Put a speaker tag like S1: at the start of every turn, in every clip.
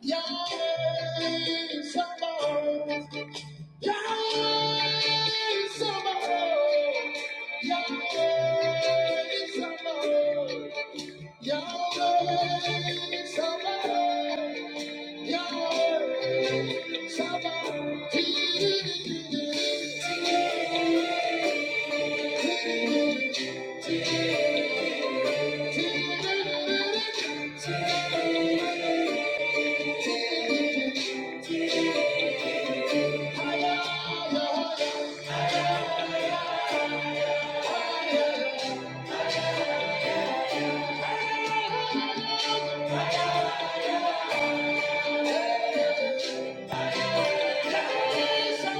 S1: Yahweh Have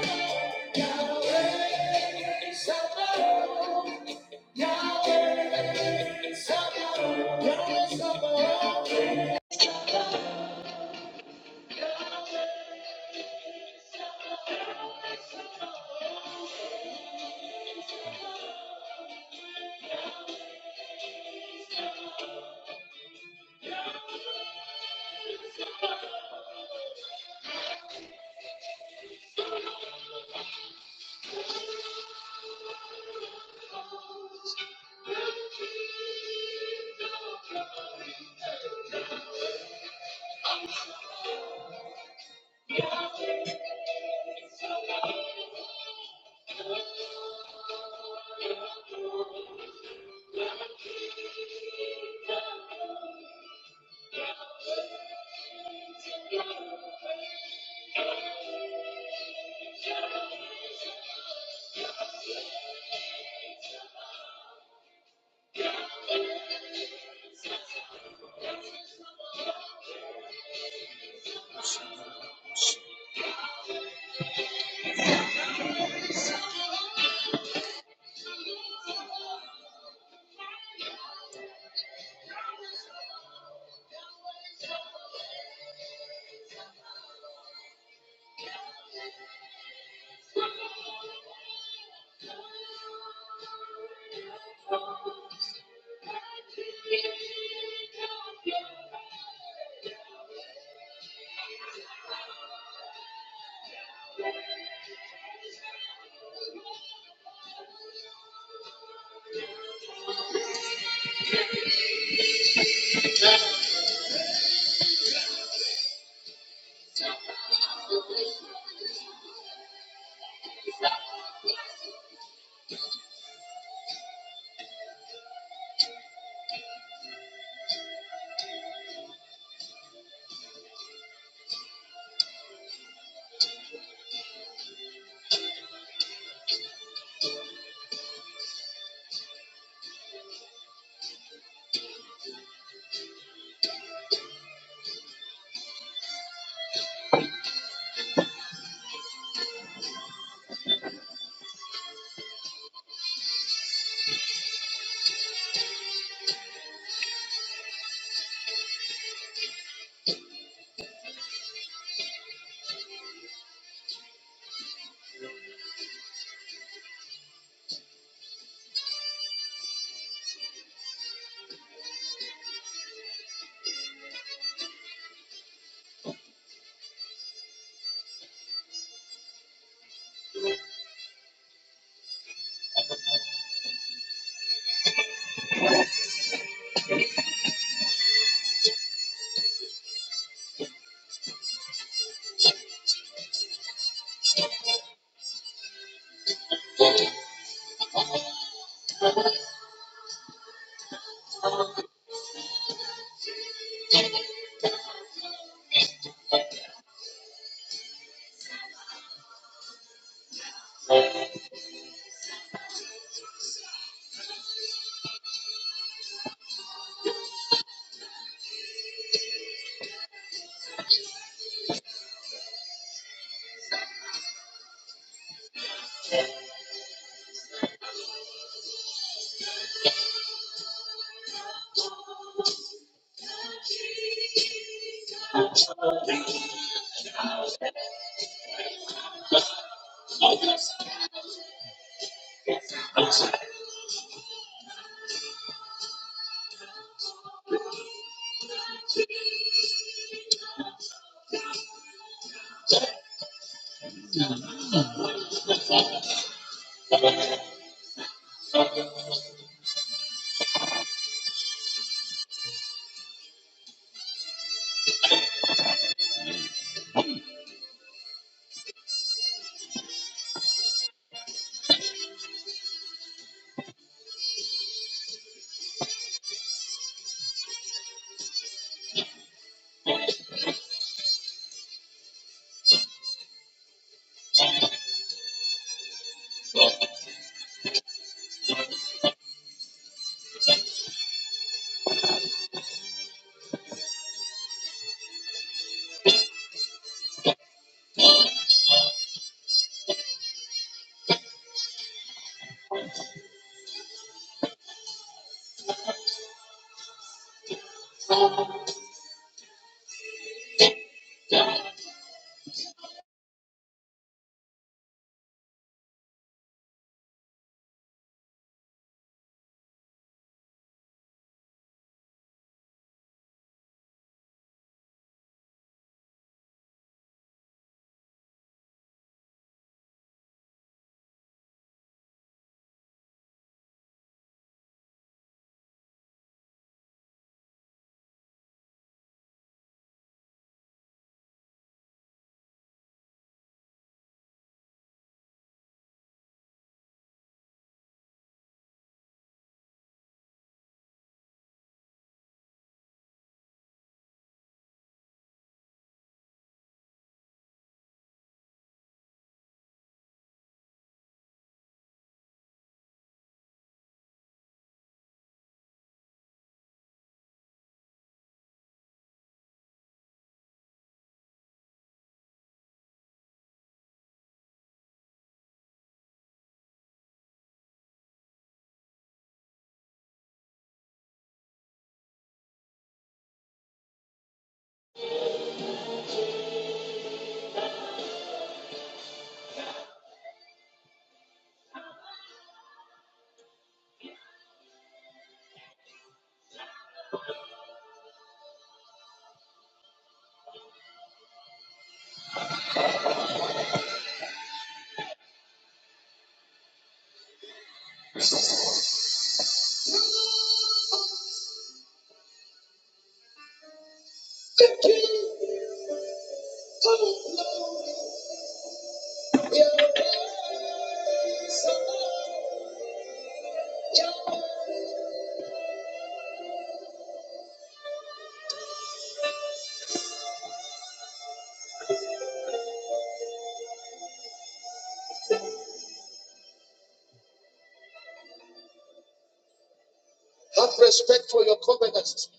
S1: respect for your covenants,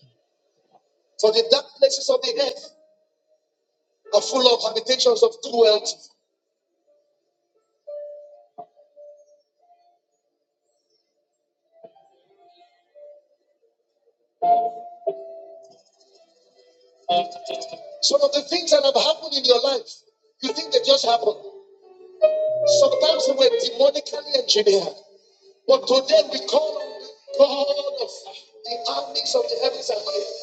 S1: for the dark places of the earth are full of habitations of cruelty. Some of the things that have happened in your life, you think they just happened. Sometimes they were demonically engineered. But today we call on the God of the armies of the heavens and earth.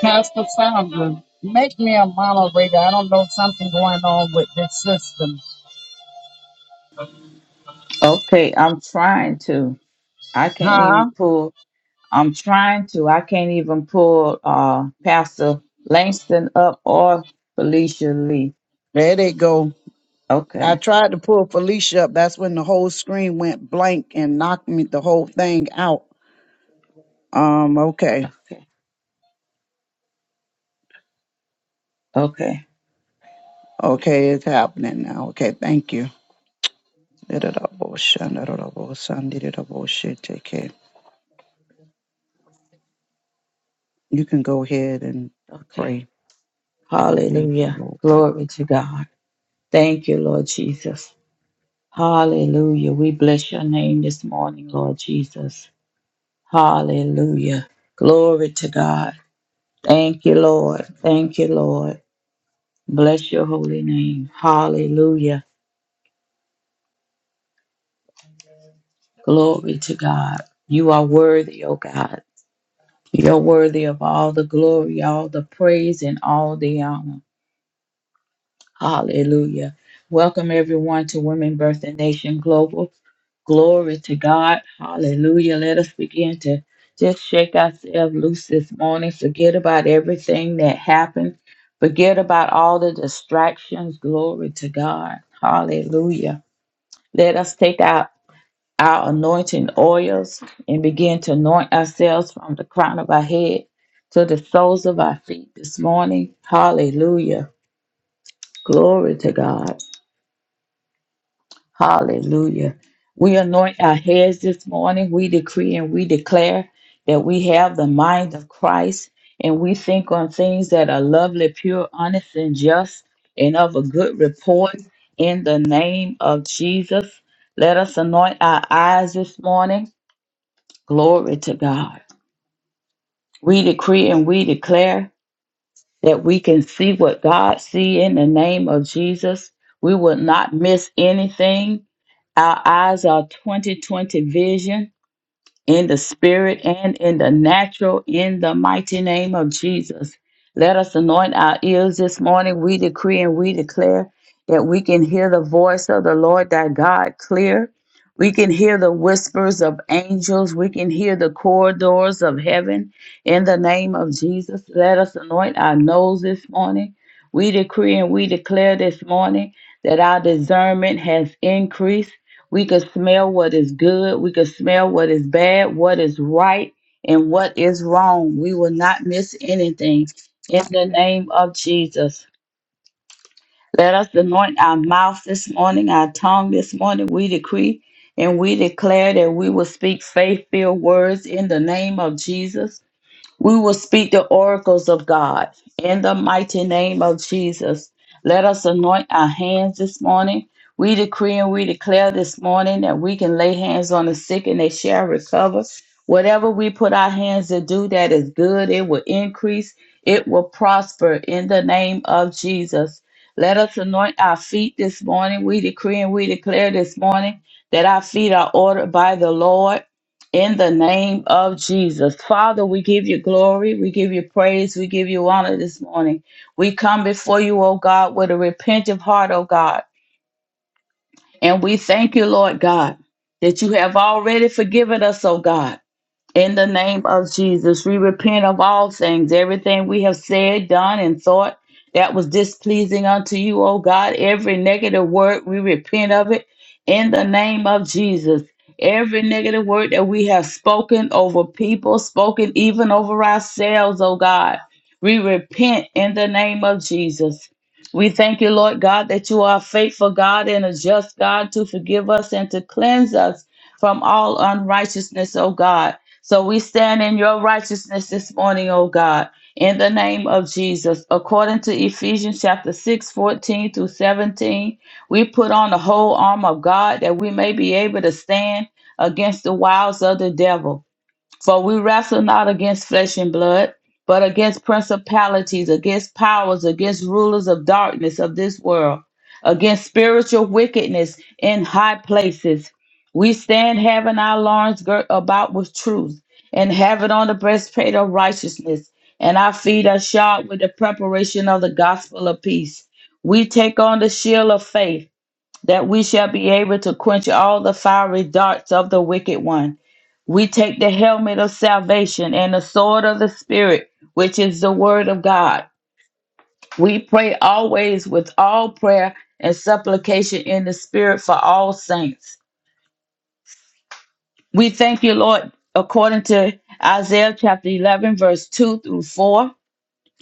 S1: Pastor Sandra, make me a moderator. I don't know something going on with this system.
S2: Okay, I'm trying to. I can't even
S1: Huh?
S2: pull. I'm trying to. I can't even pull uh Pastor Langston up or Felicia Lee.
S1: There they go. I
S2: Okay.
S1: tried to pull Felicia up. That's when the whole screen went blank and knocked me the whole thing out. Um, okay.
S2: Okay. Okay.
S1: Okay, it's happening now. Okay, thank you. You can go ahead and
S2: Okay.
S1: pray. Thank you,
S2: Hallelujah.
S1: Lord.
S2: Glory to God. Thank you, Lord Jesus. Hallelujah. We bless your name this morning, Lord Jesus. Hallelujah. Glory to God. Thank you, Lord. Thank you, Lord. Bless your holy name. Hallelujah. Glory to God. You are worthy, O God. You're worthy of all the glory, all the praise, and all the honor. Hallelujah. Welcome everyone to Women Birth and Nation Global. Glory to God. Hallelujah. Let us begin to just shake ourselves loose this morning. Forget about everything that happened. Forget about all the distractions. Glory to God. Hallelujah. Let us take our our anointing oils and begin to anoint ourselves from the crown of our head to the soles of our feet this morning. Hallelujah. Glory to God. Hallelujah. We anoint our heads this morning. We decree and we declare that we have the mind of Christ and we think on things that are lovely, pure, honest, and just, and of a good report in the name of Jesus. Let us anoint our eyes this morning. Glory to God. We decree and we declare that we can see what God see in the name of Jesus. We will not miss anything. Our eyes are 2020 vision in the spirit and in the natural, in the mighty name of Jesus. Let us anoint our ears this morning. We decree and we declare that we can hear the voice of the Lord thy God clear. We can hear the whispers of angels. We can hear the corridors of heaven in the name of Jesus. Let us anoint our nose this morning. We decree and we declare this morning that our discernment has increased we can smell what is good. We can smell what is bad, what is right, and what is wrong. We will not miss anything. In the name of Jesus, let us anoint our mouth this morning, our tongue this morning. We decree and we declare that we will speak faith filled words in the name of Jesus. We will speak the oracles of God. In the mighty name of Jesus, let us anoint our hands this morning. We decree and we declare this morning that we can lay hands on the sick and they shall recover. Whatever we put our hands to do that is good, it will increase, it will prosper in the name of Jesus. Let us anoint our feet this morning. We decree and we declare this morning that our feet are ordered by the Lord in the name of Jesus. Father, we give you glory. We give you praise. We give you honor this morning. We come before you, O God, with a repentant heart, O God. And we thank you, Lord God, that you have already forgiven us, O God. In the name of Jesus, we repent of all things, everything we have said, done, and thought that was displeasing unto you, O God. Every negative word, we repent of it in the name of Jesus. Every negative word that we have spoken over people, spoken even over ourselves, O God, we repent in the name of Jesus. We thank you, Lord God, that you are a faithful God and a just God to forgive us and to cleanse us from all unrighteousness, O God. So we stand in your righteousness this morning, O God, in the name of Jesus. According to Ephesians chapter 6, 14 through 17, we put on the whole armor of God that we may be able to stand against the wiles of the devil. For we wrestle not against flesh and blood, but against principalities, against powers, against rulers of darkness of this world, against spiritual wickedness in high places. We stand having our loins girt about with truth, and have it on the breastplate of righteousness, and our feet are shod with the preparation of the gospel of peace. We take on the shield of faith that we shall be able to quench all the fiery darts of the wicked one. We take the helmet of salvation and the sword of the Spirit, which is the word of God. We pray always with all prayer and supplication in the Spirit for all saints. We thank you, Lord, according to Isaiah chapter 11, verse 2 through 4.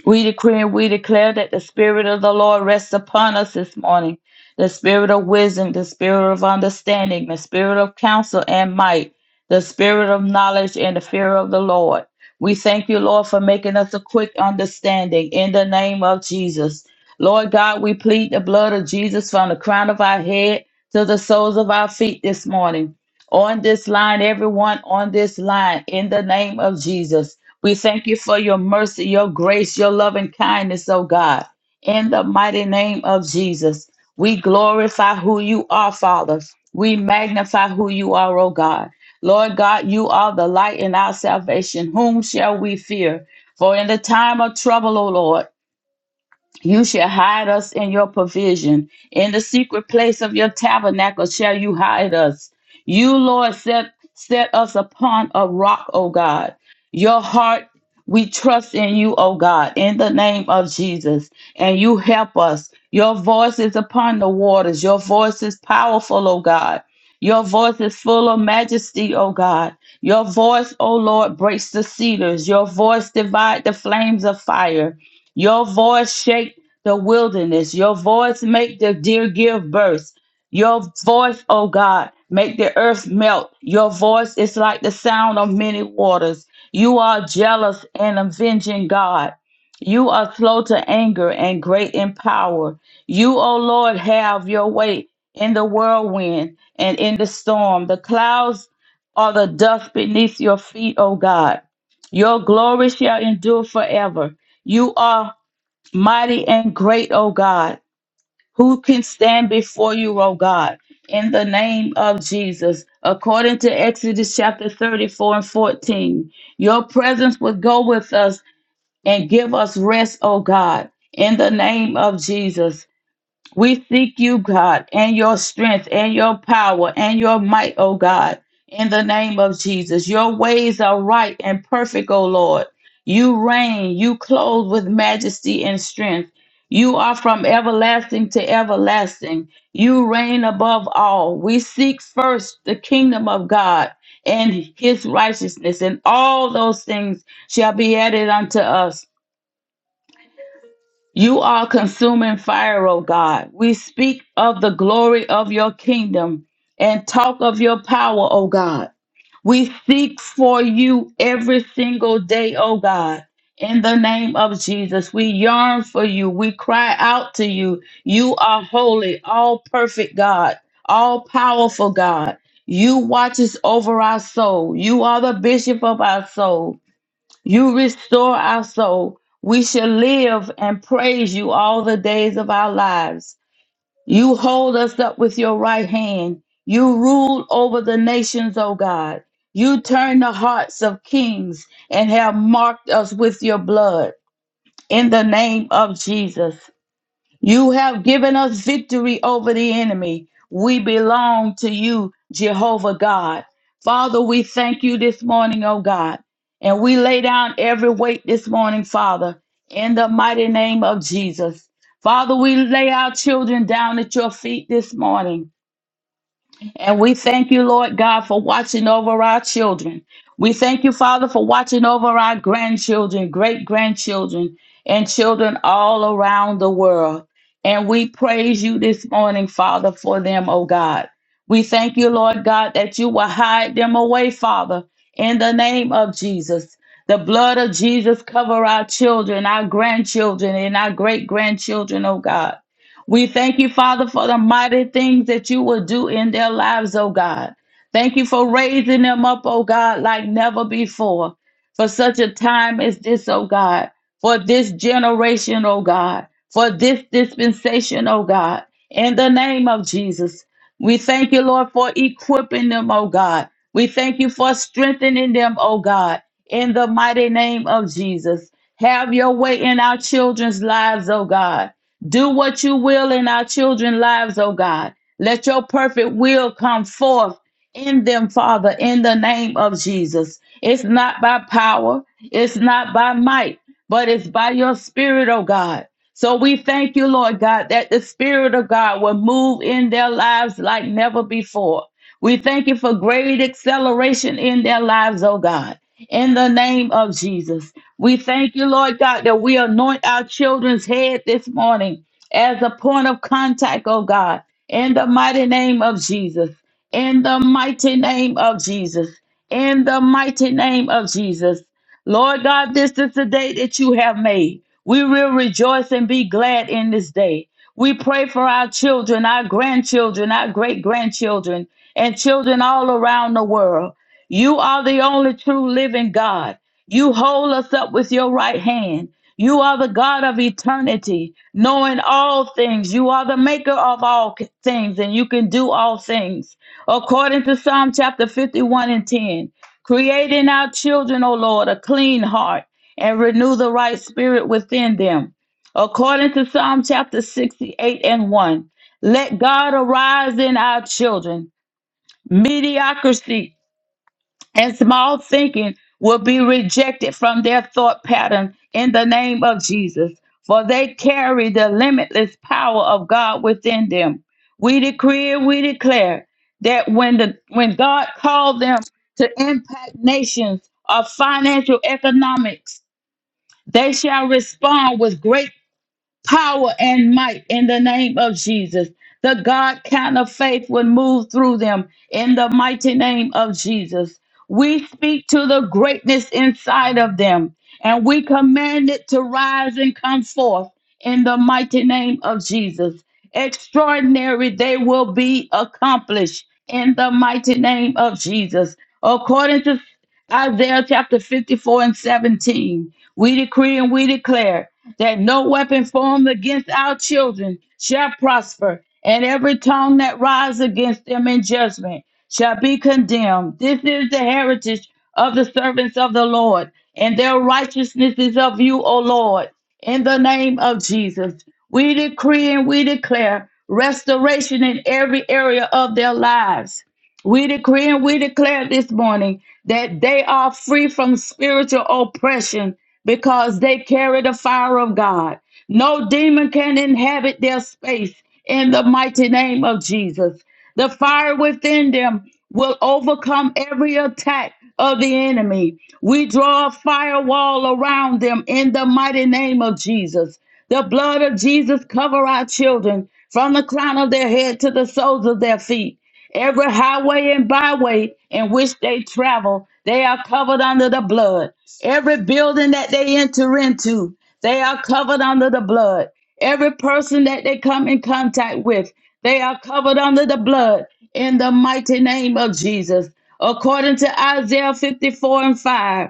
S2: We decree and we declare that the Spirit of the Lord rests upon us this morning the Spirit of wisdom, the Spirit of understanding, the Spirit of counsel and might, the Spirit of knowledge and the fear of the Lord. We thank you, Lord, for making us a quick understanding in the name of Jesus. Lord God, we plead the blood of Jesus from the crown of our head to the soles of our feet this morning. On this line, everyone on this line, in the name of Jesus. We thank you for your mercy, your grace, your loving kindness, oh God. In the mighty name of Jesus, we glorify who you are, Father. We magnify who you are, oh God. Lord God, you are the light in our salvation. Whom shall we fear? For in the time of trouble, O Lord, you shall hide us in your provision. In the secret place of your tabernacle shall you hide us. You, Lord, set, set us upon a rock, O God. Your heart, we trust in you, O God, in the name of Jesus. And you help us. Your voice is upon the waters. Your voice is powerful, O God. Your voice is full of majesty, O God. Your voice, O Lord, breaks the cedars. Your voice divides the flames of fire. Your voice shakes the wilderness. Your voice make the deer give birth. Your voice, O God, make the earth melt. Your voice is like the sound of many waters. You are jealous and avenging God. You are slow to anger and great in power. You, O Lord, have your way in the whirlwind and in the storm. The clouds are the dust beneath your feet, O God. Your glory shall endure forever. You are mighty and great, O God. Who can stand before you, O God? In the name of Jesus, according to Exodus chapter 34 and 14, your presence would go with us and give us rest, O God. In the name of Jesus. We seek you, God, and your strength and your power and your might, O God, in the name of Jesus. Your ways are right and perfect, O Lord. You reign, you clothe with majesty and strength. You are from everlasting to everlasting. You reign above all. We seek first the kingdom of God and his righteousness, and all those things shall be added unto us. You are consuming fire, O God. We speak of the glory of your kingdom and talk of your power, O God. We seek for you every single day, O God. In the name of Jesus, we yearn for you. We cry out to you. You are holy, all perfect God, all powerful God. You watches over our soul. You are the bishop of our soul. You restore our soul. We shall live and praise you all the days of our lives. You hold us up with your right hand. You rule over the nations, O God. You turn the hearts of kings and have marked us with your blood. In the name of Jesus. You have given us victory over the enemy. We belong to you, Jehovah God. Father, we thank you this morning, oh God. And we lay down every weight this morning, Father, in the mighty name of Jesus. Father, we lay our children down at your feet this morning. And we thank you, Lord God, for watching over our children. We thank you, Father, for watching over our grandchildren, great grandchildren, and children all around the world. And we praise you this morning, Father, for them, oh God. We thank you, Lord God, that you will hide them away, Father, in the name of Jesus. The blood of Jesus cover our children, our grandchildren, and our great grandchildren, oh God. We thank you, Father, for the mighty things that you will do in their lives, oh God. Thank you for raising them up, oh God, like never before. For such a time as this, oh God. For this generation, oh God. For this dispensation, oh God. In the name of Jesus. We thank you, Lord, for equipping them, oh God. We thank you for strengthening them, oh God. In the mighty name of Jesus. Have your way in our children's lives, oh God do what you will in our children's lives, oh God. Let your perfect will come forth in them, Father, in the name of Jesus. It's not by power, it's not by might, but it's by your spirit, oh God. So we thank you, Lord God, that the Spirit of God will move in their lives like never before. We thank you for great acceleration in their lives, oh God, in the name of Jesus. We thank you, Lord God, that we anoint our children's head this morning as a point of contact, oh God, in the mighty name of Jesus. In the mighty name of Jesus. In the mighty name of Jesus. Lord God, this is the day that you have made. We will rejoice and be glad in this day. We pray for our children, our grandchildren, our great grandchildren, and children all around the world. You are the only true living God. You hold us up with your right hand. You are the God of eternity, knowing all things. You are the maker of all c- things, and you can do all things. According to Psalm chapter 51 and 10, create in our children, O Lord, a clean heart and renew the right spirit within them. According to Psalm chapter 68 and 1, let God arise in our children. Mediocrity and small thinking will be rejected from their thought pattern in the name of Jesus, for they carry the limitless power of God within them. We decree and we declare that when the when God called them to impact nations of financial economics, they shall respond with great power and might in the name of Jesus. The God kind of faith would move through them in the mighty name of Jesus. We speak to the greatness inside of them and we command it to rise and come forth in the mighty name of Jesus. Extraordinary, they will be accomplished in the mighty name of Jesus. According to Isaiah chapter 54 and 17, we decree and we declare that no weapon formed against our children shall prosper, and every tongue that rises against them in judgment shall be condemned. This is the heritage of the servants of the Lord, and their righteousness is of you, O Lord. In the name of Jesus, we decree and we declare restoration in every area of their lives. We decree and we declare this morning that they are free from spiritual oppression because they carry the fire of God. No demon can inhabit their space in the mighty name of Jesus. The fire within them will overcome every attack of the enemy. We draw a firewall around them in the mighty name of Jesus. The blood of Jesus cover our children from the crown of their head to the soles of their feet. Every highway and byway in which they travel, they are covered under the blood. Every building that they enter into, they are covered under the blood. Every person that they come in contact with, they are covered under the blood in the mighty name of Jesus. According to Isaiah 54 and 5.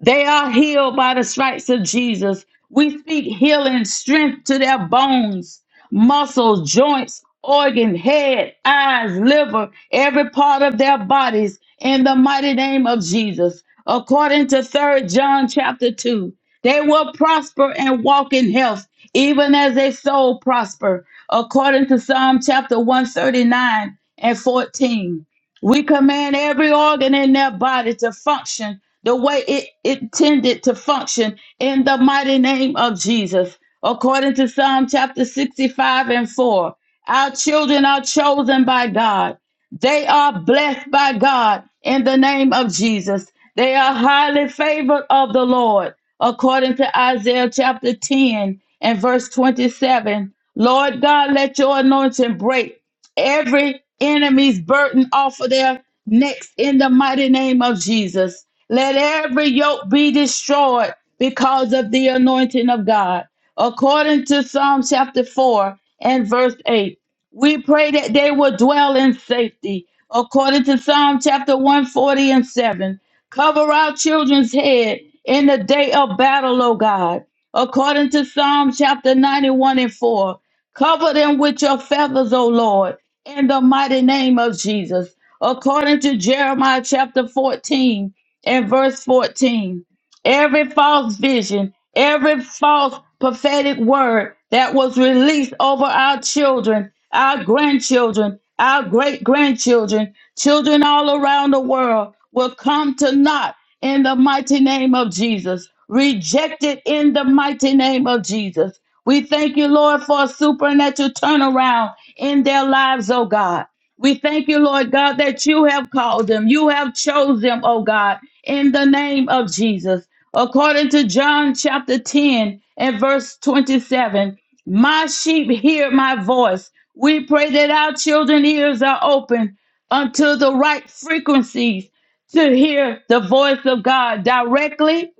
S2: They are healed by the stripes of Jesus. We speak healing strength to their bones, muscles, joints, organ, head, eyes, liver, every part of their bodies in the mighty name of Jesus. According to Third John chapter 2, they will prosper and walk in health, even as their soul prosper. According to Psalm chapter 139 and 14. We command every organ in their body to function the way it intended to function in the mighty name of Jesus. According to Psalm chapter 65 and 4, our children are chosen by God. They are blessed by God in the name of Jesus. They are highly favored of the Lord. According to Isaiah chapter 10 and verse 27, Lord God, let your anointing break every enemy's burden off of their necks in the mighty name of Jesus. Let every yoke be destroyed because of the anointing of God. According to Psalm chapter 4 and verse 8, we pray that they will dwell in safety. According to Psalm chapter 140 and 7, cover our children's head in the day of battle, O God. According to Psalm chapter 91 and 4, cover them with your feathers, O Lord in the mighty name of Jesus. According to Jeremiah chapter 14 and verse 14, every false vision, every false prophetic word that was released over our children, our grandchildren, our great grandchildren, children all around the world will come to naught in the mighty name of Jesus. Reject it in the mighty name of Jesus. We thank you, Lord, for a supernatural turnaround in their lives, oh God. We thank you, Lord God, that you have called them. You have chosen them, oh God, in the name of Jesus. According to John chapter 10 and verse 27, my sheep hear my voice. We pray that our children's ears are open unto the right frequencies to hear the voice of God directly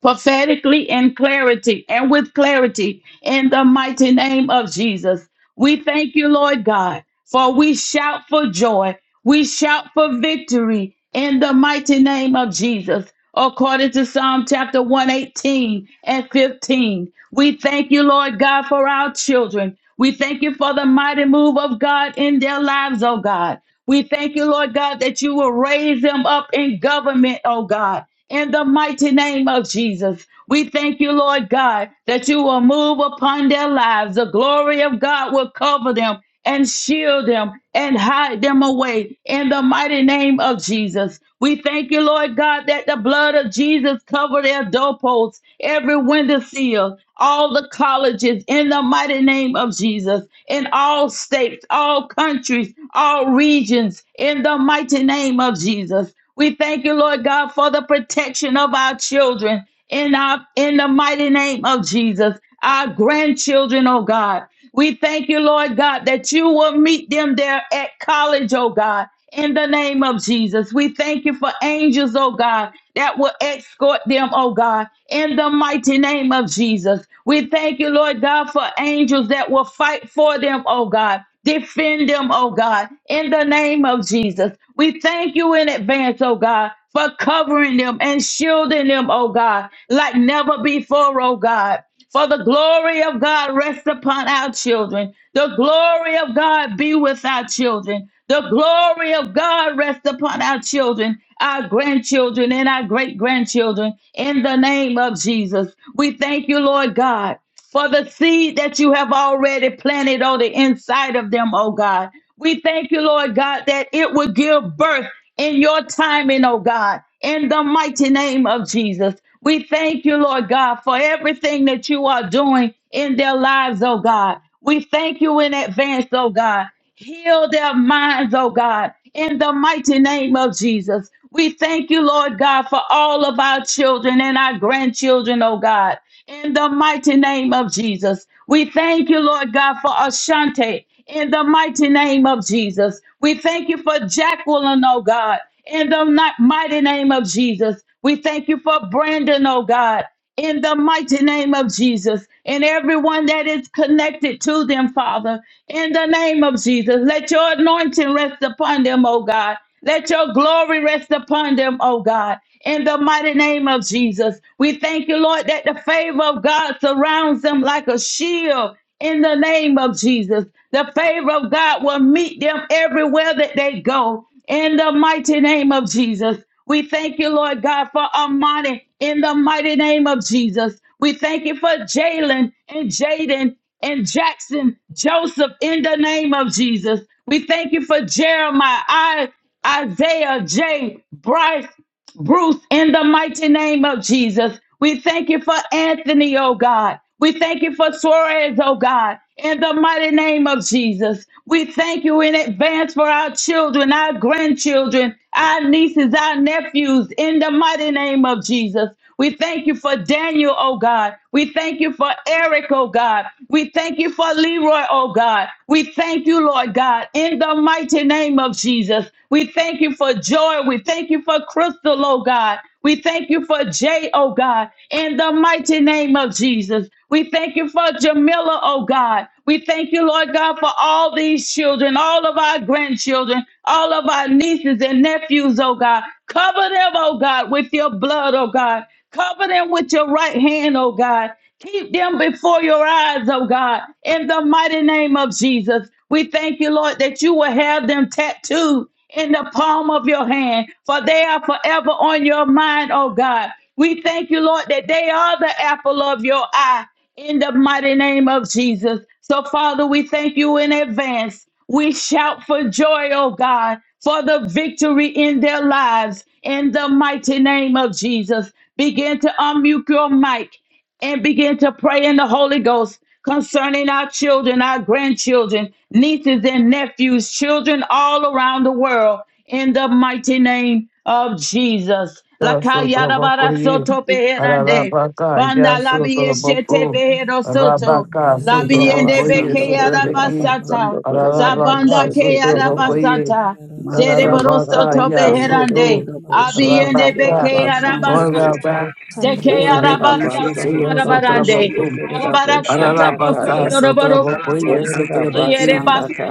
S2: prophetically in clarity and with clarity in the mighty name of Jesus. We thank you, Lord God, for we shout for joy, we shout for victory in the mighty name of Jesus. According to Psalm chapter 118 and 15, we thank you, Lord God, for our children. We thank you for the mighty move of God in their lives, oh God. We thank you, Lord God, that you will raise them up in government, oh God in the mighty name of Jesus. We thank you, Lord God, that you will move upon their lives. The glory of God will cover them and shield them and hide them away in the mighty name of Jesus. We thank you, Lord God, that the blood of Jesus cover their doorposts, every window sill, all the colleges in the mighty name of Jesus, in all states, all countries, all regions, in the mighty name of Jesus. We thank you, Lord God, for the protection of our children in our in the mighty name of Jesus, our grandchildren, oh God. We thank you, Lord God, that you will meet them there at college, oh God, in the name of Jesus. We thank you for angels, oh God, that will escort them, oh God, in the mighty name of Jesus. We thank you, Lord God, for angels that will fight for them, oh God. Defend them, oh God, in the name of Jesus. We thank you in advance, oh God, for covering them and shielding them, oh God, like never before, oh God. For the glory of God rest upon our children. The glory of God be with our children. The glory of God rest upon our children, our grandchildren, and our great grandchildren in the name of Jesus. We thank you, Lord God for the seed that you have already planted on the inside of them, oh God. We thank you, Lord God, that it will give birth in your timing, oh God, in the mighty name of Jesus. We thank you, Lord God, for everything that you are doing in their lives, oh God. We thank you in advance, oh God. Heal their minds, oh God, in the mighty name of Jesus. We thank you, Lord God, for all of our children and our grandchildren, oh God, in the mighty name of Jesus. We thank you, Lord God, for Ashante, in the mighty name of Jesus. We thank you for Jacqueline, oh God, in the ni- mighty name of Jesus. We thank you for Brandon, oh God in the mighty name of Jesus and everyone that is connected to them, Father, in the name of Jesus. Let your anointing rest upon them, oh God. Let your glory rest upon them, oh God. In the mighty name of Jesus, we thank you, Lord, that the favor of God surrounds them like a shield. In the name of Jesus, the favor of God will meet them everywhere that they go. In the mighty name of Jesus, we thank you, Lord God, for Armani in the mighty name of Jesus. We thank you for Jalen and Jaden and Jackson, Joseph, in the name of Jesus. We thank you for Jeremiah, I, Isaiah, Jay, Bryce, Bruce, in the mighty name of Jesus. We thank you for Anthony, oh God. We thank you for Suarez, oh God, in the mighty name of Jesus. We thank you in advance for our children, our grandchildren, our nieces, our nephews, in the mighty name of Jesus. We thank you for Daniel, oh God. We thank you for Eric, oh God. We thank you for Leroy, oh God. We thank you, Lord God, in the mighty name of Jesus. We thank you for joy. We thank you for Crystal, oh God. We thank you for Jay, oh God, in the mighty name of Jesus. We thank you for Jamila, oh God. We thank you, Lord God, for all these children, all of our grandchildren, all of our nieces and nephews, oh God. Cover them, oh God, with your blood, oh God. Cover them with your right hand, oh God. Keep them before your eyes, oh God, in the mighty name of Jesus. We thank you, Lord, that you will have them tattooed in the palm of your hand, for they are forever on your mind, oh God. We thank you, Lord, that they are the apple of your eye in the mighty name of Jesus. So, Father, we thank you in advance. We shout for joy, oh God, for the victory in their lives in the mighty name of Jesus. Begin to unmute your mic and begin to pray in the Holy Ghost concerning our children, our grandchildren, nieces and nephews, children all around the world in the mighty name of Jesus.
S3: Sotraboko ye,
S2: Lakayadabarasotopeherande.
S3: Ararabaka,
S2: Banda labi eshete
S3: Yasotraboko,
S2: behero soto.
S3: Rabaka,
S4: Shaba
S2: Labi ende
S3: Sotraboko ye,
S1: Mirabasanda
S2: beke
S3: Sotrabeki,
S2: yarabasata.
S1: Korabasanda Korera
S3: Ararabaka,
S2: Zabanda ke
S1: Boshete Kenya.
S3: Sotraboko ye,
S2: yarabasata.
S1: Masanda
S2: Zereboro
S3: Ararabaka,
S2: soto
S1: Rabasanda
S2: beherande.
S3: Yasoto,
S1: Korera
S2: Abi
S1: Boshete
S2: ende
S1: Kerera
S3: Rabaka,
S2: beke
S1: Basanda Ke.
S2: yarabasata.
S3: Oraba,
S5: Sunday.
S2: Deke
S1: Ola
S3: Yabeki,
S2: yarabasata
S1: Rabasanda
S3: Shishya,
S2: marabarande.
S1: Raboshete
S3: Sotraboko,
S1: Kerera
S2: Arabarasata
S1: Boshanda
S2: boko
S3: Ararabaka,
S1: Kaya.
S2: yoroboro
S3: Sotraboko ye,
S1: Orera
S2: soto. Yere
S3: Sotrabeki,
S1: Basanda
S2: basata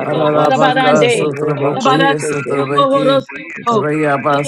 S6: Thank you.
S3: Ararabaka,
S2: arabarande.
S1: Koreba
S3: Sotraboko ye,
S1: Shete
S2: Arabarasata
S1: Ke.
S3: Sotrabeki,
S2: bohorosoto.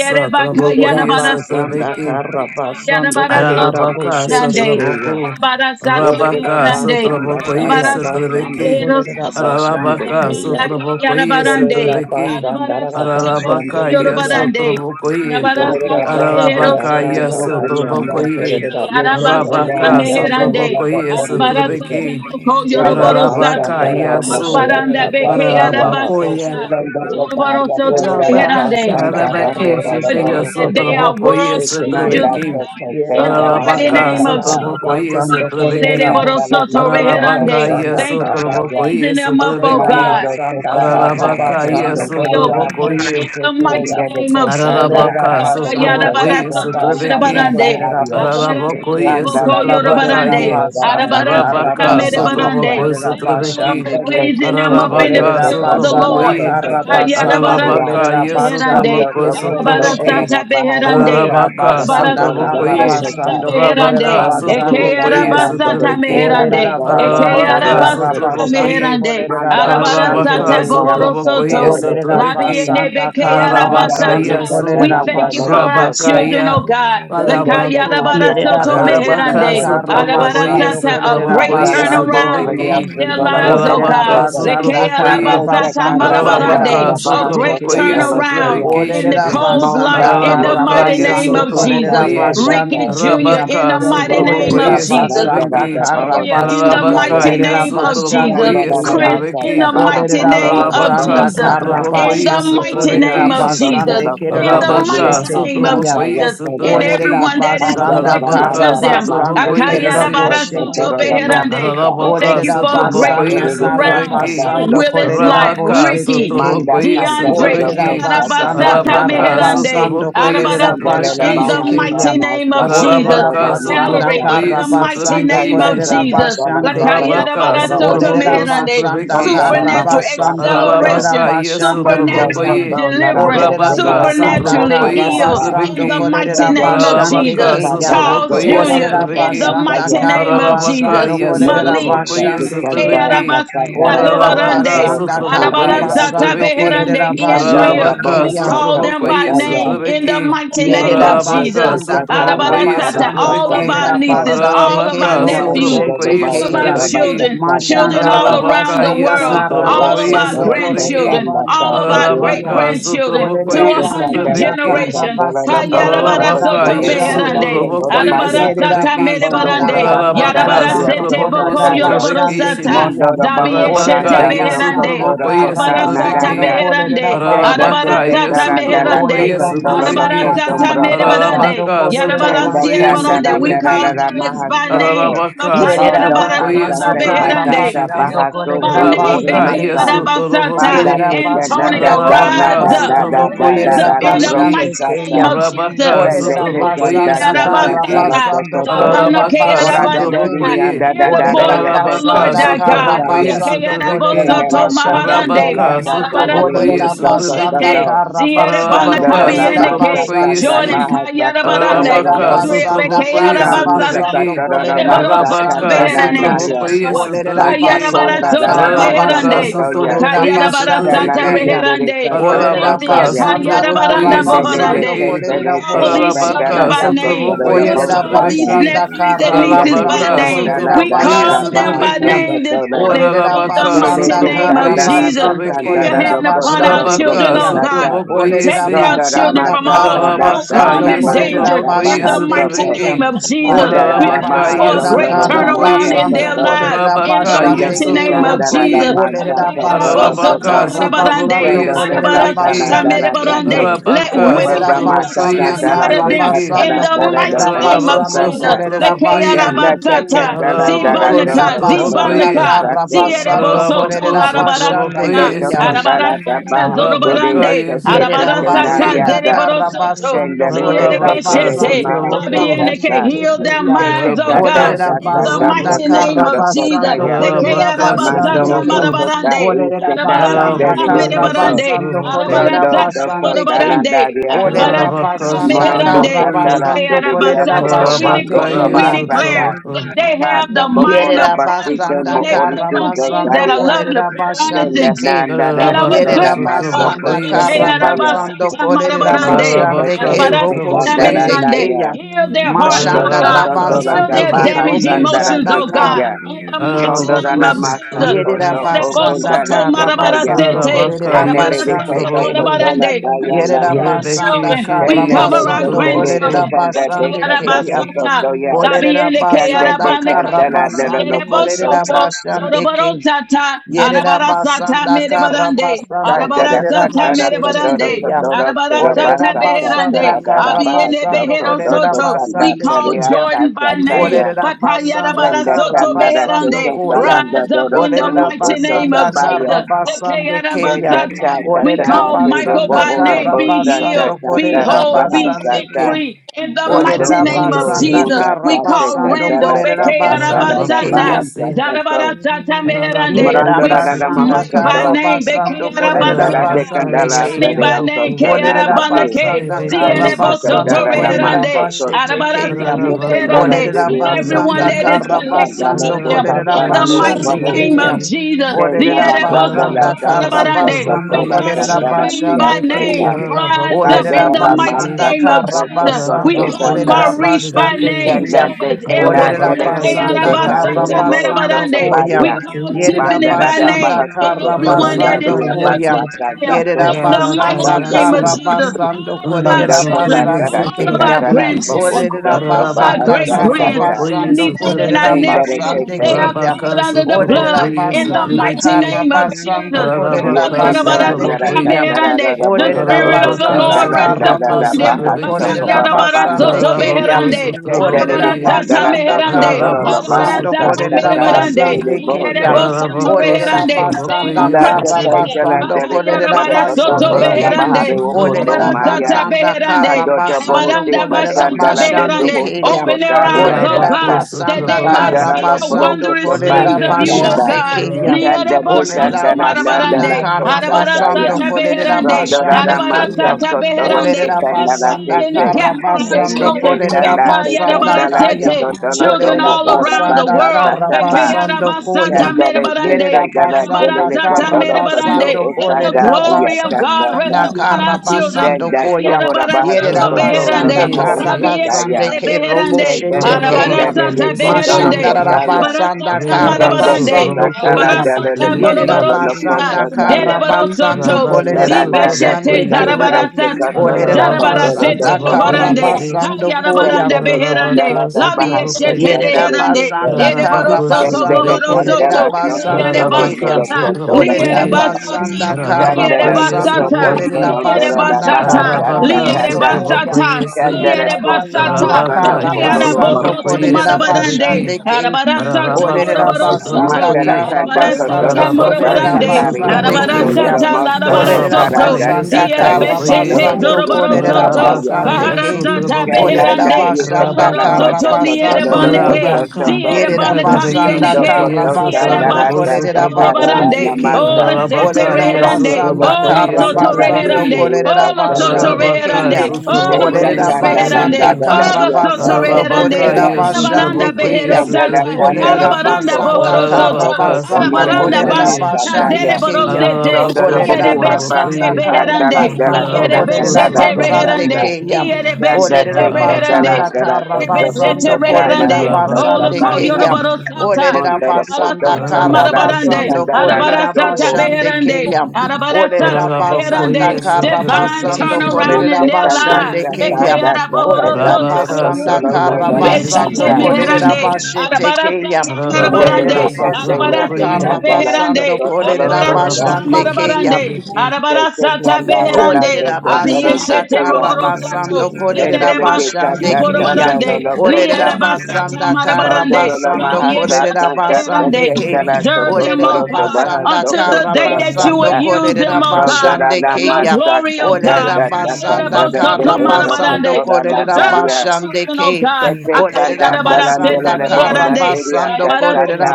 S2: Yere baka
S3: Traboko
S1: Yerera
S3: ye,
S2: yarabarasata.
S1: Basanda Karabasanda
S2: Yarabarasata
S1: Korera
S3: Ararabaka
S2: bohorande.
S1: Boshete Kenya.
S3: sotraboko,
S2: Arabarasata
S1: Orera
S3: rabaka
S2: bohorande.
S1: Basanda
S3: sotraboko ye
S2: Arabarasata
S1: Karabasanda
S3: sotrabeki,
S1: Korera
S2: bohorosoto.
S1: Bashande
S3: Ararabaka
S2: Yabanda
S1: Kenya.
S2: ka
S3: sotraboko ye
S2: yarabarande.
S1: Olerera
S3: sotrabeki,
S1: basanda rara
S2: Arabarasata boko
S1: basanda
S3: Ararabaka ye
S1: keya.
S2: yorobarande.
S3: sotraboko ye,
S7: Bata
S1: Olerera
S2: Arabarasata
S7: toro
S1: basanda
S7: Borato
S3: Ararabaka ye
S2: bohorosoto.
S1: kara
S7: Cristo
S3: sotraboko
S1: basanda
S7: Urianda,
S3: ye,
S1: olerera
S2: Eke
S7: Yesa
S1: boshete
S2: arabasata
S7: Tendera
S3: Rabaka
S1: keya.
S7: Candola
S2: meherande.
S3: sotraboko
S7: Lava
S3: ye
S7: Orio Cristo,
S2: Arabarasata
S3: sotrabeki,
S2: boko
S1: Yerera
S7: Tanda Pesa
S2: yoroborosata.
S3: Ararabaka
S1: basanda rara
S4: Shut
S7: Telavamo
S3: yasu,
S1: boshete
S7: Oria
S2: Arabaranda
S1: rara
S7: Pesa
S2: beke
S1: basanda
S7: saya
S1: rara
S3: Ararabako
S2: arabasata.
S1: boshete ke.
S2: Zoroboroso
S1: Olerera
S3: Rabba,
S2: meherande.
S1: basanda
S2: Thank you,
S1: kara
S3: Yarabaka,
S2: Lord God,
S3: Sitaya
S1: basanda
S2: that they
S1: olerera
S2: are
S3: Sotraboko,
S2: world
S3: yes,
S1: boshete ke.
S2: changers, oh
S3: Treveki,
S2: God. In
S1: Yerera
S2: the mighty
S3: Arabaka,
S1: basanda
S2: name of Jesus.
S1: kara
S3: Sotraboko, yes,
S1: basanda
S2: Eke
S1: olerera
S3: Treveki,
S2: lereboroso
S1: boshete ke rara
S3: Arabaka,
S2: meherande.
S1: basanda
S3: yes,
S2: Thank you for
S1: kaya.
S3: Sotraboko,
S2: raising
S3: yes,
S2: them up, oh
S1: Olerera
S3: Treveki,
S2: God.
S1: basanda
S2: Let them
S1: kara
S2: talk about
S3: Arabaka,
S2: your
S1: basanda
S3: yes,
S2: story, oh
S1: olerera
S2: God.
S3: Sotraboko,
S2: In
S1: boshete
S2: the mighty
S1: keya.
S2: name of Jesus.
S1: Olerera
S3: Ararabaka,
S1: basanda
S3: Sotrabokoye,
S1: kara
S2: Ayarabarasoto
S1: basando
S3: Sotrabeki,
S2: marabarande.
S1: kolerera
S7: Mandato
S1: boshete ke.
S2: Arabarasata
S3: Ararabokoye,
S7: Banda da
S2: boko
S7: da
S1: Olerera
S2: yorobarande.
S3: Sotrabakaye,
S7: basso da
S1: basanda
S7: basso sotto
S1: kara
S2: Arabarasata
S3: Rabaka,
S7: la da
S1: basando
S2: merebarande.
S7: massa.
S3: Sotrabokoye,
S1: kolerera
S2: Thank you, Lord,
S3: Sotrabeki,
S1: bashande
S2: for
S7: Prende
S1: ke.
S2: raising
S7: che
S2: them up
S7: quando
S2: in the
S7: le
S3: Ararabaka,
S1: Olerera
S2: fear of the
S7: tocanda la
S1: basanda
S2: Lord.
S3: Sotrabokoye,
S7: sotto
S1: kara
S7: porta
S1: basando
S7: saria.
S2: Ayarabarasoto
S3: Ararabaka,
S1: kolerera bashande
S2: beherande.
S7: Prendo
S3: Yesotrabokoye,
S7: che quando
S1: ke
S7: ora
S3: Sotrabeki,
S7: da
S2: Arabarasata
S7: bassa
S2: beherande.
S1: Olerera
S7: sotto la
S3: Ararabaka,
S7: sotto
S1: basanda
S7: la
S2: Arabarasata
S7: da
S1: kara
S3: Sotrabokoye,
S2: bashata
S7: brocosa.
S1: basando kolerera
S3: Rabaka,
S2: meherande.
S7: Banda che
S2: Eke
S1: basande
S3: Sotrabokoye,
S1: kuya.
S7: saranno
S2: arabasata
S7: le che
S3: Sotrabeki,
S7: saranno
S2: meherande.
S1: Olerera
S7: la la
S2: Eke
S1: basanda
S3: Ararabaka,
S7: bohoria
S1: kara
S2: arabasata
S7: sotto.
S1: basando
S3: Sotrabokoye,
S2: meherande.
S1: kolerera
S7: Manda che
S4: Rosha,
S7: che
S1: basande
S3: Ararabaka,
S7: quelle
S2: Arabarasata
S1: kuya.
S7: maia
S2: bohoro
S7: sotto
S3: Sotrabokoye,
S7: la
S2: soto.
S7: la
S1: Olerera
S3: Sotrabeki,
S7: sotto.
S2: Labiene
S1: basanda
S2: beke
S1: kara
S7: Banda de
S1: basando
S3: Ararabakaya,
S2: arabasata.
S7: vita
S3: So,
S2: We
S1: kolerera
S7: saranno
S2: thank you
S7: la
S2: for
S7: la
S1: basande
S2: our
S1: kuya.
S7: sotto.
S2: children, oh
S3: Rabakaya,
S2: God.
S7: Prende che
S2: Lakaya
S3: Parabako,
S7: saranno la
S1: Yerera
S2: arabarasoto
S7: tele de
S1: basanda
S3: Ararabaka,
S7: sotto
S2: meherande.
S7: la
S1: kara
S3: Sotrabokoye,
S7: sotto.
S1: basando
S2: Arabarasata, a
S1: kolerera
S2: great
S3: Sotrabokoye,
S7: Kandala
S1: basande
S2: turnaround
S7: Bora
S1: keya.
S3: Sotrabeki,
S2: in
S7: Yasin
S2: their
S7: Dola
S2: lives, oh
S1: Olerera
S2: God.
S3: Ararabaka,
S7: Bahasoko,
S1: basanda kara
S3: Sotrabokoye,
S7: Seta
S2: Lekeyarabasata
S1: basando
S7: kandala
S1: kolerera
S2: marabarande.
S3: Ararabaka,
S2: A
S1: boshete
S2: great
S3: Sotrabokoye,
S1: keya.
S2: turnaround
S3: Sotrabeki,
S2: in
S1: Olerera
S3: Shitty,
S2: Nicole's life
S1: basanda
S2: in the
S1: kara
S3: Ararabaka,
S2: mighty
S3: Yes,
S2: name
S1: basando
S2: of
S1: kolerera
S2: Jesus.
S3: Sotrabokoye,
S2: Ricky
S1: bashande
S2: Jr.
S1: keya.
S3: Rabaka,
S2: in the mighty name of
S1: Olerera
S3: Sotrabokoye,
S2: Jesus.
S1: basanda
S3: Sotrabeki,
S1: kara
S2: Victoria in the
S1: basando
S2: mighty
S3: Ararabacaya
S1: kolerera
S2: name of Jesus.
S1: bashande
S3: Sotrabokoye
S1: keya.
S2: Chris in the
S3: Sotrabeki
S2: mighty
S1: Olerera
S2: name of
S3: Ararabaca
S1: basanda
S2: Jesus
S1: kara
S2: in
S3: Sotrabokoye
S2: the
S1: basando
S2: mighty
S1: kolerera
S2: name
S3: Sotrabeki
S2: of
S3: Shitty
S2: Jesus.
S1: basande kerera
S2: In the
S3: Arabaca
S2: mighty
S1: boshete
S2: name of
S1: keya.
S3: Sotrabokoye
S2: Jesus, and
S1: Orera
S3: Sotrabeki
S2: everyone that is
S7: Manda la
S1: basanda
S2: connected
S3: Ararabaca
S2: to
S1: kara
S7: masa, la
S2: them.
S7: masa,
S1: basande
S4: Russia,
S7: la
S3: Sotrabokoye
S1: kerera
S7: masa, la masa, la masa, Damasa
S3: Sim
S7: Soko
S1: boshete
S7: Toro
S1: keya.
S2: Akayarabarasotobeherande.
S7: Lamasa
S2: We
S3: Ararabaca
S2: thank you
S1: Orera
S2: for a
S7: Manda
S2: great
S3: Sotrabokoye
S1: basanda
S7: Pere de
S1: kara
S2: turnaround
S7: Casa
S3: Sotrabeki
S2: in
S7: Darelo
S1: basando
S2: Willis'
S1: korera
S7: Costa,
S2: life,
S3: Arabaca
S1: boshete
S2: Ricky.
S1: ke.
S7: Manda
S3: Sotrabokoye
S7: Candelo
S2: DeAndre
S7: de
S1: Orera
S3: Sotrabeki
S7: Costa,
S1: basanda
S7: Tabaja
S2: Kiarabasata
S1: kara
S3: Arabaca
S7: Sata,
S2: Meherande
S1: basando
S3: Sotrabokoye
S1: korera
S7: Condolo
S2: Arabasata
S7: de
S2: in
S1: bashande
S2: the
S7: Baja
S3: Sotrabeki
S2: mighty
S1: keya.
S7: Sama,
S2: name of Jesus.
S7: Sacotolo
S1: Orera
S3: Ararabaka
S7: de
S1: basanda
S2: Valerie
S7: Namasa,
S2: in
S3: Sutrabokoye
S1: kara
S2: the mighty
S1: basando
S3: Sutrabeke
S2: name
S7: Canda
S2: of
S1: korera
S3: Shitty.
S7: Costa
S2: Jesus.
S7: Dela
S1: bashande
S7: Dela
S1: ke.
S3: Rabaka
S7: Loco
S2: Lakayarabarasoto
S1: Orera
S7: Robosi,
S3: Sutraboko
S2: Meherande
S1: basanda
S3: Sutrabeke
S7: Onda la
S1: kara
S3: Shitty.
S2: supernatural
S7: Baja
S1: basando
S7: Sacando,
S1: korera
S2: acceleration,
S3: Ararabaka
S1: bashande
S7: Condo
S2: supernatural
S1: keya.
S3: Yesutrabokoye.
S7: Coto
S2: deliverance,
S7: Naranda
S1: Olerera
S3: Rabaka
S7: Seria
S1: basanda
S7: Sasa
S2: supernaturally
S3: Sutrabokoye
S1: kara
S7: Sasa,
S2: healed in
S1: basando
S2: the
S3: Sutrabeke.
S2: mighty
S1: kolerera
S7: Condo
S2: name of
S7: Costa
S1: basande
S2: Jesus.
S3: Ararabaka
S7: Costa
S1: keya.
S7: Dela de
S2: Charles
S3: Sutrabokoye
S7: Ora
S2: Jr.
S1: Olerera
S7: Musa
S2: in
S3: Sutrabeke.
S2: the
S1: basanda
S2: mighty
S7: Satayo,
S1: kara
S2: name of
S3: Ararabaka,
S1: basando
S2: Jesus.
S3: yes,
S7: Condo de
S1: kolerera
S2: Malik
S3: Traboko,
S7: Costa de
S3: yes,
S1: basande
S7: Costa
S1: keya.
S3: Trebeki.
S7: Sasa
S2: Kearabasata
S7: Dela
S1: Olerera
S7: Costa
S3: Ararabaka,
S2: Lohorande
S1: basanda
S7: Costa
S3: Sotraboko,
S1: kara
S3: yes,
S7: Sasa
S1: basando
S3: Trebeki.
S2: Arabarasatabeherande,
S1: kolerera
S7: Uganda da
S1: basande
S2: Israel,
S7: da
S3: Ararabaka,
S7: boho
S2: we
S1: keya.
S7: so
S2: call
S7: so
S2: them
S3: Sotraboko,
S7: so
S2: by
S7: so
S3: yes,
S4: Thank
S2: name
S7: ya.
S4: you.
S2: in the
S3: Trebeki.
S2: mighty
S7: Jane
S2: name
S1: Yerera
S7: da
S2: of
S7: se
S3: Ararabaka,
S7: se
S2: Jesus.
S1: basanda
S7: se sa
S1: kara
S3: Sotraboko,
S7: na da
S3: yes,
S7: da
S2: Arabarasata,
S7: sa
S1: basando
S2: All
S7: sa
S2: of
S3: Trebeki.
S2: our
S7: sa
S1: korera
S7: so.
S2: nieces,
S1: basande
S2: all of
S1: ke
S2: our
S3: Ararabaka,
S1: robo
S7: Joan
S2: nephews,
S7: da da
S3: Sotraboko,
S1: shete
S3: yes,
S2: all of
S7: so
S2: our
S1: keya.
S7: so so
S3: Trebeki.
S2: children,
S7: so
S2: children
S1: Mashandara
S7: Yeah.
S2: all around
S3: Ararabaka,
S2: the
S1: basanda
S3: yes,
S2: world,
S1: kara
S2: all
S3: Traboko,
S2: of
S7: okay
S3: yes,
S2: our
S7: so
S1: basando
S7: so
S1: korera
S3: Trebeki.
S2: grandchildren, all of
S1: basande
S2: our great
S1: keya.
S7: so.
S3: Ararabaka,
S2: grandchildren,
S3: Sotraboko,
S2: to
S1: Orera
S2: a
S3: yes,
S2: hundred
S1: basanda
S3: Trebeki.
S1: kara
S2: generations.
S1: basando
S7: raba
S1: korera
S7: se
S3: Aralabaka,
S2: Kayarabarasoto
S7: ke ya
S3: yeso,
S1: basande ke.
S2: beherande. Kayarabarasotobeherande,
S7: so
S3: toroboko, yeso,
S1: Yerera
S3: trebeki.
S7: Kondo
S1: basanda
S2: Arabarasatamerebarande,
S7: raba sa
S1: kara
S7: da da
S3: Aralabaka,
S7: dia
S1: basando
S7: so
S2: Yarabarasete
S3: sotroboko,
S2: Boko
S1: korera
S3: sotrebeki,
S1: basande
S2: Yorobarosata.
S3: shiti.
S7: Mondo
S1: keya.
S7: da
S2: Dabi
S7: boho sa
S3: Arabaka,
S1: Orera
S2: yeshete
S7: da so
S3: yeso,
S7: so
S2: beherande.
S1: basanda
S7: so
S3: troboko,
S7: so
S1: kara
S3: yeso,
S2: Arabara sata
S1: basando
S3: trebeki.
S1: korera
S2: beherande.
S7: Kenda
S1: basande
S3: Aralabaka,
S2: Arabara
S7: teke
S1: ke.
S2: sata
S3: yeso,
S7: talanda la
S3: troboko,
S2: meherande.
S7: toko
S1: Olerera
S3: yeso,
S7: tolo
S3: trebeki.
S7: loko
S2: Arabara
S1: basanda
S2: sata
S7: tombro sata.
S1: karabasando
S2: merebarande.
S3: Aralabaka,
S1: kolerera
S2: Yarabara
S7: Kenda
S3: sotroboko,
S2: siere
S7: tanda
S3: yeso,
S7: la
S2: barande.
S1: bashandeke.
S2: We
S7: nera
S3: trebeki.
S2: call Alex by name.
S7: mahasoko.
S3: Ararabaka,
S2: Bata
S1: Yerera
S7: Pondo
S4: Thank
S2: yarabara
S3: Sotrabokoye,
S7: pasa
S2: soto
S1: basanda
S7: te
S1: kara
S2: beherande.
S7: batata
S3: Sotrabekeshite.
S1: basando
S7: bahaso
S2: Brooklyn by
S1: kolerera
S2: name.
S7: uri
S3: Arabaka,
S1: basande
S2: Beke
S7: masa.
S3: yes,
S1: ke.
S2: yarabasata.
S7: Panda
S1: Yerera
S3: Sotrabokoye.
S7: teke nada
S1: basanda
S2: Antonio,
S7: da
S1: kara
S3: Ararabaka,
S2: rise
S7: nada
S2: up.
S7: na da da
S1: basando
S7: da
S3: Sotrabokoye,
S2: Rise
S7: da da
S2: up
S1: kolerera
S7: da
S2: in the
S7: broko
S3: Sotrabeke.
S1: basande
S2: mighty
S1: ke
S2: name
S7: sata.
S1: ya.
S2: of Jesus.
S3: Arabaka,
S7: Kende
S1: Olerera
S2: Cynthia,
S7: teke
S2: ke
S3: Sotrabokoye,
S7: da
S1: basanda
S7: ta
S1: kara
S3: Sotrabeke.
S2: yarabasata.
S7: toko
S1: basando
S7: to.
S2: Davana,
S1: kolerera
S2: ke
S3: Ararabaka,
S7: Ora da
S1: basande
S7: da
S1: ke.
S7: di di
S2: yarabasata.
S7: anda
S3: Sotrabokoye.
S7: da
S2: Hear the
S7: da
S2: voice
S7: da
S1: Olerera
S2: voice
S7: yo
S2: of the
S7: koso
S3: Ararabaka,
S2: Lord
S1: basanda
S2: thy
S7: toko
S1: kara
S2: God.
S3: Sotrabokoye,
S7: taya.
S1: basando kolerera
S3: Sotrabeke.
S7: Kenda
S2: Lekeyarabosoto
S7: la teke
S1: basande ke
S7: anda
S2: maharande.
S1: ya.
S3: Arabaka,
S7: tata la la
S3: Sotrabokoye,
S2: Alabarasote
S1: Olerera
S7: misa
S1: basanda
S2: boshete.
S7: soto.
S3: Sotrabeke.
S1: kara
S2: Zierebana
S1: basando
S7: Santa
S3: Ararabaka,
S1: kolerera
S2: Kabieneke,
S3: Sotrabokoye,
S1: basande
S2: Jordan,
S3: Sotrabeke.
S1: ke.
S2: Kayarabarande,
S1: Olerera
S3: Ararabaka,
S2: Israel,
S1: basanda
S3: Sotraboko, yes,
S1: kara
S2: Bekeyarabasata,
S1: basando
S3: Trebeki.
S1: kolerera
S2: Ereborosoto
S1: basande
S3: Rabaka
S2: Beherane,
S1: keya.
S3: Sotrabokoye
S2: Joshua,
S1: Olerera
S3: Sotrabeki
S1: basanda
S2: Kayarabarasoto
S1: kara
S3: Rabaka
S2: Beherande,
S1: basando kolerera
S3: Sotrabokoye
S1: basande
S2: Kayarabarasata
S3: Sotrabeki
S1: keya.
S4: you.
S2: Reherande,
S1: Olerera
S2: Cynthia,
S3: Rabaka
S4: Thank
S1: basanda kara
S3: Sotrabokoye
S2: Kayarabaranda
S1: basando
S2: Bohorande.
S3: Sotrabeki
S2: We
S1: kolerera
S2: call these
S1: bosete
S2: children
S3: Rabaka
S2: by
S1: keya.
S2: name. We
S3: Sotrabokoye
S1: Olerera
S2: call these
S3: Sotrabeki
S1: basanda
S2: nephews
S1: kara
S2: and nieces by
S1: basando
S3: Rabaka
S2: name.
S1: kolerera
S2: We
S3: Sotrabokoye
S2: call
S1: basande
S2: them by
S1: keya.
S3: Sotrabeki
S2: name this morning
S1: Olerera
S2: in the
S3: Rabaka
S2: mighty
S1: basanda
S2: name
S1: kara
S2: of
S3: Sotrabokoye
S2: Jesus.
S1: basando
S2: Keep your
S3: Sotrabeki
S1: kolerera
S2: hand upon our
S1: basande
S2: children,
S3: Rabaka
S2: oh
S1: keya.
S2: God.
S1: Olerera
S2: Protect
S3: Sotrabokoye
S2: our
S7: Rondara
S2: children
S1: basanda
S2: from all
S1: kara
S7: Masakanda
S3: Ararabaka,
S2: harm
S1: basando
S7: Tarada
S2: and
S3: yesu
S1: kolerera
S2: danger
S7: Masata
S3: trabako
S2: in the
S3: yesu
S1: basande
S2: mighty
S7: Bahasoko
S1: keya.
S2: name
S3: trabeki.
S2: of Jesus.
S1: Olerera
S2: We
S7: Pandara
S2: thank
S3: Ararabaka,
S2: you for a
S1: basanda
S3: yesu
S2: great
S7: Mahasondora
S1: kara
S3: trabako
S2: turnaround
S3: ye.
S2: in
S1: basando
S2: their
S7: Masakoto
S2: lives
S1: kolerera
S2: in the
S3: Rabaka,
S7: Donde
S1: basande
S2: mighty
S7: te
S3: yesu
S2: name
S1: keya.
S2: of
S3: trabako
S7: cantarara
S2: Jesus.
S3: ye.
S1: Olerera
S7: Masakotoro
S1: basanda
S3: Ararabaka,
S7: Toko
S1: kara
S3: so trabako
S1: basando
S7: Dondo
S3: yesu
S1: kolerera
S7: Tokatara
S3: trabeki.
S1: basande keya.
S7: Darakato
S2: Let
S3: Rabaka, so
S1: Olerera
S7: Wada
S2: wickedness be
S3: trabako
S7: Mata
S1: basanda
S2: shaken
S3: yesu
S2: out
S7: Cantara
S2: of of
S1: kara
S7: Dara
S2: them
S3: trabeki.
S2: in
S7: Catara
S1: basando
S2: the
S7: Darada
S2: mighty
S1: kolerera
S4: you.
S2: name of
S7: Broko
S1: basando
S3: Ararabako, so
S2: Jesus.
S7: Sata
S1: kolerera
S4: Thank
S3: trabako ye.
S1: basande
S7: Nete
S1: keya.
S2: Lekeyarabasata,
S7: Dara
S3: Ararabako, so
S1: Olerera
S2: Zibanaka,
S7: Daratoko Toro
S3: trabako
S1: basanda
S7: Loko
S3: ye.
S2: Zibanaka,
S1: kara
S7: Sate
S1: basando
S2: Zierebosoto,
S3: Ararabako,
S1: kolerera
S3: so trabako
S1: basande
S7: Cuando
S2: Larabarasata,
S1: keya.
S3: yesu.
S7: Tokantara
S2: Arabarasata,
S7: Tabaha
S4: you.
S7: Dede
S3: Rabaka,
S2: Zorobarande,
S3: yesu
S7: Akese
S1: Yerera
S3: trabako
S2: Arabarasata,
S3: ye.
S1: basanda
S7: Kenariada
S1: kara
S2: Zereborosoto,
S1: basando
S7: Kendele teke
S1: kolerera
S3: Ararabaka,
S7: kerele
S3: so
S2: Zierebeshete,
S1: basande
S7: maha
S1: kerera
S3: trabako.
S7: seka sa.
S2: Fabieneke,
S1: boshete
S2: heal their
S1: keya.
S7: Tete
S2: minds, oh
S7: kanda
S3: Rabaka
S2: God,
S1: Olerera
S7: tata
S2: in the
S7: dato
S1: basanda
S3: Sotravaku,
S2: mighty name
S1: kara
S7: kotoro
S2: of Jesus.
S1: basando
S7: kotaya.
S1: kolerera
S3: Rabaka
S1: basande
S7: Mandoro
S2: Lekeyarabasata,
S1: ke.
S7: doko
S3: Sotravaku,
S7: ta
S2: Marabarande.
S1: Olerera
S7: iseka
S1: basanda
S2: Arabarasata
S7: dene
S3: Rabaka
S7: de
S1: kara
S7: koto.
S2: merebarande.
S1: basando
S3: Yesotravaku,
S1: kolerera
S7: Kondo
S2: Arabarasata
S7: toko
S1: basande ke.
S2: korabarande.
S7: talandari aka.
S1: Olerera
S2: Arabarasata
S3: Rabaka
S1: basanda
S7: Monondo
S2: meherande.
S1: kara
S3: Sotravaku Ye,
S7: katara
S2: Eke
S1: basando
S7: tebele ya
S1: kolerera
S2: arabasata.
S7: koto
S2: We
S7: ba
S1: basande
S3: Rabaka
S2: declare,
S7: loro ba
S2: we declare
S7: sata.
S2: that
S3: Yesotravaku,
S2: they have
S7: Panta
S2: the
S7: bo
S2: mind
S7: ora
S2: of
S1: Yerera
S2: Christ
S7: basike mo
S1: basanda
S2: and they
S7: ori
S2: think
S1: kara
S2: on
S7: sike
S2: things that
S1: basando
S2: are
S7: karia.
S2: lovely,
S1: kolerera
S2: pure, honest,
S7: Kenda
S1: basande
S2: and
S1: ke.
S2: just
S7: nanda da
S4: Thank
S2: and of a
S7: tere
S3: Rabaka
S2: good
S1: Yerera
S4: you.
S7: maso
S2: report.
S3: Sotravaku
S1: basanda
S7: koto
S1: kara
S3: Yesi,
S7: kotaya.
S1: basando kolerera
S7: Kende
S2: Ikeyarabasatamarabadande,
S7: teke
S1: basande
S3: Rabaka
S1: ke
S7: tere teke
S1: robo
S3: Sotravaku
S7: kanda
S1: shande
S3: Ye,
S1: ke
S2: arabaratatamerande.
S1: ya.
S7: naya.
S2: Heal their hearts,
S7: Rondo
S2: oh
S1: Mashanda
S7: to
S1: rara
S2: God.
S3: Rabaka
S7: condola
S2: Heal
S7: da
S1: basande
S2: their
S1: ke
S7: baja
S3: Sotravaku
S2: damaged
S1: robo
S3: Ye,
S7: sandara
S2: emotions,
S1: shanda
S2: oh
S1: ka.
S2: God.
S7: tekeya.
S2: In the mighty
S7: Rondo da
S2: name
S3: Rabaka
S2: of
S7: masa
S2: Jesus.
S1: Yerera
S7: koto o
S3: Sotravakishi,
S1: basanda
S7: kundala
S1: kara
S7: tekeya.
S1: basando
S2: Ierebosotomarabarasete,
S3: Rabaka
S1: kolerera
S7: Denele de
S1: basande
S7: koto
S1: ke.
S3: Yesotravaku,
S7: kotola
S2: arabarasatamarabadande.
S7: da
S2: We
S7: yanda
S1: Yerera
S2: cover
S7: ya.
S2: our
S1: basanda
S2: children.
S3: Rebekishiti
S1: kara
S2: We cover
S7: Denele se
S2: our
S1: basando
S7: sele
S3: Yesotravaku,
S1: kolerera
S2: grandchildren.
S7: de
S1: basande ke
S7: koto do
S1: ya.
S7: koto
S2: Ikeyarabasata.
S7: ya.
S1: Olerera
S2: Zabiende ke
S7: Kanda te
S1: basanda
S2: arabande
S1: kara
S2: ke
S7: kandala de no no
S1: basando
S2: zierebo
S7: koto
S1: kolerera
S7: sa.
S2: soto
S1: basande ke.
S2: zoroboro tata
S1: Yerera
S2: arabara sata
S1: basanda
S2: mere
S1: kara
S2: barande
S1: basando
S7: Kanda da
S2: arabara
S1: kolerera
S2: sata
S7: satara
S2: mere
S1: bashe
S7: kotoro
S2: barande
S1: tekeya.
S7: kotoro
S2: arabara
S7: tero
S1: Olerera
S2: sata
S7: basa sa sara
S1: basanda
S2: beherande
S7: da da
S1: kara
S7: baja
S2: abiende
S7: so
S1: basando
S2: behero
S7: koto
S1: kolerera
S4: Thank
S7: so
S2: soto
S7: kanda
S2: we
S1: basande
S2: call
S7: tere
S1: keya.
S7: asa
S2: Jordan by name
S1: Olerera
S2: bakaya
S1: basanda
S2: arabara
S7: Tenda
S1: kara
S2: soto
S7: tandara
S1: basando
S7: kosa
S2: beherande
S1: koya.
S7: talanda
S2: rise up
S7: doro
S2: in the
S1: Olerera
S7: poho
S2: mighty
S7: kosa
S2: name of
S1: basanda kara
S7: tabaya.
S2: Jesus Eke
S1: basande
S2: arabara
S1: keya.
S7: Tenda
S2: sata.
S7: ta
S2: we
S1: Olerera
S7: tatara
S2: call
S7: tiro
S2: Michael
S7: bo
S1: basanda
S2: by
S7: ora
S2: name
S1: kara
S7: bo
S2: be healed
S7: santa
S1: basando
S2: be
S7: cantara
S1: kolerera
S2: whole
S7: baha
S2: be
S1: basande
S2: set
S1: keya.
S7: sata.
S2: free in the
S7: Rondo
S2: mighty
S1: Olerera
S2: name of
S7: koto
S3: Rabakoyese,
S1: basanda
S2: Jesus,
S7: una
S1: kara
S2: we
S7: tate
S2: call
S1: basando
S2: Randall,
S7: cantara ta
S1: kolerera
S2: Beke
S7: cantara
S1: basande
S7: da
S1: keya.
S2: Arabasata,
S7: baha
S3: Rabakoyese,
S7: sata to.
S2: Zarabarasata Meherande.
S7: Morando
S2: We
S7: rada
S3: Rabakoyese
S7: da
S2: call
S7: maho
S1: Yerabasanda
S2: Mike
S3: Tilaki,
S2: by
S7: soto.
S2: name, Beke
S1: Karabasando Korera
S7: Andara
S2: Arabasata,
S7: de
S1: Basande
S7: candala
S3: Rabakayesu
S2: Johnny
S1: Kaya.
S7: tere
S2: by name,
S3: Traboku,
S2: Ke
S7: okosa
S1: Olera
S7: nana
S2: Arabana
S7: ke.
S2: Ke,
S1: Basanda
S3: Rebekesu
S7: Kanisa
S2: Ziereboso
S1: Karabasando
S7: candara da
S1: Korera
S3: Trabokuye,
S7: maso kosa.
S1: Bashete Kaya.
S2: Arabarasata
S7: Yekendara
S2: Beherande,
S1: Olera
S7: tiri
S3: Rabakayesu
S2: and everyone
S7: okosa
S1: Basanda
S3: Trabeki,
S2: that is
S7: dosa
S2: connected to
S7: sandala
S1: Karabasando
S7: te
S2: them.
S4: you.
S1: Korera
S2: In
S7: cantara
S2: the
S7: no
S3: Rabakayesu
S2: mighty
S1: Bashande
S4: Thank
S2: name
S7: orabose.
S1: Kaya.
S2: of
S3: Trabeki,
S2: Jesus,
S7: Sanda
S1: Olera
S2: Ziereboso
S1: Basanda
S3: Rabakasu
S2: Torreherande,
S1: Karabasando
S2: we call
S1: Korera
S3: Trabokoyese,
S2: Charmaine by
S1: Bashande
S2: name.
S1: Kaya.
S2: Rise up in
S3: Rabakosu
S2: the
S1: Olera
S2: in the mighty
S3: Trabeki,
S1: Basanda
S2: name of Jesus, we
S1: Karabasando
S2: call
S1: Korera
S3: Rabakoyesu
S2: Maurice by
S1: Bashande
S3: Trabeki,
S2: name,
S1: Kaya.
S7: de
S2: Jazz,
S7: kena
S2: Edward,
S1: Olera
S7: dele de se
S3: Rabakasu
S7: de
S1: Basanda
S7: kanta de
S2: Ekearabasata,
S3: Trabokoye,
S7: boho
S1: Karabasando
S7: soko
S2: Merabadande.
S1: Koya.
S2: we
S7: baria.
S2: call
S3: Rabakayesu
S2: Tiffany
S7: Bandara
S2: by
S7: de
S3: Trabeki,
S2: name,
S7: baha
S1: Yerabasanda
S2: and
S7: soko
S2: everyone
S7: toronda
S2: that
S7: de
S2: is
S1: Karabasando
S7: ya basa
S1: Koya.
S2: connected
S3: Rabakayasu,
S2: to
S7: sa sa
S2: them.
S1: Yerida
S7: so.
S2: In the mighty
S1: basanda
S7: Bondo
S2: name of
S3: Rabakayasu,
S2: Jesus, all
S1: Karabasando
S2: of our
S7: Tondo
S2: children,
S7: tokatara
S1: Kolerabasande
S3: Rabakayasu,
S2: all of our
S1: Keya.
S7: tekatara bo
S3: Trabakoyas,
S2: grandchildren,
S7: usto
S2: all of
S7: toba
S2: our
S1: Olerabasanda
S7: aswa
S2: great
S3: Rabakasu,
S2: grands,
S7: tata.
S2: our
S3: Trabakoyas,
S1: Karabasando
S2: nieces and our
S3: Trabeki,
S2: nephews.
S1: Kolerabasande
S7: Sendere
S2: They are
S1: Keya.
S2: covered under
S3: Rabakasu,
S2: the blood
S3: Trabakoyas,
S2: in the
S1: Olerabasanda
S2: mighty
S3: Trabeki,
S2: name of
S1: Karabasando
S2: Jesus.
S3: Rabakasu,
S1: Kolerabasande Keya.
S3: Trabakoy,
S4: you.
S2: The Spirit of the
S1: Olerabasanda
S2: Lord
S3: Rabakasu,
S2: rests
S4: Thank
S2: upon
S3: Trabakos,
S2: them.
S1: Karabasando
S3: Trabeki,
S1: kolerida
S7: Bahasokababando.
S1: basande Keya.
S3: Rabakos,
S7: Tendele de
S1: Olerera
S3: Trabakoy,
S7: candela
S1: basanda
S7: toco
S1: kara
S7: toro lo
S3: Rabakos,
S1: basando
S7: bahasa
S1: kolerera
S3: Trabakoy,
S7: satarandele de
S1: basande keya.
S7: bohose.
S1: Olerera
S3: Rabakos,
S2: They are
S1: basanda
S7: La
S3: Trabakoyas,
S1: kara
S7: teca y
S3: Trabeki,
S1: basando
S7: calandele
S1: kolerera
S7: catele
S1: basande
S7: ora la
S1: ke.
S3: Rabakos,
S7: bahare
S2: protected.
S7: o coto
S3: Trabakoy,
S1: Olerera
S7: maya.
S1: basanda kara
S7: Pando to
S1: basando
S7: bohote
S1: kolerera
S7: patandala de
S1: basande
S7: bohoso
S1: keya.
S2: Open their eyes
S7: cotaria
S2: eyes, oh
S1: Olerera
S3: Rabaku
S2: God,
S7: casa.
S2: that
S1: basanda
S2: they might
S3: Sutrabaku
S1: kara
S7: Pandara
S2: see
S7: lo
S2: the
S1: basando
S7: broco to
S2: wondrous
S1: kolerera
S2: things
S7: basa
S2: of you,
S3: Rebeke
S2: oh
S7: canda.
S1: basande
S2: God.
S3: Sutrabaku
S1: keya.
S7: Canda te
S1: Olerera
S2: Liarebosoto
S7: cantara nada
S1: basanda
S7: la
S2: marabarande,
S1: kara
S7: cosa
S1: basando
S2: arabarasata
S4: you.
S1: kolerera
S2: beherande,
S4: Ah,
S1: basande
S4: Baba, wo-
S1: keya.
S2: arabarasata
S4: wo- wo-
S7: Rondoramasokotolos
S4: dee-
S2: beherande.
S1: Olerera
S4: dee- dee-
S2: We
S4: dee- dee-
S2: stand
S4: dee-
S1: basanda
S2: in
S4: dee.
S2: the gap
S1: kara
S2: for our
S4: Oh, na-
S7: kete
S1: basando
S4: na- na- dee-
S2: children
S4: dee-
S1: kolerera
S4: dee-
S7: Ketanda
S4: dee- dee- dee- dee-
S1: basanda
S4: dee-
S7: Ketandala
S4: dee-
S1: kaya.
S4: dee- dee- dee- dee.
S2: children
S7: Tikotolotomo
S1: Olerera
S2: all
S7: Ura
S2: around the
S1: basanda
S4: Yeah,
S7: basa
S4: na-
S2: world.
S4: na-
S1: kara
S4: na-
S7: Rondoraramasokotolosotanaratese. Ketekekandakekandalatikotolotomo
S4: na-
S7: urabasasataba.
S4: na- na- na-
S1: basando
S4: na- na-
S1: koya.
S2: Ekeyarabasata
S4: na.
S7: Kandarete
S2: merebarande,
S1: Yerera
S4: Ah, ma- ma-
S1: basanda
S4: ma-
S7: kandaradolele
S4: dee-
S2: arabarasata
S4: dee-
S7: koto
S1: kara
S4: dee- dee- dee-
S2: merebarande.
S4: dee-
S1: basando
S2: Let
S4: dee- dee- dee-
S2: the
S7: usanda
S4: dee.
S1: kolerera
S2: glory of God
S7: ayatasata.
S2: rest
S4: Yeah,
S1: basanda
S4: dee-
S2: upon
S4: dee-
S2: our
S1: kara
S4: dee- dee- dee-
S2: children.
S4: dee-
S1: basando
S4: dee-
S7: Denda
S4: dee-
S1: koya.
S4: dee.
S1: Yerera
S2: Yarabarasata
S4: Dee- dee-
S3: Rabaku
S4: dee- dee-
S2: beherande,
S1: basanda
S4: dee- dee-
S7: tohorabahasokotonoramo
S1: kara
S3: Yesi
S4: dee.
S7: usataya.
S1: basande
S2: rabieshete
S1: ke robo
S4: Dee- dee-
S2: beherande,
S4: dee- dee- dee-
S7: Kendere
S1: shete
S4: dee- dee- dee- dee-
S1: keya.
S3: Rabaka
S7: kandelele
S2: arabarasata
S4: dee.
S2: beherande,
S1: Mashanda rara
S3: Yesutrabaku
S7: kondolokotaya.
S1: basanda
S2: arabarasata
S1: kara
S3: Reaba
S7: Kendete
S2: marabarande,
S1: basando
S3: Sutrabaku
S1: koya.
S7: katarandalele
S4: Dee- dee- dee- dee- dee-
S2: arabarasata
S1: Yerera
S3: Yesitrabeki
S2: borobarosata,
S1: basanda
S7: kotololokosataya.
S1: kara basando
S2: derebarosoto,
S3: Rabaka
S1: kolerera
S7: Kanda
S3: Sutrabaku
S2: zibeshete
S1: basande
S3: Ye
S1: keya. Olerera
S2: zarabarasata,
S3: Rabaka
S1: basanda
S2: Arasete
S3: Sutrabaku
S1: kara
S2: lohorande,
S3: Yesi
S1: basando koya.
S2: kayarabaranda beherande,
S3: Rabaka
S2: labi
S3: Sutrabaku
S2: eshete
S3: Ye
S1: Yerera
S2: beherande,
S1: basanda
S2: ereboro
S1: kara
S3: Rabaku
S2: soto
S4: Shit.
S1: basando
S2: bohoro
S3: Sutrabeki
S1: kolerera
S2: soto, liere
S1: basande keya.
S3: Rabaka
S2: basota,
S3: Sutrabaku
S2: liere
S1: Olerera
S3: Ye
S2: basota,
S1: basanda kara
S3: Rabaku
S2: liere
S1: basando
S2: basata,
S3: Yesutrabeki
S1: kolerera
S2: liere
S1: basanda
S2: basata,
S1: kara
S3: Arabaka
S2: liere
S1: basando koya.
S2: basata,
S3: Sotrabokoyese,
S2: liere
S1: Yerera basanda
S2: basata,
S3: Arabaka
S1: kara
S2: dekayara
S1: basando
S2: bosoto
S3: Yesotrabokoye
S1: kolerera
S2: marabarande,
S3: Sotrabeki,
S1: basande keya.
S2: arabarasata
S3: Arabaka
S1: Olerera
S2: moroboro
S1: basanda
S2: soto,
S3: Sotrabokoye,
S1: kara basando
S2: marabarasata
S3: Arabaka
S1: kolerera basande
S2: morobarande,
S3: Yesotraboko,
S1: keya.
S2: Shata Larabara
S1: Olerera
S3: Arabaka
S2: Soto,
S1: basanda
S2: Ziere
S1: kara
S3: Yesotrabokoye,
S2: Beshete
S1: basando
S2: Zoroboro
S1: kolerera
S2: Soto,
S3: Arabaka
S1: basande
S2: Bahara
S1: keya.
S2: Sata
S3: Yesotraboko,
S1: Orera
S7: Kalanda
S2: Beherande,
S7: yika
S1: basanda
S2: Bohoro
S7: kalanda
S3: Rabaka,
S2: Soto
S7: tako
S2: Liere
S7: todo
S1: karabasando
S7: loko so
S1: koya.
S2: Baneke,
S3: Arabaka,
S7: toko.
S2: Ziere
S1: Yerera
S3: Yarabeki
S1: basanda
S7: Chondo
S2: Banakabieneke,
S3: Shiti
S7: koto
S2: Ziere
S7: kandara
S1: karabasando
S3: Yesotraboko
S2: Basata
S7: tata
S1: korera
S7: karara
S3: Sotraboko,
S1: basande
S2: Yorobarande,
S1: ke.
S7: namasa.
S2: Ola Sete
S3: Arabaka
S1: Orera
S7: Prondo
S2: Reherande,
S7: de
S1: basanda
S3: Yesotraboko
S7: loko
S2: Ola
S7: so
S2: Soto
S7: kala te
S1: karabasando
S3: Yesotrabeki,
S7: te
S2: Reherande,
S7: yika
S1: korera
S2: Ola
S7: sayo.
S2: Soto
S1: basande ke
S3: Ararabaka,
S1: ya.
S2: Reherande,
S4: Ororo
S2: Ola
S7: Jaita
S3: Sotrabokoye,
S1: Orera
S2: Soto
S7: kandara
S2: Reherande,
S1: basanda
S7: ndada
S3: Sotrabeki,
S2: Ola
S7: radia
S2: Soto
S7: toko
S1: karabasando
S7: so
S2: Reherande,
S1: korera
S7: sayo.
S3: Ararabaka,
S1: basande
S2: Arabaranda
S1: ke
S3: Sotrabokoye,
S2: Behero
S1: ya.
S7: Jainala
S2: Sata,
S7: kandale
S3: Sotrabeki,
S1: Orera
S2: Arabaranda
S7: tuko
S2: Arabaranda
S7: ora
S1: basanda
S2: bohoro soto.
S7: boso
S3: Ararabaka,
S7: toko
S1: karabasando
S7: marea
S2: Arabaranda
S1: korera
S7: tata
S3: Sotrabokoye,
S2: bashata
S7: sataya.
S1: basande
S2: zere boro
S1: ke ya.
S2: sete.
S7: Prondo de
S3: Ararabako,
S1: Orera
S2: Iere
S7: buhura basi
S2: beshete
S1: basanda
S3: Sotrabokoye,
S7: kandala
S2: beherande.
S7: ndala
S1: karabasando
S7: tela
S2: Iere
S3: Ararabako,
S1: korera
S7: kandala
S2: beshete
S1: basande
S7: tata.
S2: reherande.
S3: Sotraboko,
S1: ke ya.
S2: Iere
S7: Kanda te
S1: Olerera
S2: beshete
S3: Ararabaka,
S2: reherande.
S1: basanda
S7: catalandara
S1: karra
S7: to
S2: Iere
S7: proco
S1: basando
S2: beshete
S1: kolerera
S2: reherande.
S7: maria
S2: Oh,
S3: Ararabaka,
S7: sasa
S2: look,
S1: basande
S2: oh,
S7: basa.
S1: keya.
S3: Sotraboko,
S2: yoroboro sata.
S1: Olerera
S7: Montoro poto
S1: basanda
S2: Arabarasata
S1: karra
S7: sandara te
S3: Arabako,
S2: marabarande.
S1: basando
S7: candala na
S3: Sotraboko,
S1: kolerera
S7: toko.
S2: Arabarasata
S1: basande
S2: beherande.
S1: keya.
S2: Arabarasata
S1: Olerera basanda
S3: Ararabakoye,
S2: beherande.
S1: karra
S2: Divine
S3: Sotrabeki,
S1: basando
S3: Shidi,
S2: turnaround in
S1: kolerera
S7: Yete
S2: their
S7: kanda
S2: life.
S1: basande
S7: ta
S1: keya.
S7: kanda
S2: Ekeyara
S7: ta
S2: bohoro
S7: kanda
S1: Olerera
S2: soto.
S3: Rabaka,
S1: basanda
S7: no
S4: Thank you.
S1: karra
S7: da la
S3: Sotrabokoye,
S1: basando
S2: Bechete
S7: casa.
S1: kolerera
S3: Sotrabeki,
S2: meherande,
S1: basete
S2: arabara
S1: keya.
S2: sata
S7: Endele
S3: Ararabaka,
S7: le
S1: Olerera
S2: marabarande,
S7: te te le
S2: arabara
S1: basanda
S7: te
S3: Sotrabokoye,
S2: sata
S1: karra
S7: candala to
S1: basando
S2: beherande,
S7: kotoro
S1: kolerera
S2: arabara
S7: kosa.
S2: sata
S1: basande
S3: Rabako
S1: keya.
S2: marabarande,
S3: Sutraviki,
S7: Te
S2: arabara
S7: te
S2: sata
S7: candala
S2: beherande,
S7: te
S1: Olerera
S7: kotere te
S1: basanda
S7: te
S2: abiyeshete
S1: kara
S2: rohoro sato,
S1: basando kolerera
S2: liere
S7: Endele de ta
S2: basata
S1: basande
S7: ta
S1: keya.
S7: candala
S2: borobarande,
S1: Olerera
S2: liere basata
S1: basanda kara
S2: marabarande,
S7: Bondolo la
S1: basando
S7: mahasa
S2: abiyeshete
S1: kolerera
S7: santa
S1: basande
S2: beherande.
S1: ke.
S7: tekendala
S2: Preserve
S7: toko
S2: them, O
S1: Olerera
S7: toro to
S2: God,
S1: basanda
S2: until
S7: bahasoko
S2: the
S1: kara
S2: day
S7: tola
S2: that you will
S1: basando
S7: sasa.
S2: use
S1: kolerera
S2: them, O God
S7: Bondolo
S1: basande
S7: la
S2: for your
S1: keya.
S7: mahasa
S2: glory, oh
S7: santa
S2: God.
S1: Olerera
S7: tata tata
S1: basanda
S7: de
S1: kara
S7: oro
S1: basando
S2: Yerabosotomarabarande.
S7: kotora na
S1: kolerera
S2: Preserve
S7: daria.
S2: our
S1: basande
S2: children, oh
S1: ke.
S2: God.
S7: Tete kanda
S1: Olerera
S7: dalandele
S1: basanda
S7: le
S1: kara
S7: bohora
S2: Akayarabarasetebeherande.
S7: peria
S1: basando
S7: kasata.
S1: kolerera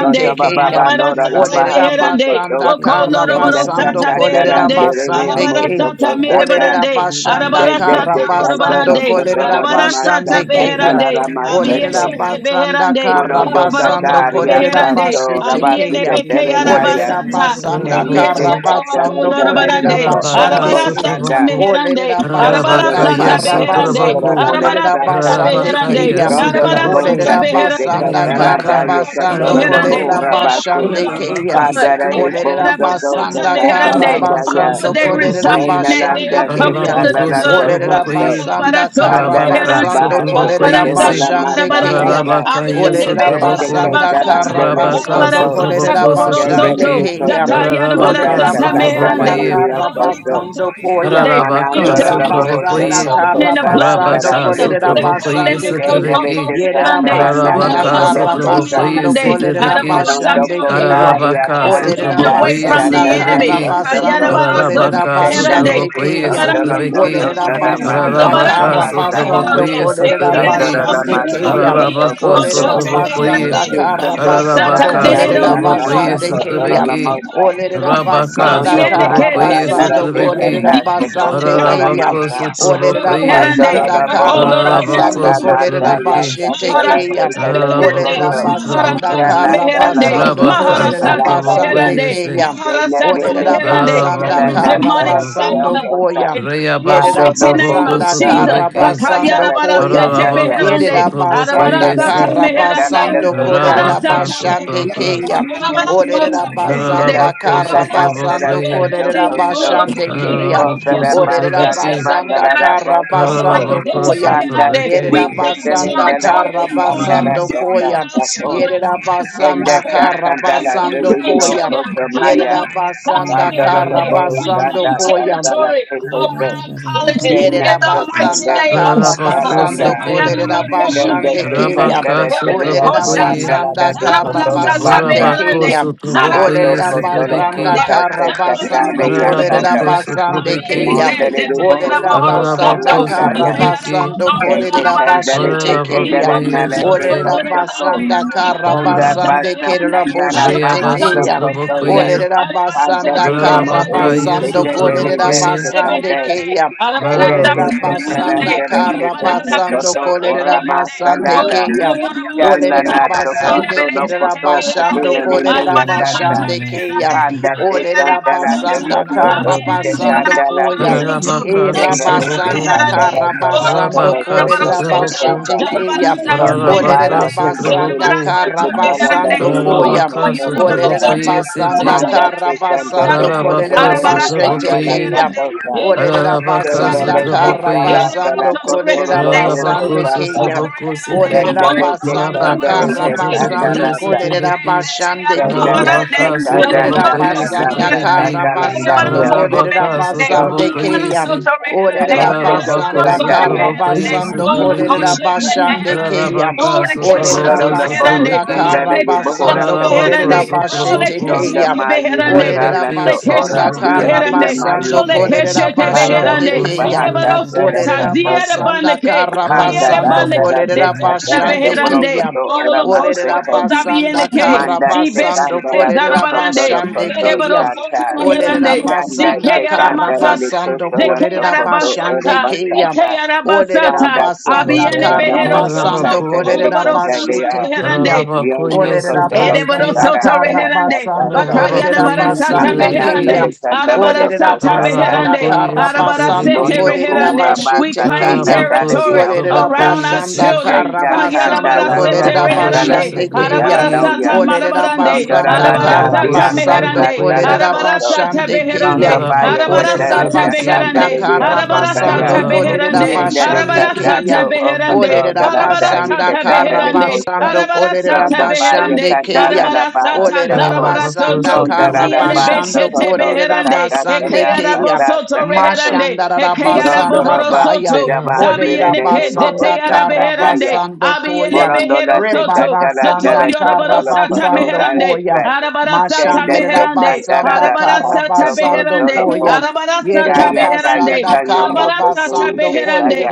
S7: Roto baba
S1: keya.
S7: bandora la
S1: Olerera
S7: bahasoko
S2: Arabarasetebeherande.
S7: to.
S1: basanda
S4: Get
S1: kara
S7: Tenda
S1: basando
S7: takandala
S1: kolerera
S2: Okoloroborosatebeherande.
S7: delele
S1: basande
S7: amoso
S1: ke.
S7: kosaka.
S1: Olerera
S2: Arabarasatamerebarande.
S1: basanda
S7: Tende
S1: kara
S7: tekandoro
S1: basando
S2: Arabarasatamorabarande.
S7: kotoro
S1: kolerera
S7: la mahasa
S1: basande ke ya.
S7: katala
S2: Arabarasatabeherande.
S7: la mahasa.
S1: Olerera basanda
S2: Abiyeshetebeherande.
S1: kara
S7: Monondo
S1: basando
S7: Kataria
S1: kolerera
S2: Oroborosotobeherande.
S7: Caso
S1: basete ke
S7: Rabasica
S1: ya.
S7: Terenaya
S1: Olerera
S2: Abiyenebekearabasata.
S1: basanda
S7: Tende
S2: Nadia
S1: kara
S3: Rabako,
S7: Tesa
S2: Shatava
S1: basando
S7: Tarandara
S1: kolerera
S2: Colorabadande,
S7: Teso Ora
S3: Rabaka
S1: basande
S2: Arabara
S1: ke.
S2: Santa
S7: Bosanda
S3: Sutravaku,
S2: Meherande,
S1: Olerera
S7: Sotora
S2: Arabara
S1: basanda
S3: Rabakaya
S2: Santa
S1: kara
S7: Ramasa
S2: Beherande,
S7: Kotora
S1: basando
S3: Sutravaku,
S2: Arabara
S1: kolerera
S2: Santa
S7: Ramasaka
S1: basande
S2: Beherande,
S1: ke
S3: Rabakaya
S1: ya.
S7: Rondora
S2: Arabara
S3: Sutravaku,
S7: Bosa
S2: Santa
S1: Orera
S2: Beherande, Arabara
S7: Tese
S1: basanda kara
S7: Kataranda
S3: Rabaka,
S2: Santa
S1: basando
S7: Yakatora
S2: Beherande,
S1: korera
S3: Rabaku,
S7: Bora
S2: they are
S7: Basi
S2: covered
S1: basande
S2: on his
S3: Rabaka
S1: keya.
S2: blood,
S7: Padara de
S1: Orera
S7: Bosa
S3: Sutravaku,
S2: Ekeleba
S7: Tota
S2: Santa
S1: basanda kara
S2: Meherande,
S7: Kandaranda
S3: Rabaka
S7: Ya
S2: wherever
S1: basando
S2: they reside
S1: korera
S3: Sutravaku,
S2: in that, they
S7: Tenalanda
S1: basande
S2: are covered
S1: keya.
S2: under the
S3: Ararabako
S7: Tekalala
S2: blood.
S1: Orera
S2: Okay,
S7: Kotoso
S3: sotrabokoye,
S2: Arabara
S1: basanda
S2: Santa
S1: kara
S7: Pandara
S3: Rabaka
S2: Beherande,
S1: basando
S7: Rabasa
S1: korera
S2: Arabara
S3: sotrabokoye
S7: Kotora
S2: Santa
S3: se,
S1: basande
S7: Ramasa
S2: Marabarande,
S1: keya.
S7: Kata
S3: Ararabaka
S2: Abiende
S1: Orera
S7: Tente
S3: yesotraboko,
S1: basanda kara
S7: Kataranda
S2: Bekelarabasata,
S3: Rabaka
S1: basando
S7: koto.
S2: Yarabarasata
S1: korera
S3: sotraboko
S2: Bohoro
S1: basande
S2: Soto,
S3: sotrabeki,
S1: keya.
S2: Data
S7: Soto,
S3: Ararabaka
S1: Orera
S7: Sandata,
S2: Yarabarasata Meherande,
S1: basanda
S3: sotrabokoye,
S7: Dalaria
S1: kara
S7: Soto,
S2: Yarabarasata
S1: basando koya.
S2: Meherande. We
S3: Ararabaka
S7: Manandoro
S1: Yerera
S2: celebrate
S7: Labo
S2: our
S1: basanda
S3: sotrabokoye,
S7: Soto,
S2: children in
S1: kara
S2: the
S4: it
S2: blood of
S7: Costalandara
S3: Rabaka
S2: Jesus.
S1: korera
S7: Situ,
S2: They call
S3: sotrabokoye
S2: them
S4: Bororo
S1: basande keya.
S7: Candele
S2: Soto
S3: sotrabeki,
S1: Yerera
S2: Meherande,
S7: Sandalana
S1: basanda
S7: no
S3: Ararabaka
S7: Lolo
S1: kara
S2: Yarabarasata
S7: Costa,
S3: sotrabokoye
S1: basando
S2: Meherande,
S1: kolerera
S3: sotrabeki,
S7: Monondo
S2: Yarabarasata
S1: basande keya.
S2: Meherande.
S7: Costaria
S2: They
S3: Ararabaka
S2: are
S7: Sansa
S1: Olerera
S2: hidden
S3: sutraboko
S2: away
S3: hiye
S7: Datara
S2: from
S1: basanda
S2: the
S7: Nata
S2: enemy.
S1: kara
S3: sutrabeki.
S2: Kayana
S7: Soto,
S1: basando
S2: Barasa
S1: kolerera
S3: Ararabaka
S7: Candele
S2: Herande,
S1: basande
S3: sutraboko hiye
S1: keya.
S2: Marata
S7: Sicondolo Soto,
S3: sutrabeki.
S2: Herande,
S1: Olerera
S7: Nada Masa
S1: basanda
S4: Baba
S3: Ararabaka
S4: baba
S1: kara
S7: Mapa
S2: Marata
S4: shaba.
S3: sutraboko
S7: Sata,
S1: basando
S3: hiye
S2: Herande,
S1: kolerera
S4: Irada
S2: Ekiana
S7: Dondoro
S3: sutrabeki.
S4: baba
S1: basande
S7: Lama
S4: baba
S2: Mosanta,
S1: keya.
S7: Soto,
S4: shaba.
S2: Ian
S7: Soto,
S3: Ararabaka
S7: Soto,
S2: Bosho
S7: Soto, Soto, Soto, Soto, Soto, Soto,
S1: Olerera
S4: Irada
S3: sutraboko
S4: baba
S3: hiye.
S2: Herande,
S1: basanda
S4: baba
S1: kara
S4: shaba.
S2: Maharata
S1: basando
S3: Ararabaka
S4: Irada
S2: zehero
S1: kolerera
S4: baba
S3: sutraboko
S4: baba
S7: Soto,
S3: hiye
S1: basande
S7: Soto, Soto,
S4: shaba.
S1: keya.
S2: Soto,
S7: Soto,
S3: sutrabeki.
S7: Soto,
S1: Olerera
S2: zehero
S4: Irada
S3: Ararabaka
S4: baba
S1: basanda
S7: Molondo
S2: Gabriel,
S4: baba
S1: kara
S3: sutraboko
S4: shaba.
S7: Casara
S3: hiye
S7: Nara
S1: basando
S7: de
S3: sutrabeki.
S1: kolerera
S4: Irada
S7: Cantas de
S2: que
S4: baba
S1: basande
S4: baba.
S7: Costolo la
S1: keya.
S3: Ararabaka
S7: Masa,
S3: sutraboko
S1: Olerera
S3: hiye.
S2: Herande,
S1: basanda
S7: Rondorora
S4: Irada
S1: kara
S2: Apollo
S7: Bohusa
S1: basando
S3: Ararabaka
S7: Santa
S2: Santa
S1: kolerera
S7: Nanda La
S3: sutrabeki.
S1: bashete
S7: Castella
S1: keya.
S7: de
S2: Maharasata
S1: Olerera
S3: Ararabaka
S2: Beherande,
S7: Telenicoso,
S1: basanda
S3: sutraboko.
S2: Maharasata
S7: Gana
S1: kara
S7: Dala
S2: Beherande,
S1: basando
S7: Locoto
S3: Ararabaka
S1: kolerera
S2: Maharasata
S3: sutraboko
S7: Salandaya,
S1: basande
S3: hiye.
S2: Beherande,
S3: se.
S1: keya.
S7: De
S2: Maharasata
S7: Nele
S1: Olerera
S7: de
S2: Beherande.
S1: basanda
S7: Castella
S2: Every
S1: kara
S2: demonic
S7: Natala
S3: Arabakosotobo,
S7: de
S1: basando
S2: cycle is
S1: koya.
S7: Ocosa,
S2: broken in the
S7: Pando no
S2: mighty
S3: Reabasotobo,
S2: name of
S1: Yerabasanda
S7: Bohusa
S2: Jesus.
S7: Tata
S3: Kosotobeki,
S2: Lakayana
S1: Karabasando
S7: Sandala de
S1: Koya.
S2: Barasete
S7: Sandaya,
S2: Beherande,
S3: Arabakosotobo,
S1: Yerabasanda
S7: Dendele
S2: Arabarasata
S7: de
S3: Koyesi,
S7: Sandala
S2: Meherande,
S7: de
S1: Karabasando
S7: Cosa,
S1: Korera
S2: Arabarasata
S1: Bashande
S2: Beherande,
S3: Rabakasotokos,
S1: Keya.
S2: we claim
S1: Orera
S7: Dendele
S1: Basanda
S7: de Sada
S3: Arabakosotobo,
S7: Sada
S1: Karabasando
S3: Koye,
S1: Korera
S7: Sato
S1: Bashande Keya.
S7: Panda da
S1: Orera
S7: basa
S3: Arabakosotobeki,
S7: tabanda
S1: Basanda
S7: da da boso ko.
S1: Karabasando Koya.
S7: Panda se de
S3: Arabakosotobeki,
S7: se
S1: Yerabasanda
S7: telenda da
S2: territory
S7: se
S2: this
S7: kanda
S2: morning.
S7: da
S1: Karabasando
S7: da da
S1: Koya.
S2: Surround our
S7: da ko.
S2: children, our
S7: Tenda
S1: Yerabasanda
S2: grandchildren,
S7: ta
S2: our
S7: kanda
S2: great
S7: la se
S1: Karabasando
S7: de de o
S1: Koya.
S7: ko
S2: grandchildren.
S7: so maya.
S1: Yerabasanda
S7: Panda ro lo
S4: baba baba shaba. Irada baba baba
S7: bo
S2: We
S4: baba
S1: Karabasando
S7: sanda
S2: claim
S4: shaba.
S7: sa
S1: Koya.
S7: sa la
S2: territory
S7: se se
S2: around
S4: Irada
S7: se.
S4: baba baba shaba.
S2: colleges
S7: Tena
S2: in
S1: Yerera
S7: se
S2: the mighty
S7: kanda
S1: basanda
S2: name
S7: se
S2: of
S7: sa
S1: kara
S7: sa
S4: Irada
S7: landa.
S1: basando, karabasando
S4: baba
S3: Arabakosete,
S4: baba
S7: Tenda
S1: kolererabashande
S7: se sa
S1: keya.
S7: sa re se de lo
S3: Rabakasotobo,
S7: ko
S3: Koye,
S2: Jesus.
S7: la da
S1: Olererabasanda
S7: do ko da
S1: karabasande
S7: basa.
S4: shaba.
S2: Zarabarasatabeherande,
S1: keya.
S3: Orabakosotobo,
S7: Manando
S3: Koye,
S7: ko to lo ko
S3: Sotobeki,
S1: Olererabasanda
S2: Zarabarasatabeherande,
S7: se sa ta ne
S1: karabasando
S2: Zarabarasatabeherande,
S7: ya
S1: kolererabasande
S3: Arabakosotobeki,
S1: keya.
S2: Zabiyenike,
S7: Mondele de
S4: Irada baba
S7: Bohoso
S4: baba
S2: Zeteyanabahorosoto,
S7: Costala
S1: Olererabasanda
S3: Ararabako
S7: Taya,
S3: Sutrabeki,
S1: karabasando
S2: Zeteyanabosoto,
S7: Tete Candele
S2: Larabarasete,
S1: kolererabashete
S7: de
S3: Ararabako
S7: Candela
S1: keya.
S7: Nala
S4: shaba.
S7: de
S2: Ibokoshoto,
S1: Olerera
S3: Yesiti,
S2: Zarabarande,
S7: Costoco,
S1: basanda kara
S7: Fonda
S3: Rayaba
S1: basande
S7: Basa
S2: Arabarasatabeherande,
S1: kerera
S7: Satara
S1: boshete
S7: Baha
S1: keya.
S2: Arabarasatabeherande,
S7: Socotoya,
S3: Sutrabokoye,
S1: Olerera basanda
S7: Pandele de
S1: kara
S2: Arabarasatabeherande,
S3: Ararabaka
S4: Baba,
S7: Mouli,
S1: basando
S8: Mhm.
S7: Petele
S2: Arabaranda
S1: kolerera
S7: de
S3: Yesutrabokoye,
S2: Boshete
S1: basande
S7: Secande,
S2: Beherande,
S1: keya.
S7: Tende
S1: Olerera
S3: Ararabako
S7: Tetele
S3: Sutra,
S1: basanda
S7: de
S1: kara
S7: Tetele
S2: Arabarasatabeherande,
S1: basando
S7: Soto,
S1: kolerera
S7: Orama
S1: basande
S2: Oh,
S7: Sandala,
S1: keya.
S2: Lord, you are the most
S1: Olerera
S7: Chalana
S2: high. In the
S1: basande
S7: Tocoto
S2: village,
S1: kerera
S2: take me
S7: Locoto,
S2: here
S1: basando
S2: today.
S7: Catula de
S2: I am the
S1: kolerera
S7: Nea
S2: Santa,
S7: Casa,
S1: basande
S2: me here
S1: keya.
S2: today.
S7: Panda de
S2: Okay, I
S1: Olerera
S2: am
S7: Candela
S2: the
S7: de
S2: Santa.
S1: basanda
S7: Soto,
S1: kara
S2: Lobby,
S7: Oste
S2: okay, I
S1: basando
S2: am
S7: Candela
S2: the
S1: koya.
S2: Santa.
S1: E
S3: Ararabaka
S2: Next, take
S7: Kendelete
S2: me here
S3: Sutraboku,
S1: rabasanda ka
S2: today.
S7: candela
S2: Oh,
S1: rabasando
S7: sacando
S2: you are the
S3: Rabaka
S1: kolere
S7: soto
S2: most high.
S3: Sutraboku,
S1: rabashete
S7: sosanda.
S2: Jalabara
S1: keya.
S2: Santa, me
S7: Rondo
S2: here
S1: Olere
S3: Ararabaka
S7: paia
S2: today.
S7: candele le
S1: rabasanda
S2: Jalabara
S3: Sutraboku,
S1: ka
S7: sito
S2: Santa, me
S7: candela
S2: here
S7: na
S2: today.
S1: rabasando
S2: Oh,
S7: lerio
S1: koya.
S3: Ararabaka
S2: you
S7: soto
S2: are the
S1: Olere
S7: soya.
S3: Sutrabokoye
S1: rabasanda
S3: Siti,
S2: you
S7: Manda
S1: ka
S2: are
S7: te candele
S1: rabasando
S7: te
S1: kolere
S3: Ararabako
S7: candele
S1: rabashete
S7: santana
S3: Sutrabokoye,
S1: keya.
S7: soto sa.
S2: Oh, the cash up to the
S1: Olere
S3: Ararabaka
S2: head
S7: Candele
S1: rabasanda
S2: and
S1: ka
S2: they. Oh,
S3: Sutrabokoye,
S7: satala de Kesendele Santa
S2: the
S7: la
S1: rabasando
S7: soto
S1: kolere
S7: lo bruco
S3: Rabako
S1: rabasande
S7: sata.
S1: keya.
S3: Sutraboko
S1: Olere
S3: Siti
S7: Candele te
S1: rabasanda
S3: Rabaka
S1: ka
S7: candele te
S3: Sutraboko
S1: rabasando
S7: candelanda.
S1: kolere
S3: Yesutrabeki
S1: rabashande keya.
S7: Candele te
S3: Rabaka
S1: Olerera
S3: Sutraboko
S7: candata
S1: basanda
S7: candata
S1: kara
S3: Yesutrabeki
S7: candalanda
S1: basando
S7: ya.
S1: kolerera
S3: Rabaka
S7: Yo
S1: basande
S3: Sutraboko
S1: keya.
S3: Yesi
S1: Olerera
S7: candate te
S3: Rabaka
S1: basanda kara
S7: candaya.
S3: Sutraboko
S1: basando kolerera
S3: Yesutrabeki
S1: basande keya.
S3: Rabaka
S1: Olerera
S7: Sondolo
S3: Sutraboko
S7: la boho
S1: basanda
S3: Sutrabeki
S1: kara
S7: sandale li
S2: cash
S7: boho
S2: up
S1: basando
S2: to the head and
S7: rakasite.
S1: kolerera
S2: they.
S3: Rabaka
S2: Oh, the
S1: basete
S3: Sutraboko
S2: cash
S7: Ronda
S2: up
S1: keya.
S2: to the head and they,
S7: mayu
S2: beherande,
S1: Olerera
S7: satala
S3: Rebeki
S7: do
S2: ole
S1: basanda
S7: ora
S2: keshete
S7: via
S1: kara
S3: Sutrabeki
S7: sina
S2: beherande,
S1: basando
S7: mayu
S2: ole
S7: se.
S1: kolerera
S2: keshete
S7: Panda
S1: basande
S7: se
S2: beherande,
S3: Rabako
S1: keya.
S2: ole
S7: pahada
S3: Sutrabeki
S7: sada
S2: barosata,
S1: Olerera
S2: ziere
S7: kantosa.
S1: basanda
S2: bandeke,
S1: kara
S7: Panda
S2: ziere
S7: da
S1: basando
S7: da
S2: bandeke,
S7: da
S1: kolerera
S2: zete
S7: besa
S2: yara
S7: tada de
S1: basande
S2: beherande,
S1: keya.
S7: brokoto ora
S2: ole
S1: Olerera
S2: koshoto
S7: masete.
S1: basanda
S2: zabiyeneke,
S7: Manda te
S1: karabasando
S7: candela
S2: zibeshete
S7: do
S1: kolerera
S2: zarabarande,
S7: kotoro
S1: bashande
S7: koto
S2: zere
S1: keya.
S2: barosoto
S7: sata.
S1: Olerera
S2: beherande,
S7: Tanda
S1: basanda
S7: te
S2: zike yara
S7: candela
S2: masata,
S7: li
S1: karabasando
S7: kotoro
S2: zeke
S7: do
S1: kolerera
S2: yara
S7: koto
S1: bashande
S7: ora
S2: basata,
S1: keya.
S2: zeke
S7: masata.
S1: Olerera
S2: basata,
S7: Panda to
S1: basanda
S2: abiyene
S7: kotora
S2: behero soto,
S1: karabasando
S3: Rabako
S7: namasakatele li
S2: ole
S1: kolerera
S2: barosoto
S1: bashete
S7: kandale
S1: keya.
S2: beherande,
S7: Yonto
S3: Ararabakoye
S1: Olerera
S7: kotoro
S3: Satrabeki,
S1: basanda
S7: kotara
S2: Edeborosoto
S1: kara
S7: tera
S2: reherande.
S7: tata
S1: basando
S7: sa.
S2: Bakayana
S1: kolerera
S3: Ararabakoye
S2: barasata
S1: basande
S7: Malana lele
S2: beherande.
S3: Satrabeki,
S1: keya.
S7: kadolo do
S1: Olerera
S2: Arabarasata
S7: kosa
S1: basanda
S2: beherande.
S3: Ararabakoye
S1: kara basando
S2: Arabarasete
S3: Satrabeki,
S7: Moto
S1: kolerera
S7: kura
S2: reherande. We
S1: basete
S7: basa
S2: claim
S7: tanda
S1: keya.
S3: Ararabako
S7: tade di
S2: territory
S1: Olerera
S7: alkosa.
S2: around our
S3: Satrabakoye
S1: basanda
S3: Se,
S2: children.
S1: kara
S7: Tenta
S2: Kayana
S1: basando
S7: kandala
S2: barasete
S1: kolerera
S7: tata
S3: Ararabakoye
S7: dala
S2: reherande.
S1: basande
S7: teke tala
S1: keya.
S3: Satrabeki,
S7: noya.
S2: Arabarasata
S1: Olerera
S2: marabarande.
S7: Tondora
S1: basanda
S7: da da
S1: kara
S3: Ararabako
S7: di
S2: Arabarasata
S7: akasa
S1: basando
S2: meherande.
S7: tala
S3: Satrabakoye,
S1: kolerera
S7: koto.
S2: Arabarasata
S1: basande
S2: beherande.
S1: keya.
S7: baya
S3: Ararabako
S1: Olerera
S7: katele
S2: Arabarasata
S7: tata
S3: Satrabeki,
S1: basanda
S2: beherande.
S7: di okondaya.
S1: basando
S2: Arabarasata
S1: kolerera
S3: Ararabako
S2: beherande.
S1: basande
S3: Satrabeki,
S1: keya.
S7: Shendelikatato
S2: Arabarasata beherande.
S7: Okoto
S1: Olerera
S7: Lalanda
S2: Arabarasata
S1: basanda
S7: Yikatana
S1: kara
S2: beherande.
S7: Likosa
S1: basando kolerera
S2: Arabarasata
S7: Ronda Baya
S2: beherande,
S1: basande keya.
S7: Kandala La Baha
S2: arabarasata
S1: Olerera
S7: Sako
S3: Ararabako
S1: basanda
S2: zarabarasoto,
S7: Pondala
S1: kara
S7: La
S3: Satrabako,
S2: ziere
S7: Baha
S1: basando
S2: beshete
S7: Sakoto
S1: kolerera
S2: beherande,
S7: Tataka
S1: basande
S7: Terea
S2: ekeyara
S1: keya.
S7: Santa
S2: bosoto
S7: Sakato
S2: reherande,
S1: Mashandara
S2: ekeyara
S7: Mrondo
S1: basanda
S2: bohoro
S7: Roba
S1: kaya.
S2: soto,
S7: Sira Ba Sira
S1: Olerera
S2: zabiene ke
S7: Nenemo
S2: zete
S1: basanda kara
S2: arabeherande,
S7: Osakataya
S2: beherande,
S1: basando
S2: abiene
S1: koya.
S7: Molondo La
S2: behero soto,
S7: Tekata La
S2: Zoto
S1: Rebarasanda
S7: Dala
S1: kara
S2: yoroboro
S7: Kotolo
S2: sata
S7: Koto
S1: basando
S7: Dara
S2: meherande.
S1: koya.
S7: Sai
S2: Arabara sata
S1: Mashandera
S7: Shendete
S2: meherande.
S7: Sandara
S1: basanda
S7: La
S2: Arabara
S7: Baha
S1: kara
S2: sata
S7: Soko
S1: basando
S2: beherande.
S7: Tolo Ko
S1: koya.
S2: Arabara
S1: Yerida
S2: sata
S7: Kaya Kaya
S2: beherande.
S1: basanda kara
S7: Kano
S2: Arabara
S7: Yoko
S2: sata
S1: Yerabasanda Karabasando
S7: Tuise
S2: beherande.
S7: Kaya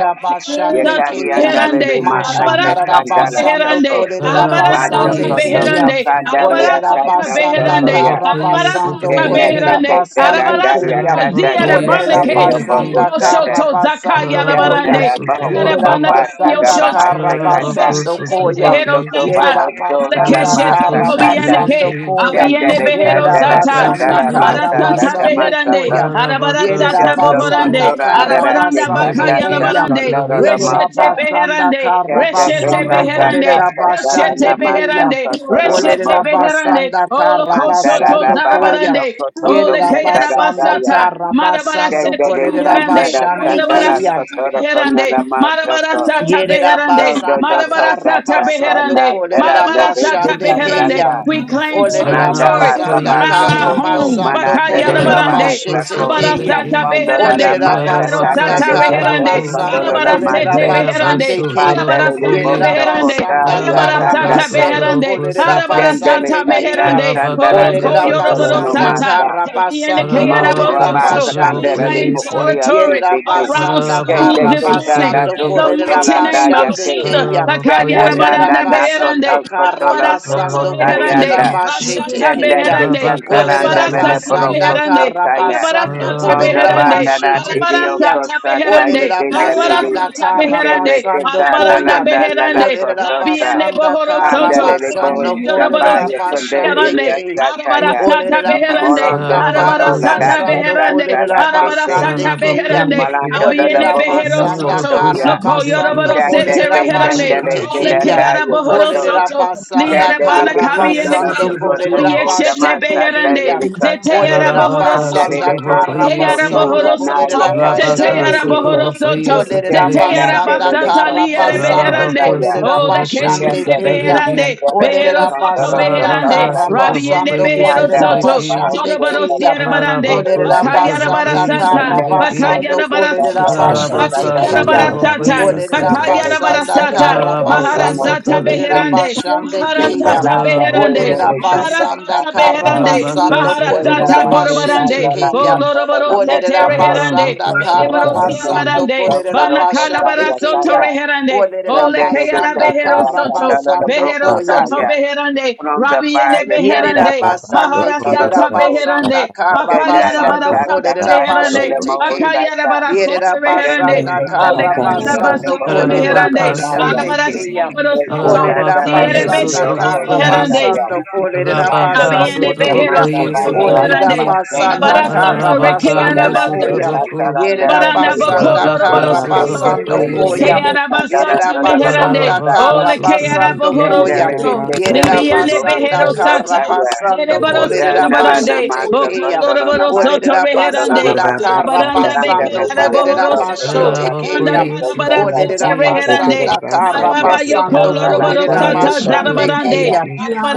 S2: Arabara sata
S1: Keya.
S2: beherande.
S7: Yekariandalema
S2: Arabara sata
S4: Baba
S7: Ashekandala
S1: Mashandarabasando
S2: beherande.
S7: Toko
S2: Arabara
S1: Kolerabasande
S2: sata
S7: Batoko
S3: Ararabakoye
S1: Keya.
S3: Se,
S7: Toto
S2: beherande.
S7: Kandaria
S2: Arabara
S1: Olerera
S2: sata
S7: Kasa
S1: basanda
S7: Toko
S2: beherande.
S7: Ya
S1: kara
S3: Ararabakoye
S2: Arabara
S1: basando
S2: sata
S7: Tena
S3: Satrabeki,
S1: kolerera
S2: beherande.
S7: Tete
S1: basande
S2: Arabara
S7: Telandaya
S1: kuya.
S2: sata
S7: Kanda
S2: zia de
S3: Ararabakoye
S1: Olerera
S7: Tekateri
S2: banake.
S7: Rombo
S3: sutrebeki,
S1: basanda
S2: Zibo
S1: kara
S7: Usata
S2: shoto zakaya
S1: basando koya.
S3: ararabako
S7: Chandara
S2: rabarande.
S1: Yerera
S7: Bahokoto
S3: sutrebeki,
S7: Bataga
S1: basanda
S2: Reshete
S7: Baha
S1: kara
S3: ararabako
S7: Sekata
S1: basando koya.
S7: Pondo
S3: sutrebeki,
S7: To
S1: Yerera
S7: Baha Sola La
S1: basanda
S3: ararabako
S7: Basa
S1: kara
S7: Kanda
S1: basando
S3: sutrebeki,
S1: koya.
S7: Chandara
S1: Yerera
S7: Chandara
S3: rabaka
S1: basanda
S7: Chandara
S1: kara
S7: Masa
S3: sutreboko,
S7: Tata
S1: basando koya.
S7: Masaka
S3: ararabaka
S1: Yerera
S7: Chando
S3: sutreboko,
S1: basanda kara
S7: Sotorandara
S1: basando
S7: Tekanta
S3: rebeki
S1: koya.
S7: Sonoro
S3: sutrebeki,
S1: Yerera
S7: Masa
S1: basanda
S2: beherande,
S1: kara basando
S3: ararabako.
S1: kolerera basande kuya.
S2: reshete
S1: Olerera
S2: beherande,
S1: basanda
S2: oh, lo
S1: kara
S2: koshoto
S1: basando koya.
S2: zarabarande, Oh,
S1: Yerera
S2: lekeyana
S1: basanda
S2: basata,
S1: kara
S2: marabara
S1: basando
S2: sete
S1: kolerera
S2: beherande,
S1: basande
S2: marabara
S1: keya.
S2: sata beherande, marabara sata beherande,
S1: Yerabasanda
S2: marabara sata
S1: Karabasando
S2: beherande, marabara sata
S1: Kolerabashande
S2: beherande.
S1: Keya.
S2: We claim
S7: Mananda
S2: territory
S7: ba baba
S1: Olerabasanda
S3: Ararabakoye
S2: around our
S7: soko
S3: se,
S7: to
S2: home.
S7: mana
S1: Karabasando
S7: dere
S2: Bakayana
S7: de baha
S2: barande,
S3: ararabako
S1: Kolerabashete
S7: soko
S2: marabara
S1: Keya.
S2: sata
S3: sutrebeki,
S7: Condola la
S2: beherande,
S7: masa,
S2: behero
S3: ararabaka
S7: tata
S1: Olerabasanda
S7: de
S2: sata
S7: tata le
S2: reherande,
S3: sutreboko,
S7: condola
S1: Karabasando
S7: la
S2: marabara sete
S7: masa.
S2: beherande,
S1: Kolerabasande
S3: reyabasu
S1: Keya.
S2: marabara
S7: Pandele
S2: sata
S3: turabakoye,
S7: Bosa
S2: beherande,
S1: Yerabasanda
S7: Kotaria
S2: marabara
S3: ararabaka
S2: sata
S7: Sandase,
S1: Karabasando
S3: sutreboko
S2: beherande,
S3: sete,
S7: Kendele
S2: Sata
S1: Kolerabasande
S7: Kata
S1: Keya.
S2: Meherande,
S3: Rabaka
S7: Sandara
S2: Oloko
S7: Dokotolo
S2: Yoroboro
S7: no
S1: Olerabasanda
S3: Yesutrabaku,
S2: Sata,
S7: Masa,
S1: Karabasando
S3: Mararabaka
S7: Mavraba
S2: We
S1: Kolerabashande
S3: Sutrabaku
S7: Sakandere
S1: Keya.
S2: claim
S3: Yesi,
S7: Moria
S2: territory
S7: Kisike,
S2: around
S1: Yerabasanda
S2: schools
S7: Kende
S3: Mararabaka
S2: this morning
S7: Kanda
S1: Karabasando
S2: in
S3: Sutraviki,
S2: the mighty
S7: Dokotola
S2: name of
S1: Kolerabashande
S7: Dayake,
S2: Jesus.
S1: Keyam.
S3: Mararabaka Yesu,
S7: Kandananda
S2: Lakayarabaranda
S1: Olerabasanda
S2: Beherande,
S7: Nakoto Kotola
S2: Arabara Sata
S1: Karabasando
S3: Mararabaka
S2: Beherande,
S7: Dokotarianda,
S3: Sutraviki,
S1: Kolerabashete
S2: Rashata
S7: Kende
S1: Keyam.
S2: Beherande,
S3: Rabaka
S2: Arabara
S7: Kandanandele
S2: Sata
S3: Sutrabaku Ye,
S1: Olerabasanda
S7: Brokoto
S2: Beherande,
S7: Tayan,
S2: Arabara
S1: Karabasando
S2: Sata
S7: Ronda
S3: Mararabaka
S2: Beherande,
S7: Bandana
S1: Kolerabashete
S3: Sutraviki,
S2: Arabara
S7: Tidio
S1: Keyam.
S2: Sata
S7: Kosa Tayi
S2: Beherande, Arabara
S7: Dinelidi,
S1: Olerabasanda
S2: Sata
S7: Kele
S2: Beherande,
S7: teka
S1: Karabasando
S2: Arabaranda
S1: Koyam.
S2: Manda
S7: dalanda lala
S2: beherande, la
S7: kotosa.
S2: biene
S1: Olerabasanda
S2: bohoro soto,
S7: Andale de boho
S1: Karabasando
S2: Yoroboro sete
S7: sapaya kunde
S1: Kolerabashande
S2: beherande,
S7: iria
S1: Keyam.
S2: arabara
S7: sataya.
S2: sata
S1: Olerera
S2: beherande,
S7: Molondo
S1: basanda
S2: arabara
S1: kara
S7: koto
S3: Mararabaka
S7: la
S2: sata
S7: data
S3: Siti,
S1: basando
S7: tasa
S2: beherande,
S1: kolerera
S7: la
S2: arabara
S7: kese.
S1: basande
S2: sata
S3: Mararabaka
S1: keya.
S2: beherande,
S3: Yesi,
S7: Malando de la
S1: Olerera
S2: abiene
S7: boho
S2: behero
S1: basanda
S7: sokoto
S2: soto,
S3: Mararabaka
S7: ya.
S1: kara
S2: loko
S1: basando
S3: Sutraviki,
S2: yoroboro
S7: Tande
S2: sete
S1: kolerera
S7: te
S2: reherande,
S7: kandele
S1: basete
S3: Rabaka
S7: te
S2: ole ke
S1: keya.
S7: danda yo
S3: Sutrabaku,
S2: bohoro
S7: koto.
S1: Olerera
S2: soto,
S1: basanda
S2: Liara
S7: Tande de
S2: bana
S7: de
S1: kara
S3: Mararabaka
S2: kabi
S7: kondola
S3: Yesi
S1: basando
S2: eneke,
S7: sokoto
S2: dabi
S1: kolerera
S3: Sutraviki,
S7: o
S2: eshete
S1: basande
S7: damasa dele
S2: beherande,
S1: keya.
S7: de
S2: zete
S7: kosa.
S2: yara
S1: Olerera
S2: bohoro
S3: Mararabaka
S7: Andale
S2: soto,
S7: de
S1: basanda
S7: boho
S1: kara
S2: Zeteyara
S7: sokoto
S1: basando
S7: la
S2: bohoro soto.
S7: naya
S1: kolerera
S7: katele de
S3: Rabaka
S1: basande
S2: Zeteyara
S1: keya.
S7: kiso.
S2: bohoro
S3: Sutrabokoye
S2: soto.
S1: Olere
S7: Tende la
S3: Sutraviki,
S2: Zeteyara
S1: rabasanda
S7: dele de
S2: basata
S7: koso
S2: liere
S1: karabasando
S2: beherande.
S3: Rabako
S7: sokondaya.
S1: kolere
S2: Oh, le
S3: Sutrabokoye
S1: rabashande
S2: keshete
S7: Kendele de
S1: keya.
S2: beherande.
S3: Sutraviki,
S7: kendele
S1: Olere
S7: de
S2: Behero soto
S7: kantala
S1: rabasanda
S7: toplar
S2: beherande.
S3: Rabaka
S7: saya.
S2: Rabiende
S1: karabasando
S3: Sutrabokoye
S2: behero
S1: kolere
S7: Andala la
S2: soto.
S3: Sutraviki,
S1: rabashande
S2: Zorobaro
S7: mahasola la
S1: keya.
S2: sierra barande.
S7: mahsuto
S1: Olere
S3: Rabako
S7: yanda.
S2: Bakayara
S1: rabasanda
S3: Sutrabokoye
S2: barasata.
S7: Kendele
S3: Sutraviki,
S7: andele
S1: karabasando
S2: Bakayara
S7: de
S1: kolere
S7: kantala
S2: barasata.
S1: rabashete
S9: Shitarabasa
S3: Rabaka
S7: kantala
S2: Bakayara
S1: keya.
S7: no.
S2: barasata,
S3: Sutrabokoye
S9: konderabasa
S3: Si,
S1: Olerera
S7: Kendele
S2: bakayara
S9: kanderabasa
S1: basanda
S7: kantele
S2: barasata,
S1: kara
S7: kantele la
S3: Rabako
S9: katarabasa
S1: basando
S2: maharasata
S9: kata
S7: mahsuto.
S1: kolerera
S3: Sutraviki,
S2: beherande,
S1: basande keya.
S7: Kendele
S9: orabasa
S2: maharasata
S7: andele
S2: beherande,
S3: Rabako
S1: Olerera
S7: de
S3: Sutra,
S7: kantala
S1: basanda
S2: maharasata
S9: orabasa
S1: kara
S7: kantala.
S2: beherande,
S3: Rabaka
S1: basando
S7: Kendele
S1: kolerera
S2: maharasata
S7: de
S3: Sutrabokoye
S1: basete
S2: borobarande,
S7: kantala
S1: keya.
S3: Sutraviki,
S7: kantala la
S2: boloroboro sete
S1: Olerera
S7: mahsuto.
S9: katarabasa
S2: reherande,
S1: basanda
S3: Rabako
S1: kara
S7: Kendele
S2: ereboro
S7: de
S2: siere
S3: Sutraviki,
S1: basando
S2: barande,
S1: kolerera
S7: mahsuto
S2: banakala
S1: basande
S7: saya
S2: barasoto
S1: keya.
S7: kanda.
S2: reherande,
S1: Olerera
S2: ole
S7: Kendele de
S2: kayara
S1: basanda
S2: behero
S7: kantala
S1: kara
S2: soto,
S7: kantala la
S1: basando
S7: broko
S2: Behero
S1: koya.
S2: soto
S7: saya.
S2: beherande,
S7: Pronda
S2: rabiene
S7: baya kanda
S1: Yerera
S2: beherande,
S9: orabasa
S7: pasaka
S1: basande
S7: tolo
S1: kerera
S2: maharasata
S9: konderabasa
S7: lobo.
S1: basanda
S2: beherande,
S1: kara
S7: Dena
S2: makayara
S7: la
S9: katarabasa
S1: basando
S7: ta ta
S2: barasata
S1: kolerera
S7: ta
S9: kanderabasa
S7: tolo le
S1: bashe
S2: beherande,
S7: mo
S1: teke.
S2: makayara
S7: osaka.
S1: Yerera
S2: barasata
S7: Dende
S2: beherande,
S1: basanda
S7: te ta
S9: orabasa
S2: ole
S1: kara
S7: ta
S2: kayara
S7: randa
S9: kanderabasa
S7: le le
S1: basando
S7: mo
S2: basata
S1: kolerera
S9: katarabasa
S7: osola
S2: beherande,
S3: Ararabaka su
S7: naya.
S1: bashande
S2: alabara
S1: keya.
S2: siembro
S7: Dende
S2: soto,
S7: ta
S1: Olerera
S7: ta la
S3: Ararabaka
S2: diere
S7: le
S3: ye
S9: konderabasa
S7: le le
S1: basanda
S2: beshete
S9: kanderabasa
S7: oso
S3: sutraboko
S1: kara
S7: ta
S3: ye.
S7: ta
S2: beherande,
S7: ya.
S1: basando kolerera
S7: Ande
S3: Rabaka
S7: bo
S2: Abiende
S1: basande
S7: ota
S2: behero
S3: sutraboko
S1: keya.
S7: mata
S3: ye
S2: soto
S7: bada rara
S1: Olerera
S2: beherande.
S9: otorabasa
S3: sutrabeki.
S7: basoko.
S1: basanda
S2: Arabara
S9: kanderabasa
S1: kara
S2: sata reke
S3: Ararabaka
S7: Dena
S3: ye
S1: basando
S9: kanderabasa
S7: la
S2: araba
S7: te
S1: koya.
S7: ta
S2: sata.
S7: the
S3: sutraboko.
S7: randa
S1: Yerera
S7: le
S4: Mm-hmm.
S7: te
S2: Arabaranda
S7: te.
S2: boko
S1: basanda
S3: Rabaka
S2: loroboro
S1: kara
S7: Dende
S2: soto.
S9: orabasa
S3: sutraboko
S1: basando
S3: ye
S7: tende le
S2: Leke
S1: koya.
S3: si.
S7: te
S9: kanderabasa
S2: araba
S7: ta ra
S1: Yerera
S2: sata
S7: tolo le mo
S2: meherande.
S1: basanda
S2: O
S7: osaka.
S3: Ararabako
S1: kara
S2: leke araba
S1: basando
S2: horo
S3: sutrabeki.
S1: koya.
S2: soto.
S9: Yetarabasa
S1: Yerera
S2: Libiande
S9: kandera
S1: basanda
S2: behero
S1: kara
S2: sata.
S9: kandera
S1: basando
S7: Ya
S2: Jerebarosia
S1: kolerera
S7: nada
S9: kandera
S1: bashe
S2: barande,
S7: namasa
S1: tekeya.
S7: kotoro
S2: Bokoloroboro
S7: namasa
S2: soto
S1: Olerera
S7: kotoro
S2: reherande,
S1: basanda
S9: orda
S7: namasa
S1: kara
S9: basa
S2: Arabaranda
S7: randa
S2: beke
S7: de
S1: basando
S9: basa
S1: kolerera
S7: so
S2: arabohoro
S9: ka
S1: bashe
S2: soto,
S7: si
S3: Ararabako
S2: Banda
S1: tekeya.
S3: ye
S2: talabarasia
S1: Olerera
S3: sutrabeki.
S9: yetara
S2: tereherande,
S1: basanda
S9: basa
S1: kara
S2: Mababa
S9: kandera
S2: yoko
S1: basando
S2: loroboro
S7: randa
S3: Ararabako
S1: kolerera
S7: le
S3: ye
S7: de
S2: sata
S7: costa
S1: bashande
S3: sutrabeki.
S2: zarabarande,
S7: chaya
S1: keya.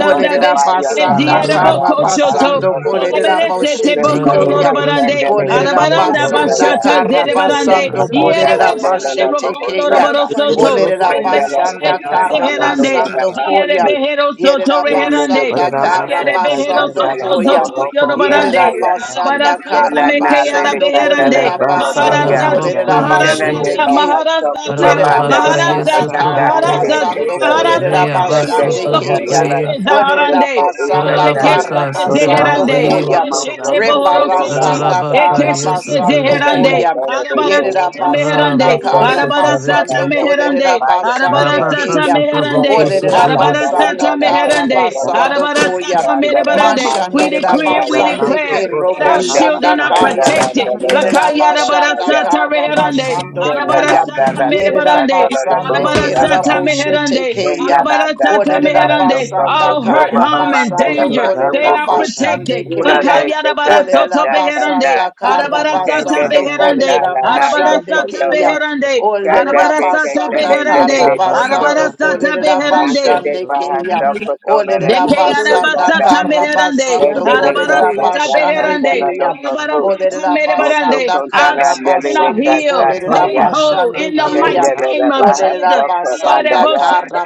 S9: orda
S7: rondo baya
S9: basa
S2: beshete
S1: basanda kara
S3: Ararabako
S2: dieraboko
S7: randa baja
S2: shoto,
S1: basando
S7: so
S3: sutrabeki.
S7: so
S1: kolerera
S9: basa
S1: bashe
S2: Eberesete
S7: tende
S2: boko
S7: le
S1: tekeya.
S7: que
S3: Ararabako
S2: lorobarande,
S7: chandele de
S1: Olerera
S7: bojo
S2: Arabaranda
S7: so
S3: sutrabeki.
S9: orda
S1: basanda
S7: chaya
S9: basa
S2: bashata
S1: kara
S7: que
S2: zerebarande,
S1: basando
S7: que
S9: basa
S7: chandela
S1: kolerera
S7: no le
S2: Ierebeshete
S7: la
S1: bashete
S2: roko
S7: bojo
S1: keya.
S7: chata
S2: loroboro
S9: yere
S2: soto,
S9: bosu
S1: Olerera
S7: tende la que
S1: basanda
S2: Olekashete
S9: basa
S7: chacha
S1: kara
S7: rondo
S9: kandera
S2: deherande,
S7: le la
S1: basando
S9: basa
S7: baja
S1: koya.
S7: so
S2: Dierebehero soto
S1: Yerera
S7: tende
S2: Reherande,
S7: le
S2: Barande,
S1: basanda
S7: que
S1: kara
S9: basa
S7: chandele
S2: Siere
S7: que
S2: Behero
S9: kandera
S1: basando
S7: chacha
S9: basa
S2: Soto
S7: rondo
S1: koya.
S2: Zoto
S1: Yerera
S2: Yorobarande,
S9: basa
S7: so
S9: ka
S1: basanda
S2: Arabarasata
S7: Tela
S1: kara
S7: na
S2: Meke
S7: le de
S1: basando
S9: yetara
S2: Arabeherande,
S1: kolerera
S9: basa
S5: Higher
S1: basando
S5: and
S7: toya.
S9: kandera
S2: Maharasata,
S3: Ararabako
S1: kolerera
S3: ye
S7: Tela
S3: si.
S7: de
S1: bashete
S9: basa
S2: Maharasata,
S1: ke.
S7: baja toko
S2: Maharasata,
S7: babanda de
S3: Ararabaka
S5: higher.
S3: ye
S7: kiste
S1: Yerabasanda
S2: Maharasata,
S9: Yerabasa
S7: canta de
S3: sutraboko.
S7: de
S5: Thank
S2: Maharasata,
S1: Karabasando
S9: Kandirabasa
S7: kiste.
S2: Maharasata,
S3: Reyaba
S7: Tela
S9: Kotorabasa
S1: Kolerabashande
S7: de
S3: sutra
S1: Keya.
S7: candela
S3: bokoye,
S2: Olokoshe
S9: Kandirabasa
S2: Zaharande,
S7: o
S1: Olerabasanda
S7: utretaya.
S3: Kararabaka
S2: Olekeshete
S3: sutra
S1: Karabasando
S9: Orabasa
S2: Zeherande,
S7: Pandora
S3: bokoye,
S7: la
S1: Koya.
S7: maso
S2: Eshete
S9: Kotoramasa
S2: Bohoro
S7: kotoro la
S2: Soto,
S1: Rebarasanda
S9: Kandirabasa
S7: masa.
S3: Kararabaka
S9: Kotor
S2: Ekeshete
S3: yesutra
S1: Karabasando
S7: Candela
S3: veki,
S2: Zeherande,
S1: Koya.
S7: tatara de tu.
S2: Arabarasata
S9: Yerabasa
S1: Yerabasanda
S2: Meherande,
S3: Kararabaka
S9: Kandirabasa
S7: Yandele de
S3: sutra
S7: candela
S2: Arabarasata
S1: Karabasando
S3: veki,
S7: toko
S2: Meherande,
S7: sabaya canta.
S1: Kolerabasande
S3: Rabaka
S2: Arabarasata
S1: Keya.
S3: sutra boku
S7: Tela
S2: meherande.
S7: de
S1: Olerera
S3: sutra veki,
S7: candela
S1: basanda
S2: Arabarasata
S7: andala
S9: Kandirabasa
S1: kara
S2: meherande.
S9: Kandirabasa
S7: toya.
S1: basando koya.
S2: Arabarasata
S7: Pandora la
S2: meherande.
S7: masa
S2: We
S1: Mashanderera
S2: decree and we
S7: tataya.
S9: Orabasa
S1: basande ke
S2: declare that
S1: robo
S2: our
S7: Tela
S9: Kotorabasa
S7: de
S1: shanda
S2: children are
S1: kaya.
S7: candela
S9: Kandirabasa
S2: protected.
S7: andala
S1: Yerera
S7: toko
S2: Lakaya
S7: sataya. Then the Sandala Soko
S1: basanda
S7: Samaya
S2: arabarasata
S1: kara
S2: meherande.
S1: basando koya.
S2: Arabarasata
S1: Yerera
S9: Kandirabasa
S2: meherande.
S9: Kotorabasa
S1: basande ke robo
S9: Orabasa
S2: Arabarasata
S1: shete
S2: meherande.
S1: keya.
S2: Arabarasata
S1: Olerera
S2: meherande.
S1: basanda
S2: All hurt,
S1: kara
S9: Kotorabasa
S2: harm, and
S1: basando
S2: danger, they
S1: kolerera
S2: are
S9: Kandirabasa
S1: basande
S2: protected.
S1: keya.
S2: Bakaya
S1: Olerera
S2: arabarasoto meherande.
S1: basanda kara
S2: Arabarasata
S1: basando
S2: beherande.
S1: kolerera basande
S2: Arabarasata
S1: keya.
S9: Kandirabasa
S2: beherande.
S1: Olerera
S2: Arabarasata
S1: basanda kara
S2: beherande.
S9: Orera basa
S1: basando
S9: kandera
S2: Arabarasata
S1: kolerera
S9: baso
S2: beherande.
S1: basande
S9: kotora.
S1: keya. Olerera
S2: Deke
S1: basanda
S2: arabasata
S1: kara
S2: meherande,
S1: basando
S9: Orera
S1: kolerera
S9: baso
S5: you.
S2: arabarasata
S9: kondera
S1: basande
S2: beherande,
S9: basa
S1: keya.
S9: kandera
S2: arabarasata
S1: Olerera
S9: baso
S7: Moto
S2: merebarande.
S1: basanda
S2: Our
S7: Contana
S1: kara
S2: children
S7: Nelly
S2: are
S1: basando
S2: healed,
S1: kolerera
S9: kotora
S2: made
S7: Casataya.
S2: whole
S9: masa
S1: basande
S2: in the
S1: keya.
S2: mighty
S9: kandera.
S7: Kendelela
S2: name of
S7: baja
S1: Olerera
S2: Jesus.
S7: soko
S1: basanda
S7: bandaya,
S2: Yarabasata
S1: kara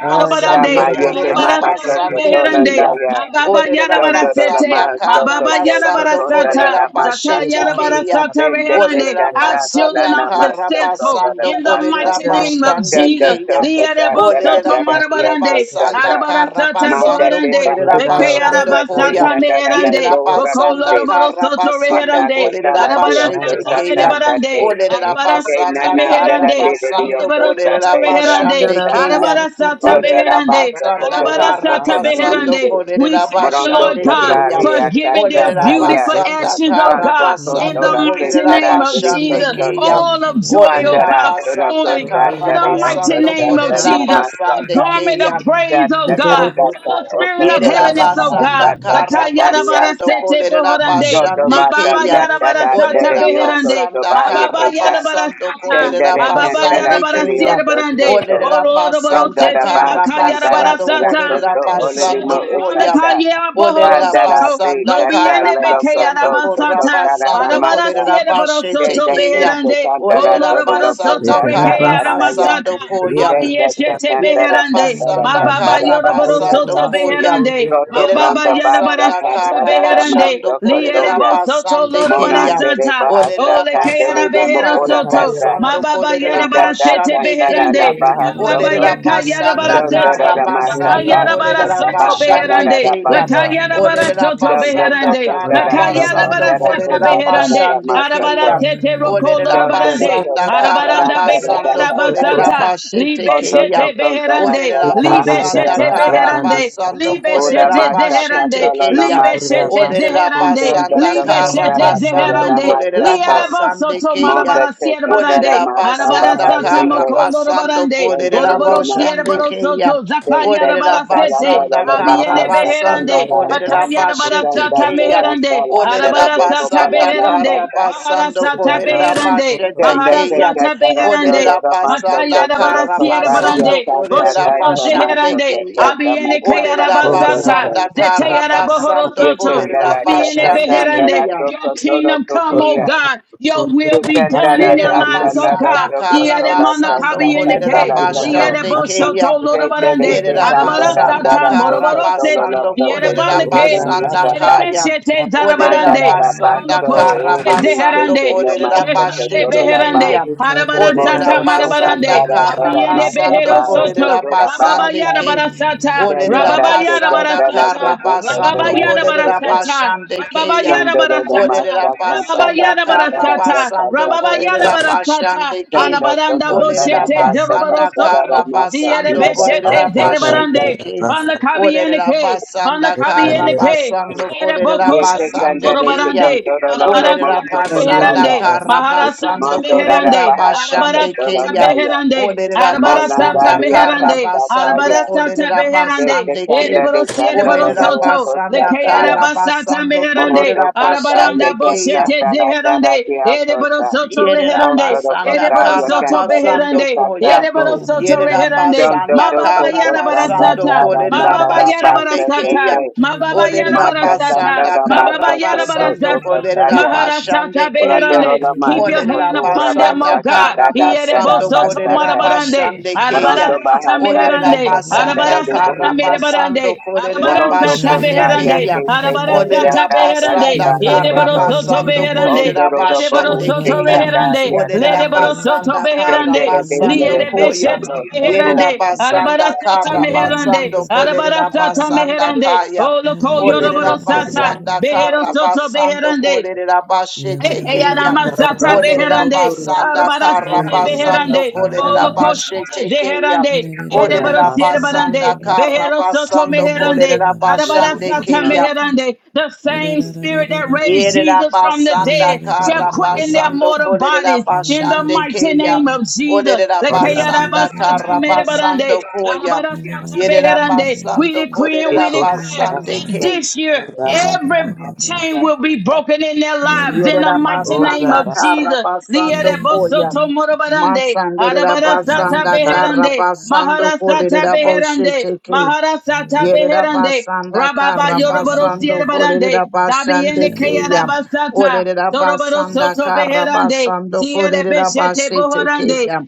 S7: ya
S1: basando
S2: arabarande,
S9: Ayandera
S7: mayeke
S1: kolerera
S9: baso
S7: maha
S2: arabarasata
S7: soko
S9: kotora
S1: basande
S2: beherande.
S1: keya.
S9: basa
S7: tolandaya,
S2: Ma
S9: kandera
S2: baba
S1: Olerera
S7: tondorola
S9: baso.
S1: basanda
S2: yarabarasete,
S7: maha
S2: ma
S1: kara
S7: soko
S2: baba
S7: tosa
S1: basando
S2: yarabarasata,
S1: kolerera
S7: kontarara
S2: zata
S1: basete
S7: masaka,
S9: Ekandera
S1: keya.
S2: yarabarasata
S7: kende te
S2: reherande.
S1: Orera
S9: kandera.
S2: Our
S7: chata la
S2: children
S1: basanda
S2: are
S1: kara
S7: namaso
S2: successful
S7: kondora
S1: basando
S2: in the
S7: namaso,
S1: korera
S2: mighty
S9: Ishara
S2: name of
S1: basande
S7: kendo
S2: Jesus.
S1: keya.
S7: soko
S9: basa
S7: tatara
S1: Orera
S2: Liarabasoto
S7: dara dio
S2: marabarande,
S9: kandera.
S1: basanda
S7: kosaka,
S1: kara
S2: Sata
S7: manda
S1: basando
S7: te pa
S2: Boherande,
S1: korera
S9: Orera
S7: aso
S1: basando
S9: masa
S7: tola te
S1: koya.
S2: Ekayarabasata
S9: kandera
S7: chandala
S9: baso
S7: la
S1: Yerera
S2: Meherande,
S9: kotora.
S7: bohora
S1: basanda
S2: Bokoloroboro
S7: kuse,
S1: kara
S2: borosoto
S7: manda
S1: basando
S2: Reherande,
S1: korera
S7: katala dio
S2: Arabada
S1: basete
S2: Sata
S7: kosata
S1: keya.
S9: Ayatera
S2: Medebarande,
S7: andate,
S9: baso
S1: Orera
S2: Arabada
S7: Ke na
S9: kotora.
S2: Sata
S1: basanda
S7: na da da
S1: kara
S2: Meherande,
S7: de de de o
S1: basando
S7: ko
S2: Arabada
S7: sa
S1: korera
S7: te e a ko
S2: Reherande,
S1: basande
S9: Ishara
S7: sa ta.
S1: keya.
S9: baso
S2: Arabada Sata
S7: Kon ta
S9: kotora
S7: ra
S1: Orera
S7: ba
S2: Beherande,
S9: masa
S7: so ko
S1: basanda
S7: to na
S2: Arabada
S9: kandera
S7: pro
S1: kara
S7: ko
S2: Sata
S9: basa
S7: si i
S1: basando
S7: te.
S2: Beherande. We
S1: korera
S2: thank you,
S7: Morondo
S2: Lord
S1: basande
S7: ka
S2: God
S7: ta le
S1: keya.
S2: for
S7: a ka
S2: giving
S7: sa
S2: them
S1: Olerera
S7: ta ya.
S2: beautiful
S1: basanda
S2: actions, oh
S1: kara
S7: Panto
S2: God,
S7: ko
S2: in
S7: to
S1: basando
S7: ra
S2: the
S7: ke
S2: mighty
S7: ta
S1: kolerera
S7: ra
S2: name
S7: te
S2: of
S7: re ko
S1: basande
S2: Jesus.
S7: so to.
S1: keya.
S2: All of joy, oh
S1: Olerera
S7: Pandara
S2: God,
S7: to ra
S2: for
S7: ko
S1: basanda
S2: mourning,
S7: sa
S2: in
S1: kara
S7: ta
S2: the
S7: re o ko
S2: mighty
S1: basando
S7: sa
S2: name
S7: ta
S2: of
S1: kolerera
S7: na
S2: Jesus.
S7: ma sa
S2: A
S1: basande
S7: ta.
S2: garment
S1: keya.
S2: of
S7: Ta
S2: praise, oh
S7: ta kan
S2: God,
S7: ta
S2: for
S7: ta
S2: the
S7: o ko
S2: spirit of
S7: to ra
S1: Yerera
S7: ra
S2: heaviness,
S7: ba
S2: oh
S7: sa
S1: basanda
S2: God.
S7: ta ta
S1: kara
S7: ta
S2: Lakayana
S7: ri a
S1: basando
S7: ta.
S2: barasete
S1: kolerera
S2: bohorande,
S7: Roto
S1: basande
S2: ma
S7: ba ta
S2: baba
S7: da
S1: keya.
S2: yana
S7: da da
S2: barasata
S7: de
S1: Olerera
S7: de o ko
S2: beherande,
S7: so
S1: basanda
S7: ba
S2: ma
S7: ye
S2: baba
S7: ke
S1: kara
S7: ta.
S2: yana
S1: basando
S2: barasata,
S7: Kenda
S1: kolerera
S7: da
S2: ma baba
S7: kenta la
S2: yana
S1: basande
S7: terio
S1: keya.
S2: barasiere barande,
S7: soto.
S2: oro
S1: Olerera
S2: loro
S7: Rondo
S1: basanda
S7: da
S2: barosete
S7: ba
S1: kara
S2: bakayana
S7: santa da
S1: basando
S2: barasata.
S7: tera
S2: Sata,
S1: kolerera
S7: conto
S1: basando
S2: Shete
S1: koya.
S7: usata.
S2: Bandakaya Bohoro
S1: Olerera
S7: Panda
S2: Soto,
S7: te
S1: basanda
S7: kata
S1: kara
S2: Lobiene
S7: la lo
S2: Bekayana
S7: soto
S1: basando korra
S7: soto
S2: Basata,
S1: basando
S2: Badabada
S7: masa.
S1: kolerera
S2: Sieta Boro
S1: basete
S2: Soto
S7: Kenda te
S1: keya.
S7: te
S2: Beherande,
S7: santa da
S1: Olerera
S2: Boloro
S7: todo lo
S2: Boro
S1: basanda
S2: Soto
S7: sata
S1: kara
S2: Rekayana
S7: sata ya.
S1: basando
S2: Masata,
S1: koya.
S7: Kenda te
S2: Abieshete
S7: santa da
S1: Yerera
S2: Beherande,
S7: santa da
S2: Ma
S1: basanda
S7: santa
S2: Baba
S7: da
S1: kara
S7: ba
S2: Yoroboro
S1: basando
S7: sata.
S2: Soto
S1: Koya.
S2: Beherande,
S7: Roto
S2: Ma
S1: Yerera
S2: Baba
S7: brondo ba
S2: Yanabara
S1: basanda
S7: sata
S2: Soto
S1: kara Yerabasanda
S7: cara da
S2: Beherande,
S1: Karabashando
S7: masa soto
S2: Liere
S7: ya.
S2: Bosoto
S1: Korerabasande
S2: Lorobara
S1: Keya.
S7: Monandere
S2: Sata,
S7: bahasa,
S2: Oh, le
S7: sata tele
S2: kayana
S7: de
S1: Orerabasanda
S7: mo
S2: behero
S7: ora
S2: soto.
S7: sata.
S2: Ma
S1: Karabasando
S2: baba yara
S7: Kenda
S2: bara
S7: ta
S2: sete
S7: ta
S1: Korerabashande
S7: ta da da
S1: Keya.
S2: beherande.
S7: ba ha
S2: Ma
S7: so
S2: baba
S7: ko.
S2: yaka yara
S1: Orerabasanda
S2: bara
S7: Chon do do
S2: sete.
S7: da ma
S2: La
S7: sa
S1: Karabasando
S7: ba
S2: kayana
S7: sa
S2: bara
S7: ta ba
S2: soto
S4: Shit.
S7: la da
S1: Korerabashande
S7: da
S2: beherande.
S7: da ba
S2: La
S1: Keya.
S7: so.
S2: kayana bara soto
S7: Chon do so
S1: Orerabasanda
S7: ko
S2: beherande.
S7: da
S2: La
S7: da da da
S2: kayana
S1: Karabasando
S7: da
S2: bara
S7: da da
S2: sata
S7: da da da
S2: beherande.
S7: da ma
S1: Korerabashande
S7: so so.
S2: Arabara
S1: Keya.
S2: sete roko
S1: Orera
S7: Chon do do
S2: lorobarande.
S7: so
S1: basanda
S7: ta ta
S1: kara
S7: da
S2: Arabaranda
S7: da da
S2: beke
S7: da
S1: basando Karabasando
S7: da da ya.
S2: arabasata.
S1: Korerabashete
S2: Libe
S7: Mon do so
S1: Keya.
S2: shete
S7: ko da da
S2: beherande.
S7: da
S1: Orera
S7: da ba ha
S2: Libe
S9: Ekandira
S7: sa
S1: basanda
S2: shete
S7: ta
S9: basa,
S7: da.
S1: kara
S2: beherande.
S9: kandira
S1: basando
S9: basa,
S2: Libe
S7: O la
S1: korera
S7: ma
S2: shete
S7: sa ta
S1: bashete
S7: ta
S2: zeherande.
S7: lo na
S1: keya.
S7: ma
S2: Libe
S7: se.
S9: Orda
S2: shete
S9: basso
S1: Orera
S2: zeherande
S7: Chon
S2: barande,
S9: tortilla
S7: do
S9: da
S1: basanda
S7: so
S2: libe
S7: ko
S9: basso
S1: kara
S7: da
S2: sete
S7: da da da
S1: basando
S7: da ma
S2: zeherande,
S7: sa
S1: korera
S7: so.
S2: lierebo
S1: basande
S9: tortilla
S2: soto
S7: Mon do
S2: marabara
S7: se
S2: siere
S7: ka da da
S1: Olerera
S2: barande,
S7: ma sa
S9: e
S7: ba
S2: arabara
S1: basanda
S7: ba
S2: sata
S9: candida
S7: se
S1: kara
S9: da
S7: ke.
S2: moko
S9: bassa
S2: loro
S1: basando
S2: barande,
S7: Kenda
S1: kolerera
S7: da da
S2: boroboro
S7: ma
S2: siere
S1: boshande
S7: sa.
S2: boro
S1: keya.
S2: soto,
S7: Yes,
S2: zakaya
S1: Olerera
S2: rabara sete,
S1: basanda
S9: orda
S1: kara
S2: abiene
S9: bassa
S1: basando
S9: candida
S2: beherande,
S9: da
S1: kolerera
S2: bakaya
S9: basso
S2: rabara
S1: bashete
S2: sata
S9: tortilla
S1: keya.
S2: meherande,
S1: Olerera
S2: arabara sata
S1: basanda
S2: beherande,
S1: kara
S2: bahara
S1: basando
S2: sata
S9: orda
S1: kolerera
S9: basso
S2: beherande,
S1: bashete
S9: tortilla
S2: bahara
S1: keya.
S2: sata
S1: Olerera
S2: beherande,
S1: basanda
S2: Makaya da bara
S1: kara
S9: e
S2: siere
S9: candida
S1: basando
S9: basso
S2: barande,
S1: kolerera
S9: candida
S2: boshato
S9: da
S1: bashande
S2: zeherande,
S1: keya.
S2: abiene kayara
S1: Olerera
S9: orda
S2: basata,
S1: basanda
S9: bassa
S1: kara
S2: zeteyara
S9: candida da
S2: bohoro
S1: basando
S2: soto,
S1: kolerera
S9: candida da
S2: abiene
S9: basso
S1: bashande
S2: beherande.
S1: keya.
S2: Your kingdom come, oh
S9: orda
S2: God.
S9: basso
S2: Your
S9: tortilla
S2: will
S9: da
S2: be done
S9: bassa
S2: in their
S1: Yerera
S9: candida
S2: lives, oh
S9: da bassa candida da bassa candida da
S1: basanda
S2: God.
S1: kara
S2: Iere mana
S1: basando
S2: kabiene
S1: kolerera
S2: ke, ziere
S1: basande keya.
S2: boshoto lora
S7: They they they
S2: barande,
S9: bassa
S7: they
S1: Yerera
S7: can da
S2: arabara
S9: candida
S7: da
S9: da
S7: da
S1: basanda
S2: sata
S7: da do
S1: kara
S7: so
S2: moroboro
S7: so
S2: sete,
S7: lo lo
S1: basando
S7: so
S2: ziere
S7: so
S1: kolerera
S9: basso
S2: bande
S7: so
S2: ke,
S9: orda
S1: basanda
S2: ziere
S9: bassa
S7: ba
S1: kaya.
S2: beshete
S7: man
S1: Olerera
S7: da da
S2: zarabarande, olo
S1: basanda
S7: so
S1: kara
S7: o de
S2: koshete
S7: mi se
S1: basando
S7: so
S2: zeherande,
S7: na ma
S1: kolerera
S7: so so so
S2: ekeshete
S1: basete
S7: la ba
S1: keya.
S2: beherande,
S1: Olerera
S7: mondo
S2: Arabarasata
S7: so
S9: Rabasa,
S7: can
S2: marabarande.
S1: basanda
S7: da da da
S1: kara
S2: Abiene
S1: basando
S7: ba
S2: behero
S7: o so
S2: soto.
S1: kolerera
S7: so da ba ha
S2: Rababa
S1: basande
S7: sa
S2: yada
S1: ke.
S2: barasata.
S7: ten da
S1: Olerera
S7: da
S2: Rababa
S7: te
S2: yada
S7: da
S1: basanda
S7: da da te
S2: barasata.
S1: kara
S7: da so so
S2: Rababa
S1: basando
S7: ma
S2: yada
S7: so so
S1: kolerera
S7: so
S2: barasata.
S1: basande
S2: Rababa
S1: keya.
S7: ten
S2: yada
S7: da da da ma
S2: barasata.
S1: Olerera
S7: sa da
S2: Rababa
S7: da
S1: basanda
S2: yada
S7: da
S1: kara
S7: da da
S2: barasata.
S7: da
S1: basando
S2: Rababa
S7: so
S2: yada
S7: so
S1: kolerera
S2: barasata.
S1: bashande
S7: ten
S1: ke.
S7: da da
S2: Arabaranda
S7: so da da
S1: Olerera
S7: da
S2: boshete
S7: da
S4: Russia.
S2: zerobaro
S1: basanda
S7: da da da
S1: kara
S2: soto. Ziere
S1: basando
S7: na da ba
S1: kolerera
S2: beshete
S7: so
S2: zere
S7: so so
S1: bashete
S2: barande.
S1: ke.
S2: Vana kabi
S1: Olerera
S2: eneke, Vana
S1: basanda
S2: kabi
S1: kara
S2: eneke.
S1: basando
S2: Sere
S1: kolerera
S2: Boko
S7: Yete
S2: Shoto
S1: basande
S7: kandare
S1: ke
S7: te
S1: ya.
S2: Zorobarande,
S7: kontoro lono
S2: Arabara
S1: Olerera
S2: Santa
S7: mosto
S1: basanda
S7: kotaya.
S2: Beherande,
S1: kara
S2: Mahara Santa
S1: basando
S7: Mondo rara
S1: kolerera
S2: Beherande,
S7: baha soko
S2: Arabara
S1: bashande ke
S2: Santa
S1: ya.
S7: tolondaya.
S2: Beherande,
S1: Olerera
S2: Arabara Santa
S1: basanda
S7: Molandalia
S1: kara
S2: Beherande,
S1: basando
S2: Arabara
S7: kasataya.
S2: Santa
S1: kolerera
S2: Beherande,
S7: Yete
S1: basande ke.
S7: kandare
S2: Edeboro
S7: kantoro
S2: Siereboro
S1: Olerera
S7: lono
S2: borosoto,
S1: basanda
S2: Leke
S7: kosataya.
S1: kara
S2: Arabasata
S1: basando
S2: Meherande,
S7: Molondo
S1: kolerera
S7: kotaya
S1: basande
S2: Arabaranda
S1: keya.
S2: Boshete
S7: kasantara dara
S2: Zeherande, Edeboro
S7: diakosa.
S2: borosoto
S1: Yerera
S2: Reherande,
S7: Kontoro
S1: basanda
S2: Ereboro
S7: kotaya
S1: kara
S2: soto
S7: kandare te
S1: basando
S2: beherande.
S1: koya.
S7: katatu.
S2: Ereboro soto
S1: Yerera
S2: reherande.
S7: Jonto
S1: basanda
S2: Mababa
S7: toko
S1: kara
S2: yana
S7: totanda
S1: basando
S2: barasata.
S7: dara
S2: Ma
S1: kolerera
S2: Baba
S7: madara
S2: yana
S1: basande
S7: basa
S2: barasata.
S1: keya.
S7: kese.
S2: Mababa yana
S1: Olerera
S7: Mata
S2: barasata.
S1: basanda
S7: kantara
S2: Mababa
S1: kara
S7: basa
S2: yana
S7: koto
S1: basando
S2: barasata.
S1: kolerera
S7: tokotaya.
S2: Maharasata
S1: basande keya.
S7: Oratoro
S2: beherande.
S7: la
S2: Keep
S7: maestra
S2: your
S1: Olerera
S2: hand
S7: cotura
S2: upon them,
S1: basanda
S2: O
S7: basta
S2: God.
S1: kara
S7: cantada tera
S2: Ereboro
S1: basando
S2: soto
S7: basta
S1: kolerera
S7: que
S2: marabarande.
S1: basande keya.
S7: Morondo baja
S2: Arabarasata
S7: santa
S1: Olerera
S2: meherande.
S1: basanda
S7: tocandere de
S2: Arabarasata
S7: boho
S1: kara
S2: Mere
S7: santa
S1: basando
S2: barande,
S1: kolerera
S2: arabara
S7: Morondo
S2: sata
S7: costa
S1: basande
S7: ya
S2: beherande,
S1: keya.
S7: que se
S2: arabara
S7: ya
S1: Olerera
S2: sata
S7: da
S1: basanda
S2: beherande,
S7: dalamba y
S2: yere
S1: kara
S2: baro
S7: coto
S2: soto
S1: basando
S2: beherande,
S1: kolerera
S7: Condoro do
S2: yere baro
S7: boho
S1: basande
S7: se
S2: soto
S1: keya.
S2: beherande,
S7: candaria
S1: Olerera
S2: lere baro
S7: tate
S2: soto
S1: basanda kara
S2: beherande,
S7: Tendere de
S1: basando
S7: mele
S2: liere
S7: soco
S1: koya.
S2: beshete
S7: so soco
S1: Yerera
S2: beherande,
S1: basanda
S2: arabara
S4: Sha.
S2: sata
S1: kara
S2: meherande,
S1: basando
S2: arabara
S1: kolerera
S2: sata
S1: basanda
S2: meherande,
S1: kaya.
S2: o loko
S1: Olerera
S2: yorobaro sata,
S1: basanda
S2: behero
S1: kara
S2: soto
S1: basando
S2: beherande,
S1: kolerera basete keya.
S2: Ekeyaramasata
S1: Olerera
S2: beherande,
S1: basanda kara
S2: arabarasete
S1: basando
S2: beherande,
S1: kolerera
S2: bolokoshete
S1: bashete keya.
S2: zeherande,
S1: Olerera
S2: ereborosiere
S1: basanda
S2: barande,
S1: kara
S2: beherosoto
S1: basando
S2: meherande,
S1: kolerera bashande
S2: arabarasata
S1: keya.
S2: meherande. The same spirit that raised
S1: Yerera
S2: Jesus from the
S1: basanda
S2: dead shall
S1: kara
S2: quicken their
S1: basando
S2: mortal
S1: kolerera
S2: bodies in the
S1: bashande
S2: mighty
S1: keya.
S2: name of Jesus.
S1: Olerera
S9: Ora
S1: basanda
S2: Lekeyarabasata
S1: kara
S2: merebarande,
S1: basando koya.
S2: arabarasata
S1: Yerera
S2: beherande. We
S1: basando
S2: decree and
S9: Thank
S1: kolerera
S2: we declare
S1: basande
S2: that that
S1: keya.
S2: this year,
S4: Yere baba
S2: every chain
S4: baroshe,
S2: will be broken in their
S4: rere
S2: lives in the
S1: Yerera
S4: bebe
S2: mighty name
S1: basanda Yerabasanda
S4: berashe,
S2: of Jesus.
S1: Karabasando
S4: ere
S1: Koyam.
S2: Lierebosoto
S4: baba baba,
S2: morobarande,
S1: Masandira
S4: rere
S2: arabarasata
S1: Basanda
S4: baba
S1: kara
S2: beherande,
S4: baba,
S1: basando Karabasando
S2: maharasata
S1: Koleraboshe
S2: beherande,
S1: Teke.
S2: maharasata
S4: rere
S1: Yerera
S2: beherande,
S1: basanda
S2: rababa
S1: kara
S2: yoroboro
S4: baba
S1: basando
S4: baba,
S2: sierbarande,
S1: kolerera basande
S2: zabiende
S1: keya.
S2: kayarabasata,
S1: Olerera
S2: zoroboro
S1: basanda
S2: soto
S1: kara
S2: beherande,
S1: basando
S2: ziere
S1: kolerera
S2: beshete
S1: basete
S2: bohorande,
S1: keya.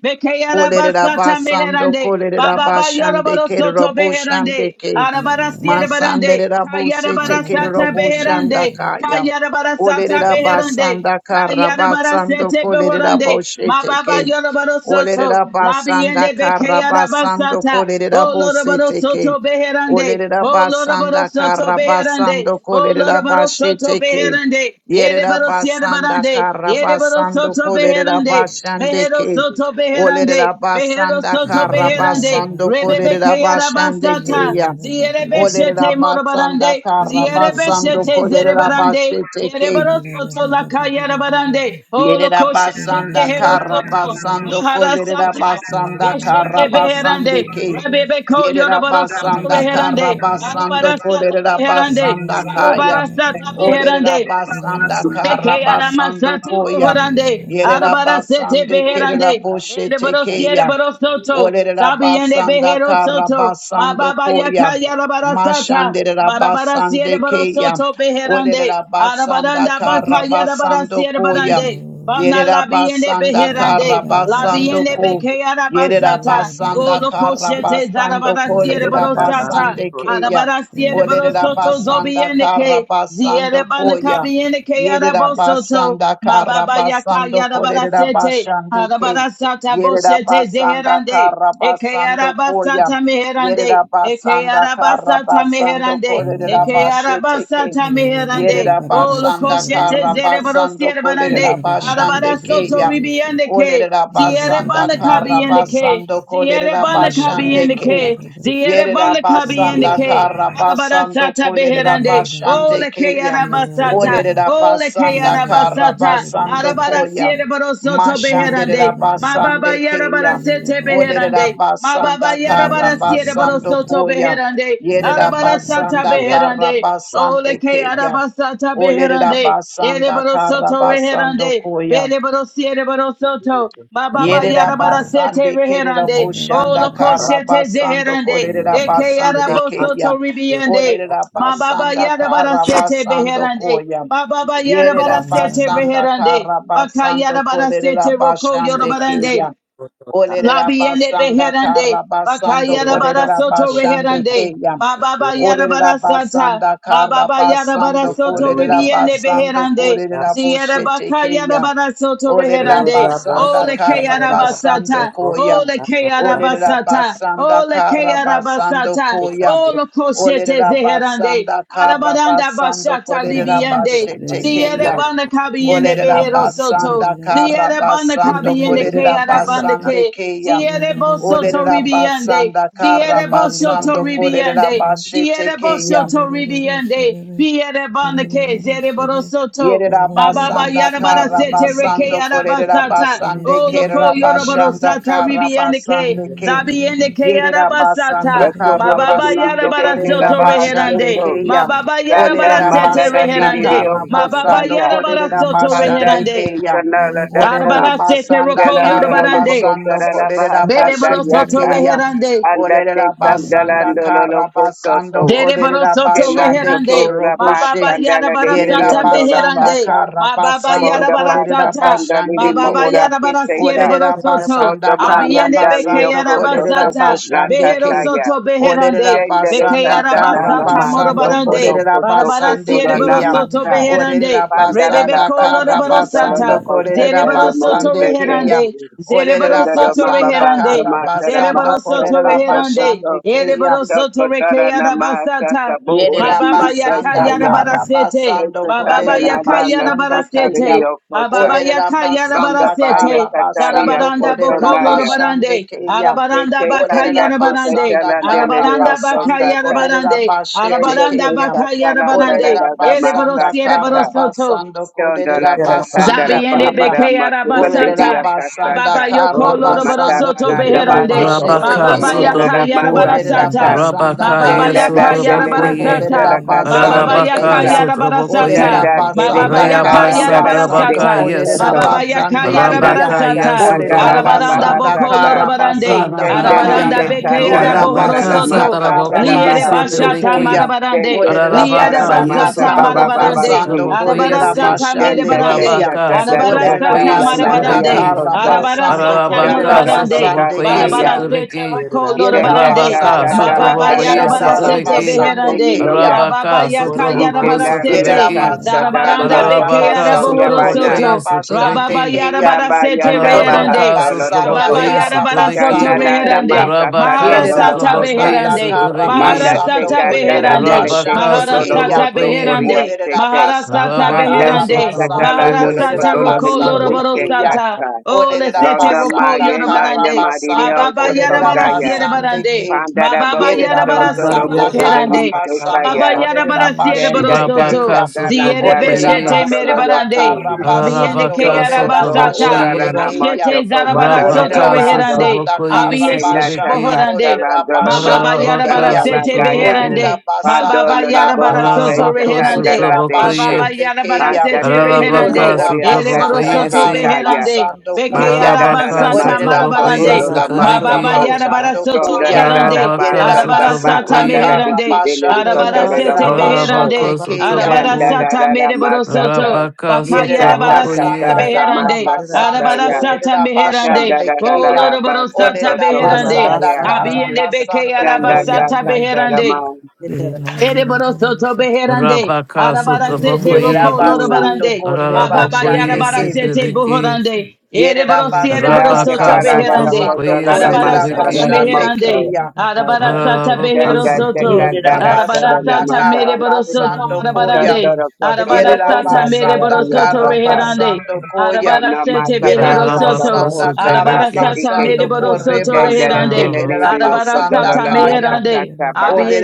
S1: Olerera
S2: bekayarabasata
S1: basando
S2: meherande,
S1: kolerera
S2: bababa
S1: basande
S2: yoroboro
S1: kerro
S2: soto
S1: boshande
S2: beherande,
S1: ke.
S4: rere
S2: Arabara siere
S4: baba baba,
S2: barande.
S1: Masanderera
S2: Kayara
S1: bosete
S4: baba baba
S1: kerro
S2: barasata
S4: baba
S1: boshanda
S2: beherande.
S4: berere,
S1: kaya.
S2: Kayara barasata
S1: Olerera
S2: beherande.
S1: basanda kara
S2: Kayara
S1: basando
S2: barasete
S1: kolerera
S2: behorande.
S1: boshete
S2: Mababa
S1: ke.
S2: yoro barosoto.
S1: Olerera basanda
S2: Labiende
S1: kara
S2: bekeyara
S1: basando
S2: basata.
S1: kolerera
S2: Oh Lord
S1: bosete ke.
S2: Soto Beherande,
S1: Olerera
S2: Oh
S1: basanda
S2: barosoto Soto
S1: kara
S2: Beherande,
S1: basando
S2: Oh
S1: kolerera
S2: Lord Soto
S1: basheteke.
S2: Beherande,
S1: Yerera
S2: Erebaro Sierra
S1: basanda
S2: Barande,
S1: kara
S2: Erebaro
S1: basando
S2: barosoto
S1: kolerera
S2: Beherande, Mejero
S1: bashandeke.
S2: Soto
S1: Olerera
S2: Beherande, Mejero
S1: basanda
S2: Soto
S1: kara
S4: baba baba
S2: Beherande,
S4: baba
S1: basando
S2: Rebebe
S4: chaba,
S1: kolerera
S4: yere
S1: bashandeke
S2: Kayarabasata,
S1: ya.
S4: rere bebe bebe
S2: Zierebeshete
S1: Olerera
S4: berere,
S1: basanda
S2: morobarande,
S4: yere
S1: kara
S4: bebe bebe
S1: basando
S2: zierebeshete
S1: kolerera
S4: berere,
S2: zerebarande,
S1: basheteke.
S4: yere rere
S2: yerebarosoto
S4: bebe
S2: laka
S4: bebe berere,
S2: yerebarande,
S1: Yerera
S2: holokoshete
S4: yere
S1: basanda
S4: rere
S1: kara
S4: bebe
S2: zeherosoto,
S1: basando
S4: berere,
S1: kolerera
S2: maharasata,
S4: Baba
S1: basanda
S2: beshete
S1: kara
S2: beherande,
S1: basande ke.
S2: rebebeko
S1: Yerera
S2: yorobarosoto
S1: basanda kara
S2: reherande,
S1: basando
S2: arabarasata
S1: kolerera
S2: beherande,
S1: basanda kaya.
S2: sarabarasata
S1: Olerera
S2: beherande,
S1: basanda kara
S2: Eke
S1: basando
S2: aramasata
S1: koya.
S2: bohorande,
S9: you.
S1: Yerera
S2: arabarasete
S1: basande kerera
S2: beherande,
S1: boshete
S2: ereborosiere
S1: keya.
S2: borosoto,
S1: Olerera
S2: zabiende
S1: basanda kara
S2: beherosoto,
S1: basando
S2: mababa yaka
S1: koya.
S2: yarabarasata,
S1: Mashandera
S2: marabarasiere
S1: basande keya.
S2: borosoto beherande,
S1: Olerera basanda
S2: arabaranda
S1: kara
S2: baka
S1: basando
S2: yarabarasiere
S1: koya.
S2: barande, Banda
S1: Yerera
S2: la biende
S1: basanda Yerabasanda
S2: beherande, la
S1: Karabasando
S2: biende
S1: Ko.
S2: bekeara basata, o
S1: Yerabasanda
S2: loco shete
S1: Karabasando
S2: zarabara
S1: Ko.
S2: siere borosata,
S1: Lerabasande Keya.
S2: arabara siere borosoto
S1: Olerabasanda
S2: zobiende ke, ziere
S1: Karabasando
S2: banda
S1: Koya.
S2: kabiende ke arabosoto,
S1: Yerabasanda
S2: mababa yaka
S1: Karabasando Ko.
S2: yarabara sete,
S1: Lerabasande Ke.
S2: arabara sata boshete
S1: Yerabasanda
S2: zeherande, Eke
S1: Karabasando Koya.
S2: arabasata meherande. Eke
S1: Yerabasanda
S2: arabasata
S1: Karabasando Ko.
S2: meherande. Eke
S1: Lerabashete
S2: arabasata meherande.
S1: Yerera
S2: Olo
S1: basanda
S2: koshete
S1: kara
S2: zere
S1: basando
S2: barosiere
S1: kolerera
S2: barande.
S1: basande
S2: Arabara soto
S1: keya.
S2: ribiende ke.
S1: Olerera
S4: Baba,
S2: Ziere
S1: basanda
S2: banda
S1: kara
S2: kabi ende ke.
S1: basando
S2: Ziere
S1: kolerera
S2: banda kabi
S1: basande
S2: ende
S1: ke.
S2: ke. Ziere
S1: Yerera
S2: banda kabi ende
S1: basanda
S2: ke.
S1: kara basando
S2: Arabarasata
S1: kolerera
S2: beherande.
S1: basande
S2: Ole ke
S1: keya.
S2: arabasata.
S1: Olerera
S2: Ole ke
S1: basanda kara
S2: arabasata.
S1: basando
S2: Arabara
S1: koya.
S2: siere baro soto
S1: Mashanderera
S2: beherande. Ma baba
S1: basande
S2: yara
S1: keya.
S2: bara sete
S1: Olerera
S2: beherande. Ma baba
S1: basanda
S2: yara
S1: kara
S2: bara siere baro
S1: basando
S2: soto
S1: koya.
S2: beherande.
S1: Yerera
S2: Arabara sata
S1: basanda kara
S2: beherande. Ole
S1: basande
S2: ke
S1: keya.
S2: araba sata
S1: Olerera
S2: beherande. Ere
S1: basanda
S2: baro
S1: kara
S2: soto
S1: basando
S2: beherande.
S1: koya.
S2: Bere barosiere siere baro soto. Ma baba yara
S1: Yerera
S2: bara sete
S1: basande kerera
S2: beherande.
S1: boshanda
S2: Ole ko
S1: kara
S6: Thank
S2: shete
S1: basando
S2: zeherande.
S1: korera
S2: Eke
S1: basande
S2: arabo soto
S1: keya.
S2: ribiende.
S1: Orera
S2: Ma baba
S1: basanda
S2: yara bara
S1: kara
S2: sete
S1: basando
S2: beherande.
S1: koya.
S2: Baba yada
S1: Yerera
S2: bara sete
S1: basanda
S2: reherande.
S1: kara
S2: Baka
S1: basando
S2: yada bara
S1: korera
S2: sete
S9: Ora
S2: roko yada
S1: basande
S2: badande.
S1: keya. Orera
S2: Labiende
S1: basanda
S2: beherande.
S1: kara
S2: Baka
S1: basando
S2: yada bara
S1: korera
S2: soto
S1: basande
S2: reherande.
S1: keya.
S2: Ma baba yada
S1: Orera
S2: bara sata.
S1: basanda
S2: Ma
S1: kara
S2: baba yada bara
S1: basando
S2: soto
S1: korera
S2: ribiende
S1: basando
S2: beherande.
S1: korera
S2: Ziyada
S1: boshete
S2: baka yada
S1: keya.
S2: bara soto
S1: Olerera
S2: reherande.
S1: basanda
S2: Ole ke
S1: kara
S2: yada
S1: basando
S2: basata.
S1: koya.
S2: Ole ke yada
S1: Olerera
S2: basata.
S1: basanda
S2: Ole ke
S1: kara
S2: yada
S1: basando
S2: basata.
S1: koya.
S2: Ole koshete
S1: Olerera
S2: zeherande.
S1: basanda kara
S2: Arabadanda
S1: basando
S2: bashata
S1: kolerera
S2: libiende.
S1: bashete
S2: Zia de
S1: keya.
S2: kabiende
S1: Olerera
S2: behero soto.
S1: basanda
S2: Lia
S1: kara
S2: de kabiende
S4: Yine
S1: basando
S2: cabiende ke
S1: kolerera
S2: arabande
S1: basande
S2: ke.
S1: keya.
S2: Zia
S4: Yine
S2: de
S4: de de
S2: bosoto
S4: ba ba
S1: Olerera
S4: ba ba de she.
S2: ribiende.
S1: basanda
S2: Zia
S1: kara
S2: de
S4: Yine de ba ba
S2: bosoto
S1: basando
S4: ba ba de
S1: kolerera
S2: ribiende. Zia
S1: bashete
S2: de
S1: keya.
S2: bosoto ribiende. Bia de ke. Zia de borosoto.
S1: Yerera
S2: Ma baba
S1: basanda
S2: yara bara
S1: kara
S2: sete reke
S1: basando korerera
S2: arabasata.
S1: basande
S2: O loko
S1: kerera
S2: yorabaro
S4: de de
S1: basanda
S2: sata
S4: she.
S1: kara
S2: ribiende
S1: basande
S2: ke.
S1: ke.
S4: Yine
S2: Zabiende ke
S1: Yerera basanda
S2: arabasata.
S4: de
S2: Ma
S1: kara
S4: ba
S7: Retorora
S2: baba
S4: ba.
S7: mi
S2: yara
S7: se
S1: basando
S7: te
S2: bara
S4: Yine
S7: de la
S4: de
S1: korerera
S2: soto
S4: ba
S7: baja
S4: ba
S1: basande
S4: ba.
S2: reherande.
S7: soco
S2: Ma
S1: keya.
S2: baba yara bara
S1: Orerera
S4: Yine de
S2: sete
S7: mada da di
S1: basanda
S7: di di
S2: reherande.
S1: kara
S2: Ma baba
S1: basando
S2: yara bara
S1: korerera
S2: soto
S1: basande
S7: Andate
S2: reherande.
S1: keya.
S7: kanala
S4: ba
S7: dako.
S1: Orerera
S2: Arabara sete
S1: basanda
S2: roko
S1: kara
S7: Yalandolo
S4: ba ba
S2: yorobarande.
S7: lobo
S4: de
S1: basando
S4: de.
S7: tarara
S1: korerera
S7: bahasa
S2: Bere boro
S4: Thank
S1: basete
S4: you.
S2: soto
S7: dariaka.
S1: keya.
S2: reherande.
S7: Andate
S1: Orerera basanda
S7: sandalando lolo
S1: kara basando
S7: kosoto.
S2: Dere
S1: korerera
S2: soto
S7: Tema
S1: basande
S2: reherande.
S7: toko
S2: Ma
S7: raba
S1: keroboshe.
S2: baba yara
S7: sandala de lili
S1: Yerera
S2: barasata
S7: ondola
S1: basanda
S2: beherande.
S7: fasa.
S1: kara
S2: Ma baba
S1: basando
S2: yara
S7: Ronda
S1: kolerera
S7: basa
S2: barasata.
S7: sanda
S2: Ma
S1: basande
S7: mo
S2: baba
S1: keya.
S7: ora
S2: yara barasiere
S7: kiseka.
S1: Olerera
S2: barosoto.
S1: basanda
S7: Rotoman
S1: kara
S2: Abiende
S7: yandali
S2: beke
S1: basando
S2: yara
S7: okoso
S1: kolerera
S7: toko
S2: basata.
S1: basande
S7: grata
S2: Behero
S1: ke.
S7: taya.
S2: soto
S1: Olerera
S2: beherande.
S7: Tendere
S2: Beke
S1: basanda
S2: yara
S7: sandana
S1: kara
S7: nama
S2: basata moro
S1: basando
S7: soko
S2: barande.
S7: toko
S1: kolerera
S7: toko
S2: Barabara
S1: basande
S2: siere
S7: tora
S1: keya.
S2: barosoto
S7: namasa.
S1: Olerera
S2: beherande. Rebebe
S7: Bandarara
S1: basanda
S2: kolora
S7: basa
S1: kara
S7: kandolo
S1: basando
S2: barosata.
S7: lobo
S1: kolerera
S7: sete de
S2: Zerebaro
S7: mouse
S2: soto
S1: basande
S7: te.
S1: keya.
S2: reherande,
S1: Olerera
S2: Zereboroso
S7: Sundaro
S1: basanda
S7: mababa
S1: kara
S2: Torreherande,
S7: samatera
S1: basando
S2: Zereboroso
S7: mahaso
S2: Torreherande, Zereboroso
S1: kolerera
S7: koso
S2: Torreherande,
S7: koso.
S1: basande keya.
S2: Ereboroso
S7: Soko tara
S2: Torrekeada
S7: namasa
S2: Basata,
S7: sabu
S1: Yerera
S7: urabi
S2: Mababa
S7: uta
S1: basanda
S2: Yakayana
S7: saya.
S1: kara
S2: Barasete,
S1: basando
S7: sala
S2: Mababa
S1: kolerera
S7: na lana
S2: Yakayana
S1: basande
S7: sakari di
S1: keya.
S2: Barasete,
S7: okosa.
S2: Mababa
S1: Olerera
S2: Yakayana
S7: Ronda
S1: basanda
S6: you.
S7: baya
S2: Barasete,
S1: kara
S7: tataria
S6: Thank
S1: basando
S2: Zarabaranda
S7: koso
S1: kolerera
S2: bokolo
S7: naya.
S1: basande
S2: Barande,
S1: keya.
S2: Arabaranda
S7: Tete kanda
S1: Olerera
S2: Bakayana
S7: tete
S2: Barande,
S1: basanda
S7: telandele
S1: kara
S7: de
S2: Arabaranda
S1: basando
S2: Bakayana
S7: okosata.
S1: kolerera
S2: Barande,
S1: basete
S7: Tendo
S2: Arabaranda
S1: keya.
S7: tesa
S2: Bakayana
S7: talanda la
S2: Barande,
S1: Olerera
S7: la la masa
S1: basanda
S2: Ereborosi
S1: kara
S7: kata.
S2: Ereborosoto,
S1: basando
S7: Dondola
S1: kolerera
S7: Sandala
S1: basande
S2: Zabiende
S1: keya.
S7: Bahapara
S2: beke
S1: Olerera
S2: arabasata.
S7: Mandiria
S1: basanda
S7: Kasaka
S2: Ababa
S1: kara
S2: yoko loroboro
S1: basando
S2: soto
S7: Matapara
S1: kolerera
S7: Dabaso
S2: beherande.
S7: Kobo
S1: basete
S3: Rabaka
S2: Mababa
S7: Buno
S1: keya.
S3: sutra
S2: yaka
S7: Dada
S3: boku,
S1: Olerera
S7: Masakata
S2: yarabarasata.
S1: basanda
S3: Rabaka
S2: Mababa
S1: kara
S2: yaka
S7: Tendada
S3: yesutra
S1: basando
S7: Delele
S3: bokoye,
S1: kolerera
S7: Ketela
S2: yarabarasata.
S7: Kandola
S2: Mababa
S1: basande
S2: yaka
S3: Kararabaka
S1: keya.
S7: Lokosa
S3: sutra
S1: Olerera
S2: yarabarasata.
S3: bokoye,
S7: Tanda Tede
S2: Mababa
S1: basanda
S2: yaka
S3: Reyaba
S7: Kandala
S1: kara
S7: Ndala
S3: sutra
S7: Tede
S1: basando
S3: baka
S2: yarabarasata.
S1: kolerera
S3: yesu,
S7: Kosoto
S2: Mababa yaka
S1: basande
S7: Panda
S1: keya.
S3: Rabaka
S7: Tata
S9: Thank
S2: yarabarasata.
S3: yesutra
S1: Olerera
S7: Kandala
S9: you.
S7: La
S3: boku,
S2: Arabaranda
S1: basanda
S2: boko
S7: Bahasaka
S1: kara
S2: lorobarande.
S1: basanda
S7: Tendele
S1: kaya.
S2: Arabaranda
S3: Karabakaya,
S2: beke
S7: Ketandala
S1: Erera
S2: arabohoro
S7: Nala La
S3: Arabakasa,
S1: basanda
S2: soto.
S7: Masaka
S1: kara
S3: Taraboko,
S2: Liere
S3: yes,
S1: basando
S7: Bahasi
S2: basata
S3: Eterebeke,
S1: koya.
S2: marabarande.
S7: Tende
S1: Olerera
S7: Ketala
S2: Liere
S7: La
S3: Arabakaya,
S1: basanda
S7: Masa
S2: basata
S1: kara
S7: Baba
S3: Sotraboko,
S2: marabarande.
S1: basando
S7: Babasi
S3: Sotraboko, yes,
S1: kolerera
S2: Arabarasata
S1: basande
S7: Janda
S2: merebarande.
S7: deka
S1: keya.
S3: Rabaka,
S7: da da da
S1: Olerera
S3: Sotraboko,
S7: da
S2: Arabarasata
S7: la
S3: yes,
S1: basanda
S7: naria
S2: marabarande.
S3: Trebeke,
S1: kara
S7: koso.
S1: basando
S2: Arabarasata
S7: Danda
S1: kolerera
S3: Arabaka,
S7: do
S2: marabarande.
S7: kota
S3: Sotraboko,
S1: basande
S3: yes,
S7: saya.
S1: keya.
S2: Barabarasete
S3: Trebeke,
S2: roko
S7: janda da
S2: lorabarande.
S3: Rabaka,
S7: da
S1: Yerabasanda
S7: da la
S2: Mababa
S7: da
S3: Sotraboko,
S7: la la
S3: yes,
S1: Rabashanda
S7: bahoso so
S2: yarabarasete
S3: Trebeke,
S7: koto
S1: Rabasande
S7: you
S2: beherande.
S1: Keya.
S7: ya.
S2: Mababa
S3: Rabaka,
S2: yaka
S7: Ite
S3: Sotraboko,
S7: naria
S2: yarabarasete.
S3: Sotrebeke,
S7: kansa da
S1: Yerabasanda
S7: la lo
S2: Zarabaranda beke
S7: koto
S3: Arabaka,
S7: so
S1: Karabasando
S2: yarabohoro
S3: Sotraboko,
S7: yabana.
S2: soto.
S3: yes,
S1: Kolerabashande
S2: Rababa
S3: Etrebeke,
S1: Keya.
S7: Shaba
S2: yarabarasete
S7: yanda baha
S1: Olerera
S2: reherande.
S3: Aralabaka
S7: solo
S1: basanda
S7: toko.
S2: Baba
S3: Sotrabakoye
S2: yara
S1: kara
S2: bara
S7: Kana
S2: soto
S3: Sotraveki.
S1: basando
S7: da da
S1: koya.
S2: reherande.
S7: masa kato
S3: Arabaka
S7: lo
S1: Yerera
S7: lo
S2: Maharasata
S7: kosa.
S3: Sotrabakoye
S1: basanda
S2: beherande.
S1: kara
S7: Manda
S3: Sotraveki.
S1: basando
S2: Maharasata
S7: teka da la
S1: kolerera
S2: beherande.
S7: nele te
S3: Arabaka
S1: basande
S7: koto lo
S1: keya.
S2: Maharasata
S7: koto
S3: Sotrabakoye.
S7: oria
S2: beherande.
S1: Olerera
S7: sete.
S1: basanda
S2: Maharasata
S7: Panda
S3: Arabaka
S1: kara
S2: beherande.
S7: teka da la
S1: basando
S7: lo
S3: Sotrabakoye
S7: lo
S2: Maharasata
S1: kolerera
S2: roko
S7: limo
S3: Sotraveki.
S1: basande
S2: loroboro
S7: uske
S1: keya.
S2: sata.
S7: katka.
S2: Oh,
S1: Olerera
S2: lesete
S7: Rodama
S2: roko
S1: basanda
S7: Yema
S1: kara
S2: yorobarande.
S7: Yama
S2: Ma
S1: basando
S7: Dio
S2: baba yada
S1: kolerera
S2: bara
S7: Sotondaya
S2: siere
S1: basande
S2: barande.
S1: ke.
S2: Ma
S7: Pandara
S2: baba
S7: Bahu
S2: yada
S1: Yerera
S2: bara
S7: Soto
S2: soto
S1: basanda
S7: Bo Ure
S1: kara
S2: herande. Ma
S1: basando
S2: baba
S7: Misotaya
S2: yada
S1: kolerera
S2: bara
S4: Yine
S2: siere bara
S1: basete
S7: Tendata
S2: soto.
S3: Arabaka
S1: keya.
S2: Ziere
S7: Katananda
S1: Olerera
S3: Sotrabakoye.
S9: Rabasa
S2: beshete mere
S7: Rekotolo
S1: basanda
S2: barande.
S7: Loku
S1: kara
S2: Abiende
S1: basando
S2: ke
S3: Arabaka
S2: yada
S1: kolerera
S7: Jokoto
S2: basata.
S7: Ora
S1: basande
S3: Sotrabakoye.
S7: Rana
S1: keya.
S2: Boshete
S7: Mashoko
S2: zara bara
S7: Badara
S2: soto
S1: Olerera
S3: Arabaka
S7: Baso
S2: reherande.
S1: basanda
S3: Sotrabakoye
S1: kara
S2: Abiyeshete
S7: Tendata
S1: basando
S3: Sotraveki.
S2: bohorande.
S1: kolerera
S7: Katalandolo
S2: Ma baba
S1: basande
S7: Loko
S2: yada bara
S3: Arabaka
S1: keya.
S2: sete
S7: Satalandaya
S3: Sotrabakoye.
S1: Olerera
S2: beherande. Ma
S1: basanda
S2: baba
S7: Pandolo
S2: yada
S1: kara
S7: Labo
S2: bara
S7: Se
S2: soto
S1: basando
S3: Arabaka
S2: reherande.
S7: Chakandala
S1: kolerera
S2: Ma
S7: Deshe
S3: Sotrabakoye.
S2: baba
S1: basande
S2: yada bara
S1: keya.
S2: sete
S7: Pantate Milimo
S3: Arabaka
S2: reherande.
S1: Olerera
S2: Ere
S7: Oriaka
S2: bara
S1: basanda
S7: Sate
S2: soto
S3: Sotrabakoye.
S1: kara
S7: Taya
S2: beherande.
S1: basando
S2: Beke
S7: Ma da
S1: koya.
S7: da da da
S3: Ararabaka
S7: ma
S2: yarabasata
S7: so
S1: Olerera
S7: ko so
S3: Sotrabokoye
S7: do
S2: marabarande.
S7: la
S1: basanda
S7: ma so
S1: kara
S2: Mababa
S3: Sotrabeki
S7: ko.
S1: basando
S2: yarabarasoto
S7: Son da
S1: koya.
S7: da da da
S2: meherande.
S7: ba
S3: Ararabaka
S7: so
S1: Yerera
S7: da ba
S2: Arabarasata
S1: basanda
S7: an da da
S3: Sotrabokoye
S7: di
S1: kara
S7: ku
S2: meherande.
S7: te le di
S1: basando
S7: son do la la
S1: kolerera
S2: Arabarasete
S7: bo so ko.
S1: basande
S3: Ararabako
S2: beherande.
S1: keya.
S7: Ten da
S3: Sotraboko
S7: da
S2: Arabarasata
S7: da da ma sa ta.
S2: mereborosoto.
S3: Rabaka
S2: Baka
S7: Ta ta ta ta
S2: yarabarasete
S1: Yerabasanda
S7: da
S3: Sotrabokoye
S7: da ma
S2: beherande.
S7: sa ta ta
S1: Karabasando
S7: ya.
S2: Arabarasata
S1: Koreda
S7: Ten da
S2: meherande.
S1: Bashande
S7: da da da
S1: Kayam.
S7: da ba so ko
S2: Roloroborosata
S1: Oreda
S7: to ko ta
S2: beherande.
S1: Basanda
S7: ya.
S2: Abiende beke
S1: Karabasando
S7: Ten da da
S1: Koyam.
S2: yarabasata
S7: ta ta da ma.
S2: beherande. Ereboro soto beherande,
S3: Rabaka
S2: arabara sete roko
S3: Sotrabokoye
S7: Mm.
S1: Yerabasando
S2: lorobarande,
S1: Koreba
S2: mababa
S3: Ararabokoye
S1: Shande Kim.
S2: yarabarasete
S3: Sotrabeki
S2: buhorande,
S7: Ya
S2: ereborosi
S1: Yerabasanda
S7: te ka
S2: soto
S3: Rabaka
S7: la la la ko
S2: beherande,
S7: do
S1: Karabasando
S3: Sotrabokoye
S7: la la ma
S2: arabara
S1: Koreda
S7: sa da
S2: sata
S3: Sotrabeki
S7: la mo
S1: Bashande
S7: so.
S2: beherande,
S1: Kayam.
S2: arabara sata
S7: Ten
S3: Ararabako
S2: behero
S7: da te ka
S2: soto,
S7: da da
S3: Sotrabeki
S7: da da na
S1: Yerabasanda
S2: arabarasata beherosoto,
S7: ma
S2: arabarasata
S7: sa.
S2: mereborosoto
S1: Karabasando Koyam.
S2: marabarande,
S7: Santoro Kotoro
S9: Yetere bosa
S7: Sambatara
S1: Yerabasanda
S2: arabarasata
S9: yere da
S2: soto
S9: basa
S7: Riakosa,
S2: reherande,
S9: yere
S1: Karabasando
S9: da basa
S1: Koya.
S2: arabara sete
S7: Yanamata
S2: behero
S7: Katoro
S3: Ararabako
S2: soto.
S7: Laboho
S1: Yerabasanda
S7: Seba
S2: Arabara
S3: Sotrabeki
S2: sata
S7: Dedike,
S4: Yeah.
S1: Karabasando
S2: mereboro soto
S7: Sendele
S1: Korebasande
S2: reherande.
S7: Delenere
S2: Arabara
S1: Kerabasanda
S7: Yokodola
S2: sata
S1: Kaya.
S7: Lamasa
S2: meherande.
S7: Sata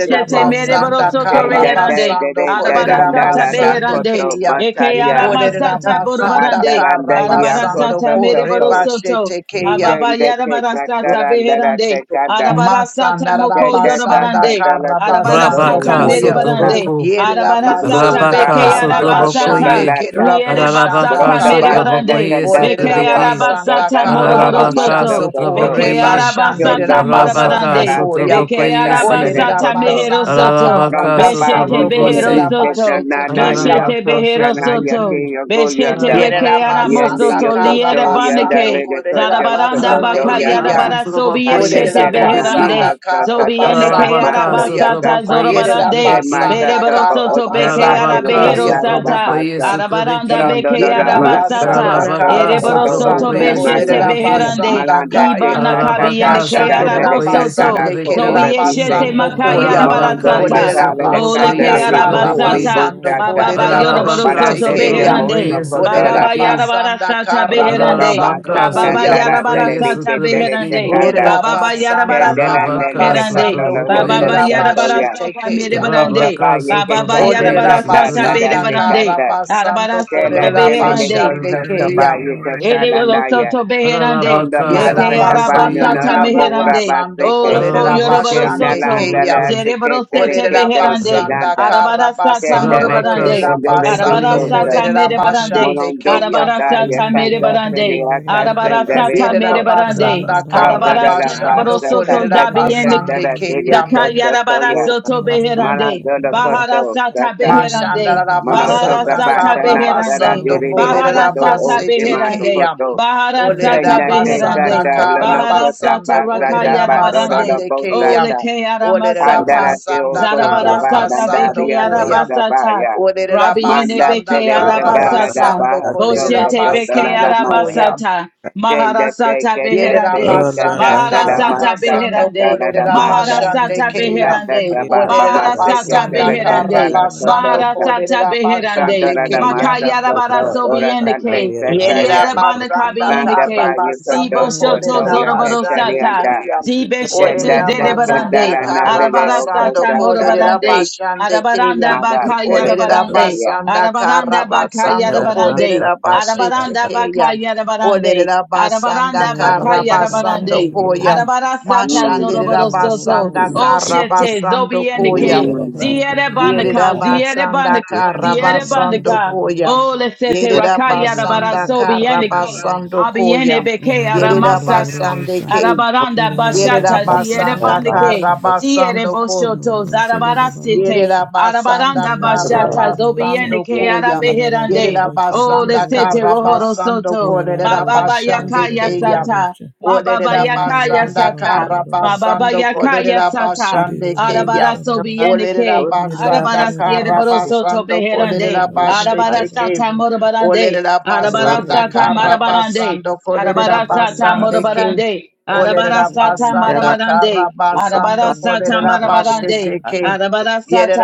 S9: yere da
S2: mereboro
S9: basa
S2: soto
S9: yere
S7: Senda
S2: reherande.
S1: Karabasando
S7: Dedere
S2: Arabara sata
S7: Darandala
S1: Kolerabasande
S2: beherande.
S7: Dakoto
S1: Keya.
S2: Eke
S7: Bataria,
S2: arama
S9: da
S2: sata
S9: basa
S1: Olerabasanda
S2: borobarande.
S7: Adaranda
S2: Arabara
S1: Karabasando
S2: sata
S7: Yakoso
S2: mereboro
S7: Toko,
S2: soto.
S1: Korebashete Keya.
S2: Mababa
S7: Sende
S2: yarabara
S9: yere da basa
S2: sata
S7: Tatarandara
S2: beherande.
S7: Tekanda,
S2: Arabara sata
S1: Masanda
S2: moko
S7: Senda
S1: rabasanda
S2: yorobarande.
S7: Takandala Toko
S2: Arabara
S7: Toro
S1: karabasando
S2: sata
S3: Rabaka
S1: koya.
S7: Lamasa
S9: yere
S2: merebarande.
S3: Sotraboko
S1: Yere
S2: Arabara
S7: Manu
S2: sata
S1: rabasanda
S3: Rabaka
S2: beke
S7: Rabba Sokoto
S1: karabashande
S2: arabasata.
S3: Sotrabokoye,
S7: Landata,
S2: Riere
S1: keraboshanda
S3: Ararabaka
S2: basata
S7: Bronda
S2: mere
S1: kaya.
S7: bata de
S2: barande.
S3: Sotrabokoye
S7: kenda
S1: Olere
S2: Beke
S7: perio
S3: Sotrabeki,
S7: koto
S1: rabasanda
S2: arabasata
S7: kasarara
S2: moroboro
S3: Ararabaka
S7: maso
S2: soto.
S1: karabashando
S7: koto.
S2: Beke
S3: Sotrabokoye,
S1: korebashande
S7: Yondo
S2: arabasata
S7: toko
S3: Rabaka
S1: rabasando
S2: marabarande.
S7: tarante
S1: koya.
S7: rike
S2: Beke
S3: Sotrabokoye Si,
S1: Olere
S7: sansene
S2: arabasata
S7: koto.
S2: mehero
S1: rabasanda
S2: soto.
S3: Ararabaka
S7: Nonda ba i
S2: Beshete
S1: karabasando
S7: i
S1: kolere
S2: behero
S7: i
S3: Sotrabokosi,
S7: kenda
S2: soto.
S1: rabashete
S7: nanari
S1: keya.
S2: Beshete
S3: Ararabaka
S2: behero
S7: akoshana
S2: soto.
S7: yake
S3: Sotrabeki,
S7: yogo
S2: Beshete
S7: yanda.
S1: Yere
S2: reke
S3: Ararabaka
S7: Yende
S1: rabasanda
S2: aramosoto
S7: yokoto
S2: liere
S3: Yasuturabaki,
S7: yanda
S1: karabasando
S2: baneke.
S7: lede
S1: kolere
S7: kocho
S2: Zarabaranda
S7: sokoto
S1: rabasande
S2: baka
S3: Ararabaka
S1: keya.
S7: yaka.
S2: yarabara sobi
S7: Kate
S3: Sotrabokoye
S1: Orera
S2: yeshete
S7: terana
S3: Sotrabeki,
S2: beherande.
S1: basanda
S7: mahasa
S1: kara
S2: Zobi
S7: koto
S2: ende
S7: dada
S2: ke
S1: basando
S3: Ararabaka
S7: masa
S1: koya.
S2: arabasata
S7: kotapa
S3: Sotrabokoye
S1: Yerera
S2: zorobarande.
S3: Sotrabeki,
S1: basanda
S7: matata
S2: Berebaro
S7: pa
S1: kara
S2: soto
S7: osa ba
S2: beke ara
S1: basando
S7: tele
S3: Ararabaka
S2: behero
S1: koya.
S7: tatara da
S3: Sotrabokoye
S7: basa.
S2: Arabaranda
S3: Sotrabeki,
S7: Rondo do
S2: beke
S7: da
S1: Yerera
S7: basa
S1: basanda
S2: arabasata.
S9: da
S7: koto
S9: basa
S7: lo
S3: Ararabaka
S1: kara
S2: Erebaro
S7: koto
S9: kata
S2: soto
S1: basando
S9: ra
S7: osa
S3: sotrabokoye
S9: basa
S7: maya.
S2: beshete
S1: korera
S9: kata
S3: sotrabeki.
S9: ra
S2: beherande.
S1: basanda
S7: Malanda te
S1: kaya.
S2: Ibana
S7: katata
S2: kabiende
S3: Ararabaka
S2: ke
S7: tada
S1: Mashandera
S7: dede
S3: sotrabokoye
S7: katara
S2: arabosoto.
S1: basande
S7: ko
S3: sotrabeki.
S1: kerera
S2: Zobi
S7: ora bise.
S2: yeshete
S1: basando
S2: makaya
S1: koya.
S7: Morondo
S3: Ararabaka
S2: arabarasata.
S1: Orera
S7: batale de
S2: Ole
S3: yesotrabokoye
S2: ke
S1: basanda
S7: candele de
S1: kara
S7: bohori
S3: sotrabeki.
S2: arabasata.
S1: basando
S7: busata.
S2: Bababa
S1: korera
S2: yorobaro
S3: Ararabaka
S1: boshete
S7: Malande
S2: soto
S7: de de
S1: keya.
S2: beherande.
S7: mosa
S3: sotrabokoye
S7: koto
S1: Orera
S2: Bababa
S7: lata.
S3: sotrabeki.
S1: basanda
S2: yarabarasata
S1: kara
S7: Rondo da
S2: beherande.
S9: kata ra
S1: basando
S7: masa
S2: Ma
S3: Ararabaka
S9: basa
S2: baba
S1: koya.
S7: candela
S2: yara bara
S7: dele
S3: sotrabokoye
S7: de le
S2: sata
S7: ketele
S3: sotrabeki.
S2: beherande.
S7: secanda.
S9: ora
S2: Ba baba
S9: basa
S2: yara
S9: kata
S1: Yerabasanda
S2: bara
S9: yere
S7: Candela
S9: da
S2: sata
S7: nele de
S9: basa
S3: Ararabaka
S7: le
S2: beherande.
S1: Karabasando
S7: katolo
S2: Ba
S7: do
S3: sotrabokoye
S2: baba yara
S3: sotrabeki.
S7: koto
S2: bara
S7: ya.
S2: sata mere
S1: Koderabasetekeya.
S7: Sonda
S2: barande.
S3: Ararabaka
S7: baya
S2: Ba
S9: yere
S2: baba
S9: da
S7: teka
S2: yara
S9: basa
S3: sotrabokoye
S7: teka
S2: bara
S7: da
S9: kata
S2: sata
S9: yere
S7: na da
S2: bere
S1: Olerabasanda
S3: sotrabeki.
S7: teka
S2: barande.
S7: da.
S1: Karabasando
S2: Arabara
S7: Tele
S2: sata
S7: tele
S3: Ararabaka
S7: le
S2: beherande.
S7: koso
S4: Get
S7: to
S3: sotrabokoye sotrabeki.
S1: Koderabashandekeya.
S7: baya teka na na ya.
S2: Erebarosoto beherande.
S7: Ronda
S3: Ararabaka
S7: masa
S2: Leke
S7: kabano
S1: Yerabasanda
S7: no
S3: sotrabokoye.
S2: arabasata
S7: no bura
S2: meherande.
S1: Karabasando
S2: O
S7: baseke.
S2: loko
S3: Alabako
S7: Tena
S2: yoroborosoto.
S7: landa
S1: Koderabashandekeya.
S7: le
S3: Sotraboko
S7: teke tere
S2: Zereborosete
S7: kete
S2: beherande.
S1: Olerabasanda
S7: sedanda.
S2: Arabarasata
S7: Tenda
S1: Karabasando
S7: le te
S3: Rabaka
S2: morobarande.
S7: tenda le
S1: Koderabasando
S3: Sotrabokoye
S9: da
S7: visosa.
S2: Arabarasata merebarande.
S7: Molondo
S1: Koderabashandekeya.
S7: kota ya
S2: Arabarasata
S7: kanda sede
S2: merebarande.
S7: ata
S9: ora
S7: senda le
S9: basa
S2: Arabarasata
S9: kata
S7: ako.
S9: yere
S4: it,
S9: da
S2: merebarande.
S1: Yerabasanda
S9: basa kata
S7: Ronda da da
S9: ra
S2: Arabarasata
S1: Karabasando
S7: basa
S9: basa kata
S2: borosoto
S7: kanda te kanda
S2: zabiyenike.
S7: da dede
S1: Koderabashandekeya.
S7: koso toya.
S9: ora
S2: Zakayarabarasoto
S9: basa kata
S2: beherande.
S7: Malando
S9: yere
S7: lo
S9: da basa
S7: koto
S2: Baharasata
S7: sasa.
S2: beherande.
S9: yere da
S7: Monoto
S1: Mashandarabasanda
S9: basa
S2: Baharasata
S7: Gabata
S9: kata yere da
S7: Natara
S2: beherande.
S1: Karabasando
S7: Diri
S9: basa
S2: Bahara
S7: Okoto
S2: Sata
S1: Kolerabase
S7: Osima
S2: Beherande,
S1: Tekeyam.
S7: Kokoto
S2: Bahara Sata
S7: Kenate
S1: Olerabasanda
S2: Beherande,
S9: Rabasa
S7: Kanta Loloko
S2: Bahara Sata
S1: Karabasando
S7: Tabasa
S2: Rakaya
S7: Tabato Lolo
S2: Rabarande,
S1: Kolerabasande
S2: O
S1: Keyam.
S7: Bosata
S2: Lekeara Masata,
S7: Andarate
S1: Olerabasanda
S7: Okosa
S2: Zarabara Sata
S1: Karabasando
S7: Bandaria
S2: Bekeara
S1: Koyam.
S7: Kosa
S2: Basata,
S7: Baya
S2: Rabiene
S7: Manda
S1: Olerabasanda
S7: Tere
S2: Bekeara
S7: Kandala
S2: Basata,
S1: Karabasando
S7: Dabaha
S2: Boshete
S7: Sokoto Dalala
S1: Kolerabasando
S2: Bekeara
S7: Masa
S1: Koyam.
S2: Basata,
S7: Kendate
S2: Maharasata
S7: Kente
S2: beherande.
S7: Tere
S1: Yerabasanda
S7: Kandata
S2: Maharasata
S7: Damasa
S1: Karabasando
S2: beherande.
S7: Katara Damasa
S1: Kolerabashande
S2: Maharasata
S1: Keyam.
S2: beherande.
S7: Kantata Babamasa
S2: Maharasata
S1: Olerabasanda
S7: Ketere
S2: beherande.
S7: Kandala
S9: Ora
S1: Karabasando
S7: Kotosa
S2: Maharasata beherande.
S1: Kolerabashande
S7: Sandorana
S1: Keyam.
S7: Masa
S2: Makayara
S7: Soto,
S2: baraso
S7: Ora Sante
S2: biendeke.
S1: Yerera
S7: Setaya,
S2: Ziere banaka
S1: basanda
S7: Randa
S1: karra
S2: biendeke.
S7: Bayu Soto
S1: basando
S2: Zibo shoto
S7: Soto
S1: kolerera
S4: Russia,
S2: zoroboro
S1: basande
S2: sata.
S7: Yakatarianda,
S1: kiyam.
S2: Zibe
S7: Tenda
S2: shete
S1: Olerera
S2: zere
S1: basanda
S2: barande.
S7: Tekandala
S1: karra
S7: Nalide Oko
S1: basando
S2: Arabarasata
S1: kolerera
S7: Sakalate,
S2: morobarande.
S1: basande
S2: Arabaranda
S1: kiyam.
S7: Madam
S2: bakayara
S1: Olerera
S2: barande.
S7: Telesotaya.
S1: basanda
S2: Arabaranda
S1: karra
S2: bakaya
S1: basando
S2: rabarande.
S1: kolerera basete
S2: Arabaranda
S1: kiyam.
S2: bakaya rabarande.
S1: Olerera
S2: Arabaranda
S1: basanda karra
S2: bakaya
S1: basando
S2: rabarande.
S9: basta
S1: koyam.
S4: Yenenarororororosha.
S2: Arabarasata
S7: Mm,
S1: Mashanderera
S2: zoroborosoto.
S1: basanda karra
S2: Oshete
S1: basando
S9: Or
S1: koyam.
S2: zobienike.
S9: Ora
S7: mm,
S9: basso
S2: Ziere bandaka. Ziere
S1: Yerabasanda
S2: bandaka. Ziere
S1: Karabasando
S2: bandaka.
S1: Koya.
S2: O lesete rakaya
S1: Yerabasanda
S2: rabarasobienike.
S1: Karabasando Koya.
S2: Abiene beke aramasata.
S1: Yerabasande K.
S2: Arabaranda bashata ziere
S1: Yerabasanda
S2: bandike. Diere
S1: Karabasando Koya.
S2: boshoto zarabara sete
S1: Yerabasanda
S2: arabaranda bashata zobiene
S1: Karabasando
S2: ke
S1: Koya.
S2: arabeherande o
S1: Yerabasanda
S2: lesete
S4: Irerararababashabebederorosha.
S2: rohoro
S1: Karabasando
S2: soto ma baba
S4: Inarororosha
S1: Kolerabashande
S2: yakaya
S1: Keya.
S2: sata
S4: bababababidorosha.
S2: ma baba yakaya
S1: Olerabasanda
S2: sata ma
S4: Inarororababababadorosha.
S2: baba
S1: Karabasando
S2: yakaya sata
S1: Kolerabashande Keya.
S2: arabara
S4: Bidororosha baba.
S2: sobiene ke
S9: con
S1: Olerabasanda
S2: arabara siere
S4: Nidorororosha.
S2: borosoto
S1: Karabasando
S2: beherande arabara
S1: Kolerabashete Keya.
S2: sata
S4: Inarororabababadorosha.
S2: morobarande
S1: Olerabasanda
S2: Arabarasata
S4: Nidorororobidore.
S2: marabarande.
S1: Karabasando
S2: Arabarasata
S1: Kolerabasande
S4: Nidorororobidore.
S1: Keya.
S2: morabarande. Arabarasata
S4: Nidorororobidore.
S1: Olerabasanda
S2: marabarande.
S1: Karabasando
S2: Arabarasata marabarande.
S1: Kolerabashete
S4: Nidorororobidorosha.
S1: Keya.
S4: Nidorororobidore.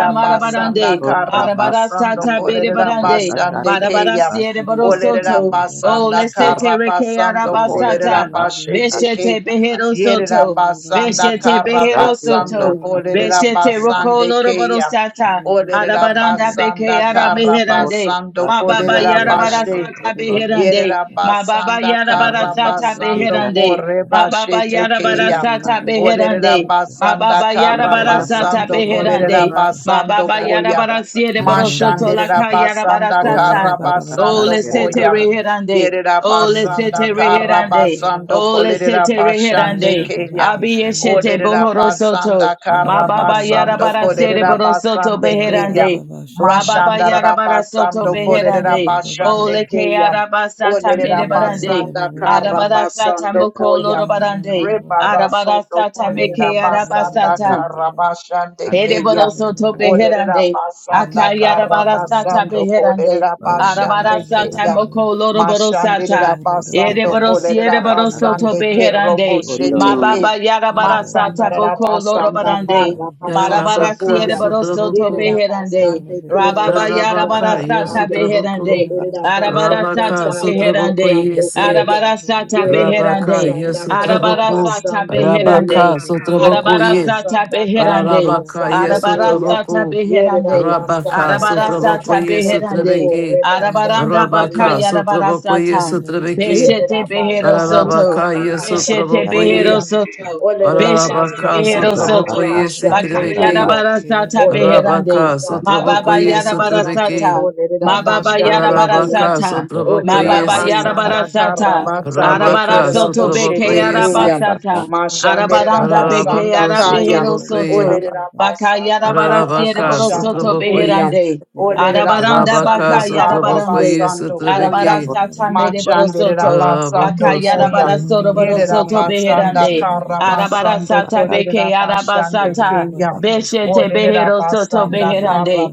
S4: Nidorororobidorosha.
S1: basanda
S2: marabarande.
S1: kara basando
S2: Arabarasata
S1: kolerera
S2: berebarande.
S1: basande
S4: Nidorororobidorosha.
S1: keya.
S2: Barabarasiere
S1: Olerera
S2: borosoto. O
S1: basanda
S2: lesete
S1: kara
S2: reke
S1: basando
S9: dire la
S1: kolerera
S2: arabasata.
S1: basete ke.
S2: Beshete
S9: bassa
S2: behero
S1: Yerera
S2: soto.
S1: basanda
S4: Nidorororobidorosha.
S2: Beshete
S1: kara
S2: behero
S9: Rati
S1: basando
S2: soto.
S9: Raba Soko
S1: kolerera
S2: Beshete roko
S9: Raba
S1: basande
S2: loroboro
S1: keya.
S2: sata.
S1: Olerera
S2: Arabaranda beke
S1: basanda
S2: ara
S1: kara
S9: Or
S2: meherande.
S1: basando
S9: Raba
S2: Ma baba
S1: kolerera
S9: Kandi
S2: yara bara
S9: Raba
S1: bashe.
S2: sata
S9: Soko Raba
S2: beherande. Ma baba
S1: Yerabasanda
S2: yara bara sata
S1: Karabasando
S9: Ikandi
S2: beherande.
S9: Raba
S2: Ma baba yara
S9: Kandi
S2: bara
S1: Korebashetekeya.
S9: Raba
S2: sata beherande. Ma
S1: Orerabasanda
S2: baba yara
S9: Ika
S2: bara
S9: Raba
S2: sata
S1: Karabasando
S9: Soko
S2: beherande.
S9: Raba
S4: Russia,
S2: Ma
S1: Korerabasando
S2: baba
S9: Kandi
S2: yara
S1: Koya.
S2: bara
S9: Raba
S2: siere boro soto laka yara bara
S1: Mashanderabasanda
S9: Or
S2: sata.
S9: Raba
S2: Oh,
S1: Karabasando
S9: Kandi
S2: let's set a
S1: Koya.
S9: Raba
S2: rehead and day. Oh, let's set
S1: Yerabasanda
S2: a rehead and day.
S1: Karabasando
S2: Oh, let's set a rehead and day.
S1: Korerabashandekeya.
S2: Abi yeshete bohoro soto.
S1: Orerabasanda
S2: Ma baba yara
S1: Karabasando
S2: bara sere boro soto behead and
S1: Korerabasandekeya.
S2: day. Rababa yara bara soto
S1: Mashandarabasando
S2: behead
S4: Baba,
S2: and day. Oh, leke
S1: Korerabashandekeya.
S2: yara basata mere
S1: Olerera
S2: barande.
S1: basanda kara
S2: Arabara sata
S1: basando
S9: Raba
S2: moko loro
S1: koya.
S2: barande. Arabara
S1: Rebarasoto
S2: sata
S1: kolerera
S2: meke yara
S1: basanda
S2: basata.
S9: Or Kandi Raba
S1: kara basande
S9: Kandi
S1: keya.
S2: Ereboro soto
S1: Olerera
S2: beherande.
S1: basanda
S2: Akayara
S1: kara
S2: barasata
S1: basando
S2: beherande.
S1: kolerera
S9: Raba Ika Raba Soko Raba
S2: Arabara
S1: basande
S9: Kandi
S1: keya.
S2: moko loroboro
S1: Mashandira
S2: sata.
S1: basando
S2: Ereboro
S1: kolerera
S2: siereboro soto
S1: basande ke robo
S2: beherande.
S1: shete ke.
S2: Mababa yara bara sata
S1: Masandara
S2: boko
S1: basanda
S2: lorobarande.
S1: kara basando
S2: Marabara
S3: Yarabaka
S1: koya.
S2: siereboro soto
S3: Sotraboko
S1: Yerera
S2: beherande.
S1: basande ke
S2: Rababa
S1: robo
S2: yara bara
S3: Rabaka
S1: shanda kaya.
S3: Yesutraboko
S2: beherande.
S1: Olerera basanda
S2: Arabarasata
S3: Rabaka
S1: kara
S2: beherande.
S4: Get
S3: Sotrabokoye
S1: basando
S3: Se
S1: koya.
S2: Arabarasata
S1: Yerera
S3: Rabaka
S2: beherande.
S1: basanda kara
S3: Yesutraboko
S2: Arabarasata
S1: basando koya.
S2: beherande.
S3: Rabaka
S1: Yerera
S3: Sotrabokoye
S2: Arabarasata
S1: basanda kara
S2: beherande.
S3: Rabaka
S1: basando koya.
S2: Arabarasata
S3: Yesutraboko
S1: Yerera
S2: beherande.
S3: Rabaka
S1: basanda kara
S2: Arabarasata
S3: Sotrabokoye
S1: basando
S2: beherande.
S1: kore
S3: Sotrabeki
S1: basande
S2: Arabaranda baka
S1: kriya.
S3: Rabaka Sotrabokoye
S2: yarabarasata.
S3: Sotrabeki
S1: Yere
S2: Beshete
S1: la
S2: Behero
S1: basanda
S2: Soto.
S3: Rabaka
S1: kara
S9: Raba
S1: basande
S2: Beshete
S9: Kandi Raba
S2: Behero
S3: Yesutrabokoye
S1: Keya.
S2: Soto.
S1: Olere la
S2: Beshete
S3: Ararabaka
S1: basanda
S2: Behero
S9: Rabasa
S1: kara
S2: Soto.
S3: sotraboko ye
S1: basande
S2: Bakayada
S3: sotrebeki.
S1: Keya.
S2: Barasata
S1: Olere la
S2: Beherande.
S3: Arabaka
S1: basanda
S2: Ma
S3: sotraboko
S2: Baba
S3: ye
S1: kara
S2: Yada
S1: basando
S3: sotrebeki.
S1: Olerabasanda
S2: Barasata.
S1: la
S2: Ma Baba Yada
S1: basande
S3: Ararabaka
S1: Keya.
S2: Barasata.
S3: sotraboko
S2: Ma
S1: Olere la
S3: ye
S2: Baba
S3: si.
S2: Yada
S1: basanda kara
S2: Barasata.
S1: basande Olerabasanda Karabasande
S2: Arabara
S3: Arabaka
S2: Soto
S3: sotraboko
S2: Beke
S1: Keraboshete
S3: ye
S1: Keya.
S3: si.
S2: Arabasata.
S1: Mashandere la
S2: Arabaranda
S4: it,
S2: Beke
S1: basanda
S3: Ararabako
S4: Baba,
S1: Kaya.
S2: Arabehero
S3: sotraboko ye.
S2: Soto.
S1: Olere la
S2: Bakayada
S1: basanda kara
S2: Barasiere
S3: Ararabaka
S2: Boro
S1: basande
S2: Soto
S3: sotraboko
S1: Keya.
S3: ye.
S2: Beherande.
S1: Olere la
S2: Arabaranda
S3: Arabaka
S1: basanda Olerabasanda
S2: Bakayada
S3: sotraboko
S2: Barande.
S3: ye
S1: Karabasando Koya.
S3: sotrebeki.
S2: Arabarasata
S1: Machandere
S2: mereborosoto.
S1: Rabasando
S3: Ararabako
S1: Koya.
S3: sote.
S2: Bakayarabarasoto
S1: Yere
S2: borosoto
S1: Rabasanda
S2: beherande. Arabara
S1: Karabasando
S2: sata
S1: Kodere
S2: beke
S1: Rabashande
S2: arabasata.
S1: Kaya.
S2: Beshete
S1: Odere
S2: beherosoto
S1: Rabasanda
S2: beherande.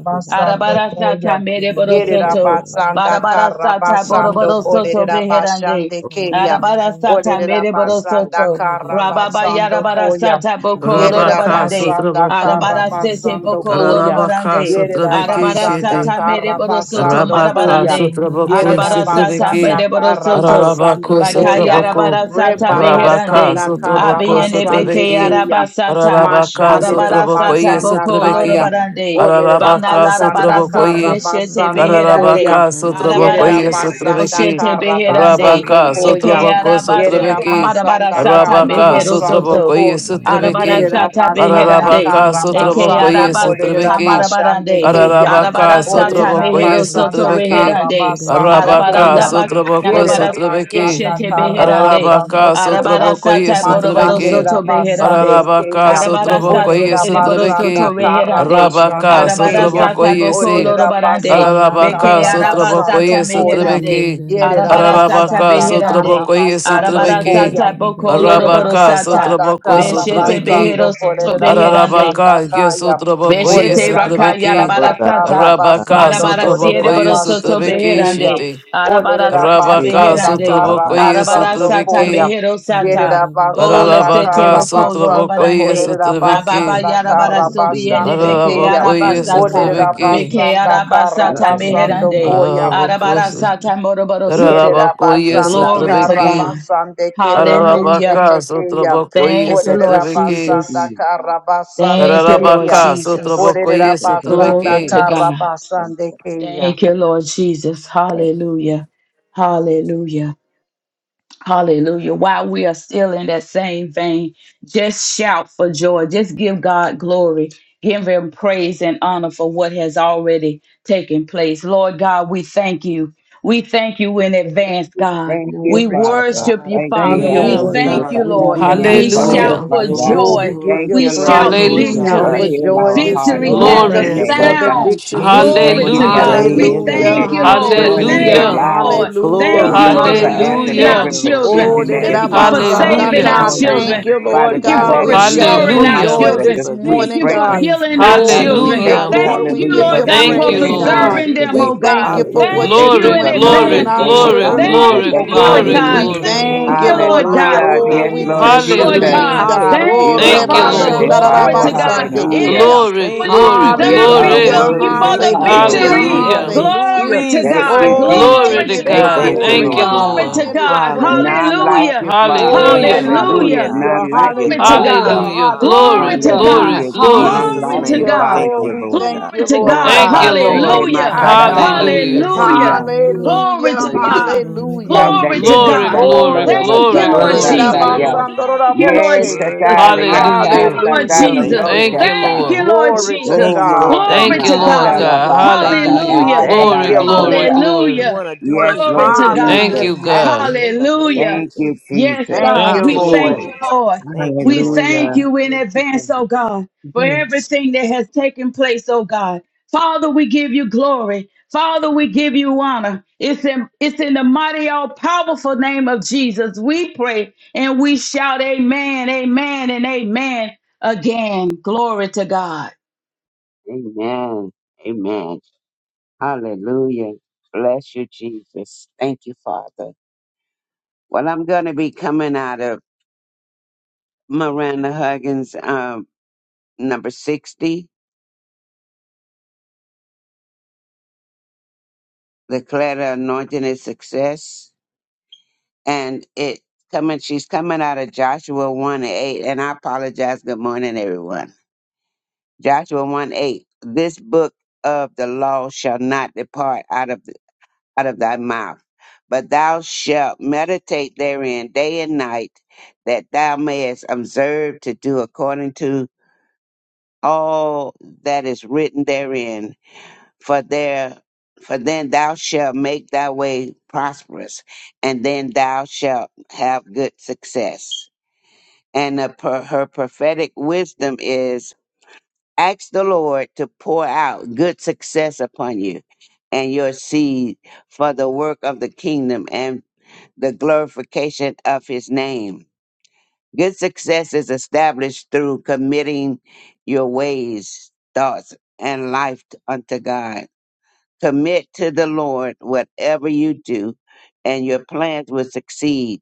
S6: you.
S2: Arabarasata
S1: Koya. Yere
S2: mereborosoto.
S1: Rabasanda
S2: Barabarasata
S6: Thank
S1: Karabasando Kodere
S2: boroborosoto beherande.
S1: Rabashande Kaya.
S2: Arabara sata
S1: Odere
S2: mere boro
S1: Rabasanda
S2: soto. Rababa
S1: Karabasando
S2: yarabara
S1: Koya.
S2: sata boko
S1: Yere
S2: loro
S3: Arabaka
S2: barande.
S1: Rabasanda
S3: sotraboko.
S2: Arabara sete
S1: Karabasando
S2: boko loro
S1: Koya.
S3: Ararabaka
S2: barande.
S1: Yere
S2: Arabara
S3: sotrabeki
S1: Rabasanda
S2: sata mere boro soto
S1: Karabasando
S3: Rabaka
S1: Koya.
S2: marabarande.
S3: sotraboko
S1: Yere da
S2: Arabara sata
S3: isetrebeke.
S1: basanda
S4: Orararabababasha,
S2: mere boro soto.
S3: Pararabako
S1: karabasando koya.
S2: Bakayara
S3: sotraboko.
S2: barasata
S4: gerererererereroroshe,
S3: Rabaka
S2: beherande.
S1: Rebarasanda
S3: sotraboko
S2: Abiyende
S1: karabasande
S3: sotrebeke.
S2: bekeyara
S4: genenananabababasha,
S1: keya.
S2: basata.
S3: Pararabaka
S1: Mashandera
S3: sotraboko ye
S2: Arabarasata
S1: basanda
S2: boko
S4: orararabababasha,
S1: kaya.
S3: sotrebeke.
S2: lorobarande.
S4: raroroshe,
S1: Olerera
S2: Bana
S3: Pararabaka
S2: lara
S1: basanda
S3: sotraboko
S2: baraso
S3: ye.
S2: yeshete
S4: genenananababa,
S1: karabasando koya.
S2: beherande.
S3: Pararabaka sotraboko
S1: Yerera
S3: ye
S2: Arabarasata
S1: basanda
S4: orororabababashe,
S3: sotrebeke.
S2: boshete beherande.
S1: karabasando
S3: Rabaka
S1: koya.
S3: sotraboko
S2: Ekeyara
S1: Yerera
S2: basata
S4: gererebebebeberoroshe,
S3: sotrebeke.
S1: basanda
S2: marabarasata
S3: Rabaka
S2: behero
S1: karabasando
S3: sotraboko
S2: soto.
S3: ye
S1: ko.
S2: Arabara
S4: gerererabababasha,
S3: sotrebeke.
S1: Yerera
S2: Arabarasata
S1: basanda
S2: beherande.
S3: Pararabaka
S2: Eke
S3: sotraboko
S1: karabasando
S3: ye
S4: genenananarorororosha,
S1: kolerera
S2: arabasata
S3: sotrebeke.
S1: bashande
S2: marabarande.
S1: keya.
S3: Ararabaka
S4: gerererabababasha,
S2: Arabarasata
S1: Olerera
S3: sotraboko ye
S2: mehero
S4: beberere,
S2: soto
S1: basanda
S3: sotrabeki.
S1: kara
S2: reherande.
S1: basando
S3: Arabaka
S1: koya.
S2: Arabaranda bakaya
S4: gerererebebeberorosha,
S3: sotraboko
S1: Yerera
S2: Arabara
S4: Get
S3: sotrabeki.
S1: basanda
S2: yeshete
S1: kara
S2: beherande.
S1: basando
S3: Ararabaka
S1: koya.
S2: Arabara
S3: sotraboko ye
S2: sata boroboro
S3: sotrabeki.
S1: Machanderera
S2: soto
S1: basande
S2: beherande.
S3: Ararabaka
S1: keya.
S2: Arabarasta
S3: sotraboko ye
S1: Olerera
S2: tere Arabarasata
S1: basanda
S2: Reborosoto
S3: sotrabeki.
S1: kara
S2: Reherande.
S1: basande
S3: Arabaka
S1: keya.
S3: sotraboko
S2: Arabarasata
S3: ye
S2: Boko
S3: si.
S1: Olerera
S2: Lorobarande.
S1: basanda
S3: Ararabaka
S2: Beke
S1: kara
S3: sotraboko
S1: basando
S2: Arabasata
S3: ye
S1: koya.
S2: Meherande.
S3: sotrabeki.
S1: Yerera
S2: Arabarasata
S3: Ararabaka
S1: basanda kara
S2: Beherande.
S3: sotraboko ye
S1: basando
S3: sotrabeki.
S1: koya.
S2: Arabarasata Boko
S1: Yerera
S3: Arabaka
S2: Loroborosata.
S1: basanda
S3: sotraboko
S1: kara
S2: Beshete
S3: sotrabeki.
S1: basando
S2: Behero Soto
S1: kolerera
S2: Beherande.
S1: basanda
S3: Ararabaka,
S1: kaya.
S3: Yesutraboko,
S2: Beshete
S1: Olerera
S2: raka
S3: Yesutrabeki,
S1: basanda
S2: yarabara
S1: kara
S2: sata.
S3: Rabaka,
S1: basando
S2: Marabara siere
S3: Sotraboko,
S1: kolerera
S2: boro soto
S1: bashete
S3: Yesutrabeki,
S1: keya.
S2: beherande.
S3: Shitty,
S2: Arabara
S1: Olerera
S2: sata
S3: Rabaka,
S1: basanda
S2: beherande.
S1: kara
S3: Sotraboko,
S2: Arabara
S1: basando
S2: sata
S1: koya.
S3: Yesutrabeki,
S2: mehero
S1: Yerera
S2: sata. O
S1: basanda
S2: lesete
S3: Ararabaka,
S1: kara
S9: Hallelujah.
S2: roko
S1: basando
S3: Sotraboko,
S2: lorobarande.
S1: kolerera
S2: Ma baba
S3: Yesutrabeki,
S1: basanda
S2: yarabara
S1: kara
S2: sobiende
S1: basande
S2: beke
S1: keya.
S3: Ararabako,
S2: arabasata.
S1: Olerera
S3: Yesutrabeki,
S2: Beke
S1: basanda
S4: it,
S1: kara
S2: arabasata
S4: Thank
S1: basando
S2: meherande.
S1: koya.
S2: Arabara
S3: Ararabako,
S2: sata moroboro soto.
S1: Yerera
S3: Ararabako,
S1: basanda
S2: Glory to
S1: kara
S3: Yesutrabeki,
S2: God.
S1: basande kerera
S2: Hallelujah.
S3: Ararabaka,
S1: boshete keya.
S3: Sotraboko,
S2: Thank you, Lord
S1: Orerera
S3: Yesutrabeki,
S1: basanda
S2: Jesus.
S1: kara basande
S2: Thank you, Lord
S1: keya.
S3: Ararabaka,
S2: Jesus.
S3: Sotraboko,
S1: Orerera basanda
S2: Glory to
S3: Yesutrabeki,
S1: kara
S2: God.
S1: basande keya.
S2: Thank you, Lord Jesus.
S7: mm.
S2: Hallelujah. Hallelujah. Hallelujah. While we are still in that same vein, just shout for joy. Just give God glory. Give him praise and honor for what has already taken place. Lord God, we thank you. We thank you in advance,
S1: Hallelujah.
S2: God.
S7: Thank you,
S2: We
S1: Glory to
S7: Father.
S2: worship
S1: God.
S2: you,
S7: Thank you,
S1: Thank
S2: Father.
S1: you,
S4: you,
S2: We
S3: Hallelujah.
S1: Lord
S4: God.
S7: hallelujah,
S2: thank
S1: God.
S2: you,
S7: for
S1: We
S2: Lord.
S7: answering
S1: thank
S7: our
S1: you,
S2: We
S7: prayers,
S1: Father.
S4: Hallelujah.
S2: shout
S3: Hallelujah.
S9: Glory,
S2: for
S7: Father
S4: Thank
S7: God.
S4: you,
S9: glory,
S1: Oh, we
S2: joy.
S4: God.
S1: give
S9: glory.
S7: Thank
S1: you
S2: We
S7: you,
S9: Thank you,
S7: Lord
S2: shout
S1: praise. We
S9: Lord
S4: We
S7: Jesus,
S9: God.
S1: shout
S3: Hallelujah.
S7: for
S1: for
S2: victory.
S4: praise you.
S7: hearing
S4: We
S1: joy
S7: our
S4: bless
S1: this
S7: hearts
S4: your
S2: Victory
S1: morning.
S9: Oh,
S7: cry
S2: has
S4: name,
S2: a
S1: Thank
S9: we
S3: Glory.
S1: you
S7: today,
S4: God.
S1: for
S7: Lord
S9: thank
S1: the
S9: you,
S7: God.
S2: sound.
S4: What you're
S7: We
S9: Jesus,
S1: victory.
S7: thank
S2: Glory
S9: for
S4: doing
S7: you
S4: and
S2: to
S7: for
S4: what you're
S7: the
S3: Hallelujah.
S2: God.
S4: going to
S2: We
S9: today in the
S7: victory
S4: do.
S1: Hallelujah,
S7: that
S2: thank
S9: name
S2: you,
S9: of
S7: you're
S9: Jesus.
S4: You're
S2: Lord.
S7: doing
S4: doing
S7: in
S4: in the
S2: Thank
S7: their
S1: hallelujah,
S2: you,
S3: Hallelujah.
S4: lives of our
S7: lives.
S2: Lord.
S4: children.
S2: Thank
S7: We
S1: hallelujah,
S9: Glory
S2: you,
S7: thank
S9: to
S7: you
S2: Lord,
S7: for
S4: Hallelujah.
S9: God.
S7: answering
S2: snatching
S1: hallelujah.
S9: Thank
S2: our
S7: every
S3: Hallelujah.
S9: you, Lord
S2: children.
S9: God.
S1: Oh,
S7: petition
S9: We
S7: that
S9: give
S7: has
S2: Thank
S4: Oh,
S9: you
S2: you
S7: gone
S2: for
S4: blessed
S7: forth
S4: be
S1: da-da-da-ba-san-da,
S9: honor
S2: saving
S4: your
S9: today,
S2: our
S3: Hallelujah.
S1: God.
S7: before
S4: name,
S9: Lord
S7: you.
S1: Thank
S2: children.
S9: God.
S4: Lord.
S9: We
S1: you,
S9: give
S1: Lord
S7: Father
S9: you
S2: Thank you
S7: God,
S4: We'll
S1: God.
S2: for
S7: let
S1: We
S7: it
S9: glory.
S4: bless
S7: reach
S4: you at
S1: shout
S7: your
S2: restoring
S4: all
S1: for
S2: our
S9: We
S3: Hallelujah.
S7: nostrils
S1: joy
S4: times.
S9: thank you
S7: as a
S2: children.
S1: this
S9: for
S7: sweet
S2: Thank
S9: this
S1: morning,
S9: day.
S2: you
S4: Your
S2: for
S7: fragrance.
S1: God.
S4: praise will
S2: healing
S9: We
S2: our
S1: Oh,
S6: you,
S4: continue
S7: Father,
S1: we
S9: thank
S4: to
S9: you
S7: we
S4: be
S1: give
S2: children.
S9: for
S6: Jesus.
S1: you
S4: on-
S7: thank
S9: our
S7: you,
S3: Hallelujah.
S1: glory.
S2: Thank
S6: Thank
S1: We
S9: victory
S2: you,
S7: hallelujah,
S1: give
S9: day
S4: in
S6: you,
S7: for
S1: you
S2: Lord
S4: our
S9: in
S2: God,
S9: the
S3: Thank
S2: for
S7: breathing
S3: you,
S1: praise,
S4: mouths,
S7: in
S9: name of
S7: on
S4: God.
S3: Lord.
S1: God.
S7: us
S6: Thank
S2: preserving them,
S1: We
S7: today,
S2: oh
S9: Jesus.
S2: God.
S1: thank
S7: Father.
S1: you
S4: Thank you,
S1: for what
S9: Hallelujah.
S4: God.
S1: you're
S2: Thank
S7: Thank you
S2: you
S3: Glory,
S2: in
S7: for
S1: doing,
S9: We
S1: God,
S4: Thank
S3: glory,
S1: in
S2: advance,
S7: moving.
S9: thank
S4: you.
S9: you,
S1: our
S7: Thank you
S9: Lord
S4: Thank
S7: for
S3: glory,
S9: God,
S4: you.
S1: children's
S9: for
S7: moving.
S1: life,
S3: glory,
S2: Thank you,
S1: oh
S7: Thank
S9: victory
S7: you
S9: in
S1: God.
S7: for
S2: Lord
S3: glory,
S9: every
S1: We
S2: God.
S7: moving.
S4: Hallelujah.
S3: glory,
S9: area
S2: Thank
S3: glory.
S1: thank
S9: of
S1: you,
S2: you,
S9: our
S4: Hallelujah.
S1: Lord
S2: Lord
S1: God.
S2: God.
S9: lives,
S7: Hallelujah.
S9: in our
S1: Oh,
S7: Yes,
S1: we
S4: Glory,
S7: Lord
S2: Thank you,
S1: bless
S4: glory,
S9: businesses.
S1: your
S2: Lord
S4: glory,
S7: Jesus,
S1: name,
S2: God.
S3: Hallelujah.
S4: glory.
S1: God. Oh,
S9: Hallelujah.
S7: you
S2: Thank
S9: In
S2: you,
S7: are
S9: our
S3: Thank you,
S2: Father.
S7: worthy,
S9: marriages.
S3: Lord.
S4: Hallelujah. We
S2: Glory
S7: Father.
S2: to
S9: Glory to
S2: God.
S4: magnify your
S9: God.
S2: It is
S4: glory.
S7: Hallelujah.
S1: rebashandarabasandeke.
S2: so,
S3: Glory,
S9: Thank you,
S2: it is
S3: glory,
S9: Lord
S7: You
S2: done. We
S7: are
S9: God.
S2: thank
S1: Hallelujah,
S3: glory.
S2: you
S9: We
S4: Hallelujah.
S2: for
S7: worthy.
S2: the
S9: thank you, Lord
S1: hallelujah,
S2: victory.
S9: God.
S7: Hallelujah.
S3: Hallelujah.
S9: In
S4: Glory.
S1: hallelujah.
S2: Glory to
S7: Thank
S9: Jesus'
S7: you,
S2: God.
S9: name,
S1: Oh, we
S7: Jesus.
S3: Glory
S2: Glory
S3: to
S1: give
S2: to
S9: we
S7: Thank
S1: you
S3: God.
S2: God.
S7: you,
S9: thank you,
S1: glory,
S3: Thank you,
S9: Lord
S7: Jesus.
S1: God. We
S2: Glory
S9: God.
S2: to
S3: Lord.
S1: give you
S2: God.
S1: praise,
S7: None
S9: Hallelujah.
S7: like
S1: God.
S2: Hallelujah.
S7: you,
S9: We
S7: Father.
S1: Oh,
S9: praise you,
S3: Hallelujah.
S9: Lord
S7: Hallelujah.
S2: Hallelujah.
S9: God. We
S1: hallelujah,
S7: None like
S9: give you
S7: you,
S2: Glory to
S7: Father.
S2: God.
S9: glory
S1: hallelujah,
S9: and
S3: Hallelujah.
S9: honor.
S3: Glory,
S2: Glory to
S1: hallelujah,
S9: In
S3: glory,
S2: God.
S7: Hallelujah. None
S3: glory.
S9: Jesus'
S2: Glory
S7: like
S2: to
S7: you,
S9: name,
S1: hallelujah.
S9: we
S2: God.
S9: thank
S1: Oh,
S7: Father.
S9: you,
S1: we
S9: Lord
S1: thank
S9: God.
S2: Glory
S1: you,
S2: to
S1: Lord
S7: Ora
S2: God.
S3: Thank
S1: God,
S3: you,
S1: to the
S7: basteke
S3: Lord.
S1: Most
S9: Hallelujah.
S2: Hallelujah.
S1: High
S7: matara da
S4: Ah,
S1: God.
S7: bosa
S3: Hallelujah.
S9: Praise,
S2: Hallelujah.
S7: kuya.
S4: Hallelujah.
S2: Glory
S1: Hallelujah,
S2: to
S9: praise you,
S2: God.
S4: Glory,
S9: Jesus.
S1: hallelujah.
S4: glory,
S7: Kanda
S2: Glory to
S7: de
S9: Thank
S4: glory.
S3: Glory,
S9: you,
S2: God.
S9: Lord.
S7: catalando
S3: glory,
S1: Glory
S7: lo
S1: to
S2: Thank you,
S3: glory,
S7: broca
S1: God.
S2: Lord
S9: Worthy
S3: glory,
S9: are
S2: Jesus.
S9: you,
S7: sataya.
S3: glory.
S9: Lord God.
S2: Thank you, Lord
S7: Yes,
S1: Ererabasandoraboshe.
S2: Jesus.
S9: Worthy are
S7: atalia
S9: you,
S2: Thank
S9: Jesus.
S3: Hallelujah.
S2: you,
S7: casa
S2: Lord
S9: And we
S1: Hallelujah.
S7: talo
S9: thank
S2: Jesus.
S9: you,
S7: no
S3: Thank
S9: Lord
S3: you,
S7: jata.
S2: Thank
S9: God.
S2: you,
S3: Lord.
S2: Lord
S1: Glory to
S2: Jesus.
S7: Oh,
S9: Thank you, Lord
S1: God.
S7: mate
S9: God.
S3: Thank
S2: Glory
S3: you,
S9: You
S2: to
S7: ma
S9: have
S3: Lord
S7: ada
S9: us
S2: God.
S9: on
S3: God.
S9: your
S7: basa ta
S9: mind
S3: Hallelujah.
S9: today,
S2: Hallelujah.
S7: ala
S9: Lord
S7: da
S1: Thank
S3: Glory,
S1: you,
S7: lo
S9: God.
S3: glory,
S1: Lord.
S7: bosa.
S9: You
S3: glory.
S2: Hallelujah.
S9: want to do
S7: Yes,
S9: us
S2: Glory
S7: Lord
S9: good
S2: to
S9: and make
S2: God.
S3: Thank
S9: us
S7: Jesus.
S3: you,
S1: Hallelujah.
S3: God.
S9: happy in the name of
S2: Hallelujah.
S7: Thank you,
S9: Jesus.
S2: Yes,
S7: Jesus.
S1: Thank
S2: God.
S1: you,
S3: Thank
S2: We
S3: you,
S1: Lord.
S2: thank
S3: Lord.
S9: Hallelujah.
S2: you, Lord.
S9: Thank you,
S2: We
S9: Lord
S2: thank
S7: Hallelujah.
S9: God.
S2: you in advance,
S6: you.
S2: oh God, for everything that has taken place, oh God. Father, we give you glory. Father, we give you honor. It's in, it's in the mighty, all powerful name of Jesus. We pray and we shout, Amen, Amen, and Amen again. Glory to God.
S7: Amen. Amen. Hallelujah. Bless you, Jesus. Thank you, Father. Well, I'm going to be coming out of. Miranda Huggins, um, number 60, Declare the Anointing is Success. And it coming, she's coming out of Joshua 1 and 8. And I apologize. Good morning, everyone. Joshua 1 8. This book of the law shall not depart out of, out of thy mouth, but thou shalt meditate therein day and night, that thou mayest observe to do according to all that is written therein for there for then thou shalt make thy way prosperous, and then thou shalt have good success. And the, per, her prophetic wisdom is ask the Lord to pour out good success upon you and your seed for the work of the kingdom and the glorification of his name. Good success is established through committing your ways, thoughts, and life unto God Commit to the Lord whatever you do, and your plans will succeed.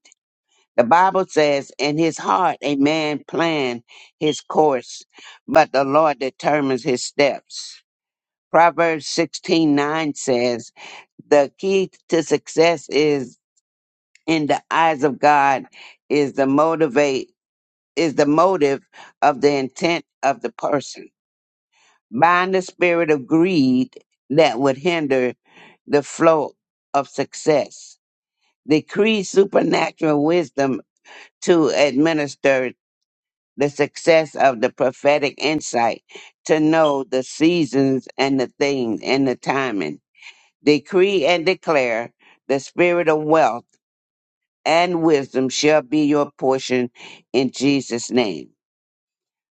S7: The Bible says, In his heart, a man plan his course, but the Lord determines his steps. Proverbs sixteen nine says, The key to success is in the eyes of God, is the motivate, is the motive of the intent of the person. bind the spirit of greed that would hinder the flow of success. Decree supernatural wisdom to administer the success of the prophetic insight, to know the seasons and the things and the timing. Decree and declare the spirit of wealth and wisdom shall be your portion in Jesus' name.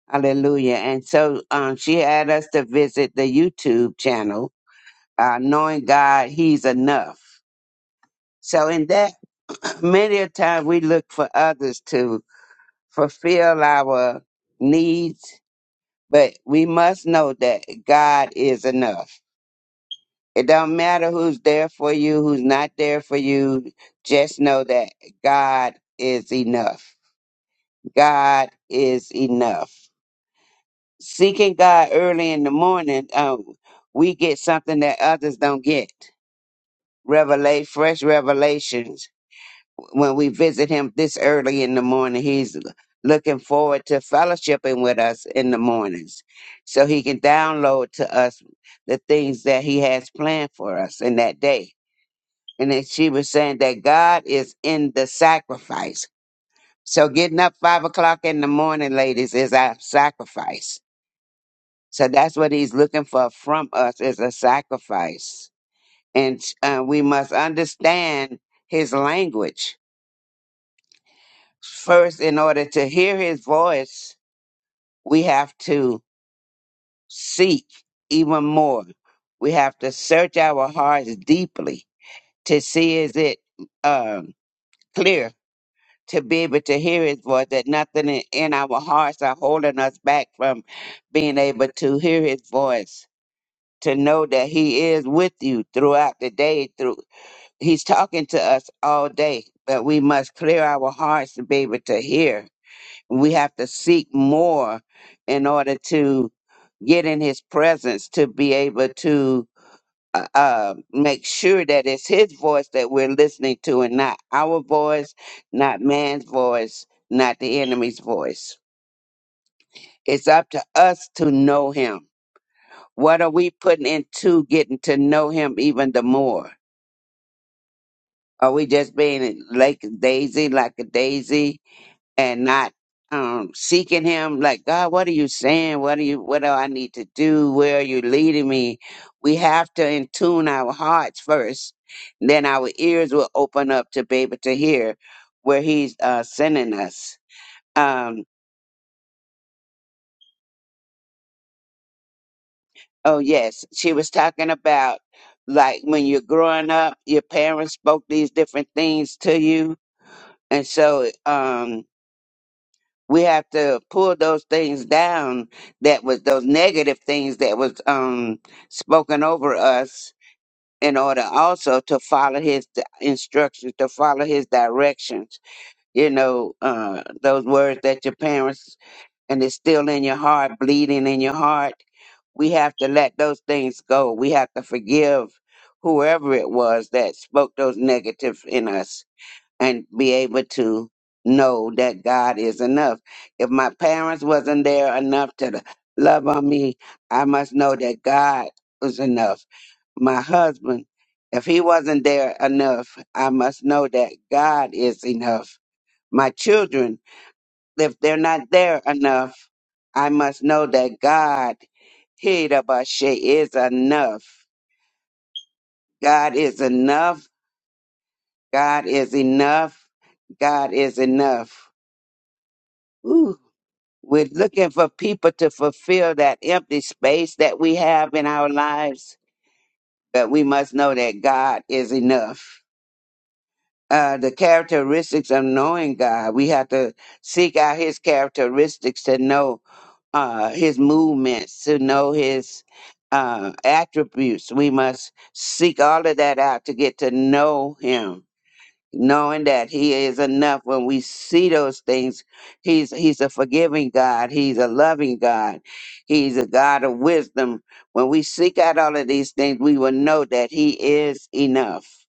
S7: Hallelujah. And so um, she had us to visit the YouTube channel uh, knowing God, He's enough. So in that, many a time we look for others to fulfill our needs, but we must know that God is enough. It don't matter who's there for you, who's not there for you. Just know that God is enough. God is enough. Seeking God early in the morning, um, we get something that others don't get. Revelate fresh revelations when we visit him this early in the morning, he's looking forward to fellowshipping with us in the mornings so he can download to us the things that he has planned for us in that day. And then she was saying that God is in the sacrifice. So getting up five o'clock in the morning, ladies, is our sacrifice. So that's what he's looking for from us is a sacrifice. And uh, we must understand his language First, in order to hear his voice, we have to seek even more. We have to search our hearts deeply to see is it um, clear to be able to hear his voice, that nothing in in our hearts are holding us back from being able to hear his voice, to know that he is with you throughout the day. Through He's talking to us all day, but we must clear our hearts to be able to hear. we have to seek more in order to get in his presence to be able to uh, uh, make sure that it's his voice that we're listening to and not our voice, not man's voice, not the enemy's voice. It's up to us to know him. What are we putting into getting to know him even the more? Are we just being like Daisy, like a daisy? and not um seeking him like god what are you saying what are you what do i need to do where are you leading me we have to in tune our hearts first then our ears will open up to be able to hear where he's uh sending us um oh yes she was talking about like when you're growing up your parents spoke these different things to you and so um we have to pull those things down that was those negative things that was um spoken over us in order also to follow his di- instructions to follow his directions you know uh those words that your parents and it's still in your heart bleeding in your heart we have to let those things go we have to forgive whoever it was that spoke those negatives in us and be able to know that God is enough. If my parents wasn't there enough to love on me, I must know that God was enough. My husband, if he wasn't there enough, I must know that God is enough. My children, if they're not there enough, I must know that God Hidabashe is enough. God is enough. God is enough. God is enough. We're looking for people to fulfill that empty space that we have in our lives, but we must know that God is enough. Uh, the characteristics of knowing God, we have to seek out His characteristics to know uh, His movements, to know His uh, attributes. We must seek all of that out to get to know Him knowing that he is enough when we see those things he's he's a forgiving god he's a loving god he's a god of wisdom when we seek out all of these things we will know that he is enough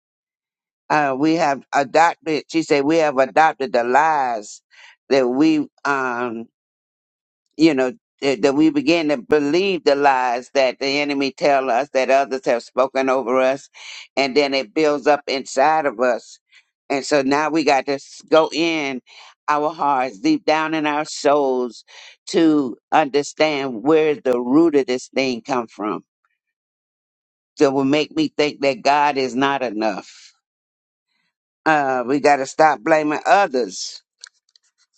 S7: uh, we have adopted she said we have adopted the lies that we um you know that, that we begin to believe the lies that the enemy tell us that others have spoken over us and then it builds up inside of us and so now we got to s- go in our hearts deep down in our souls to understand where the root of this thing come from that will make me think that god is not enough uh, we got to stop blaming others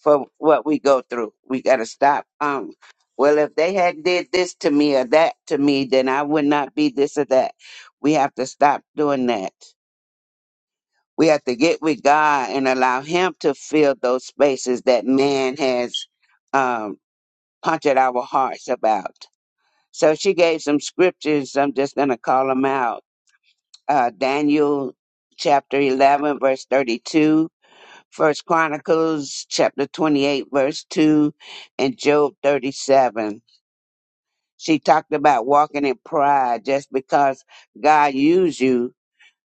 S7: for what we go through. We got to stop. Um, well, if they had did this to me or that to me, then I would not be this or that. We have to stop doing that. We have to get with God and allow Him to fill those spaces that man has um, punctured our hearts about. So she gave some scriptures. I'm just going to call them out. Uh, Daniel chapter 11, verse 32 First Chronicles chapter 28 verse 2 and Job 37. She talked about walking in pride just because God used you.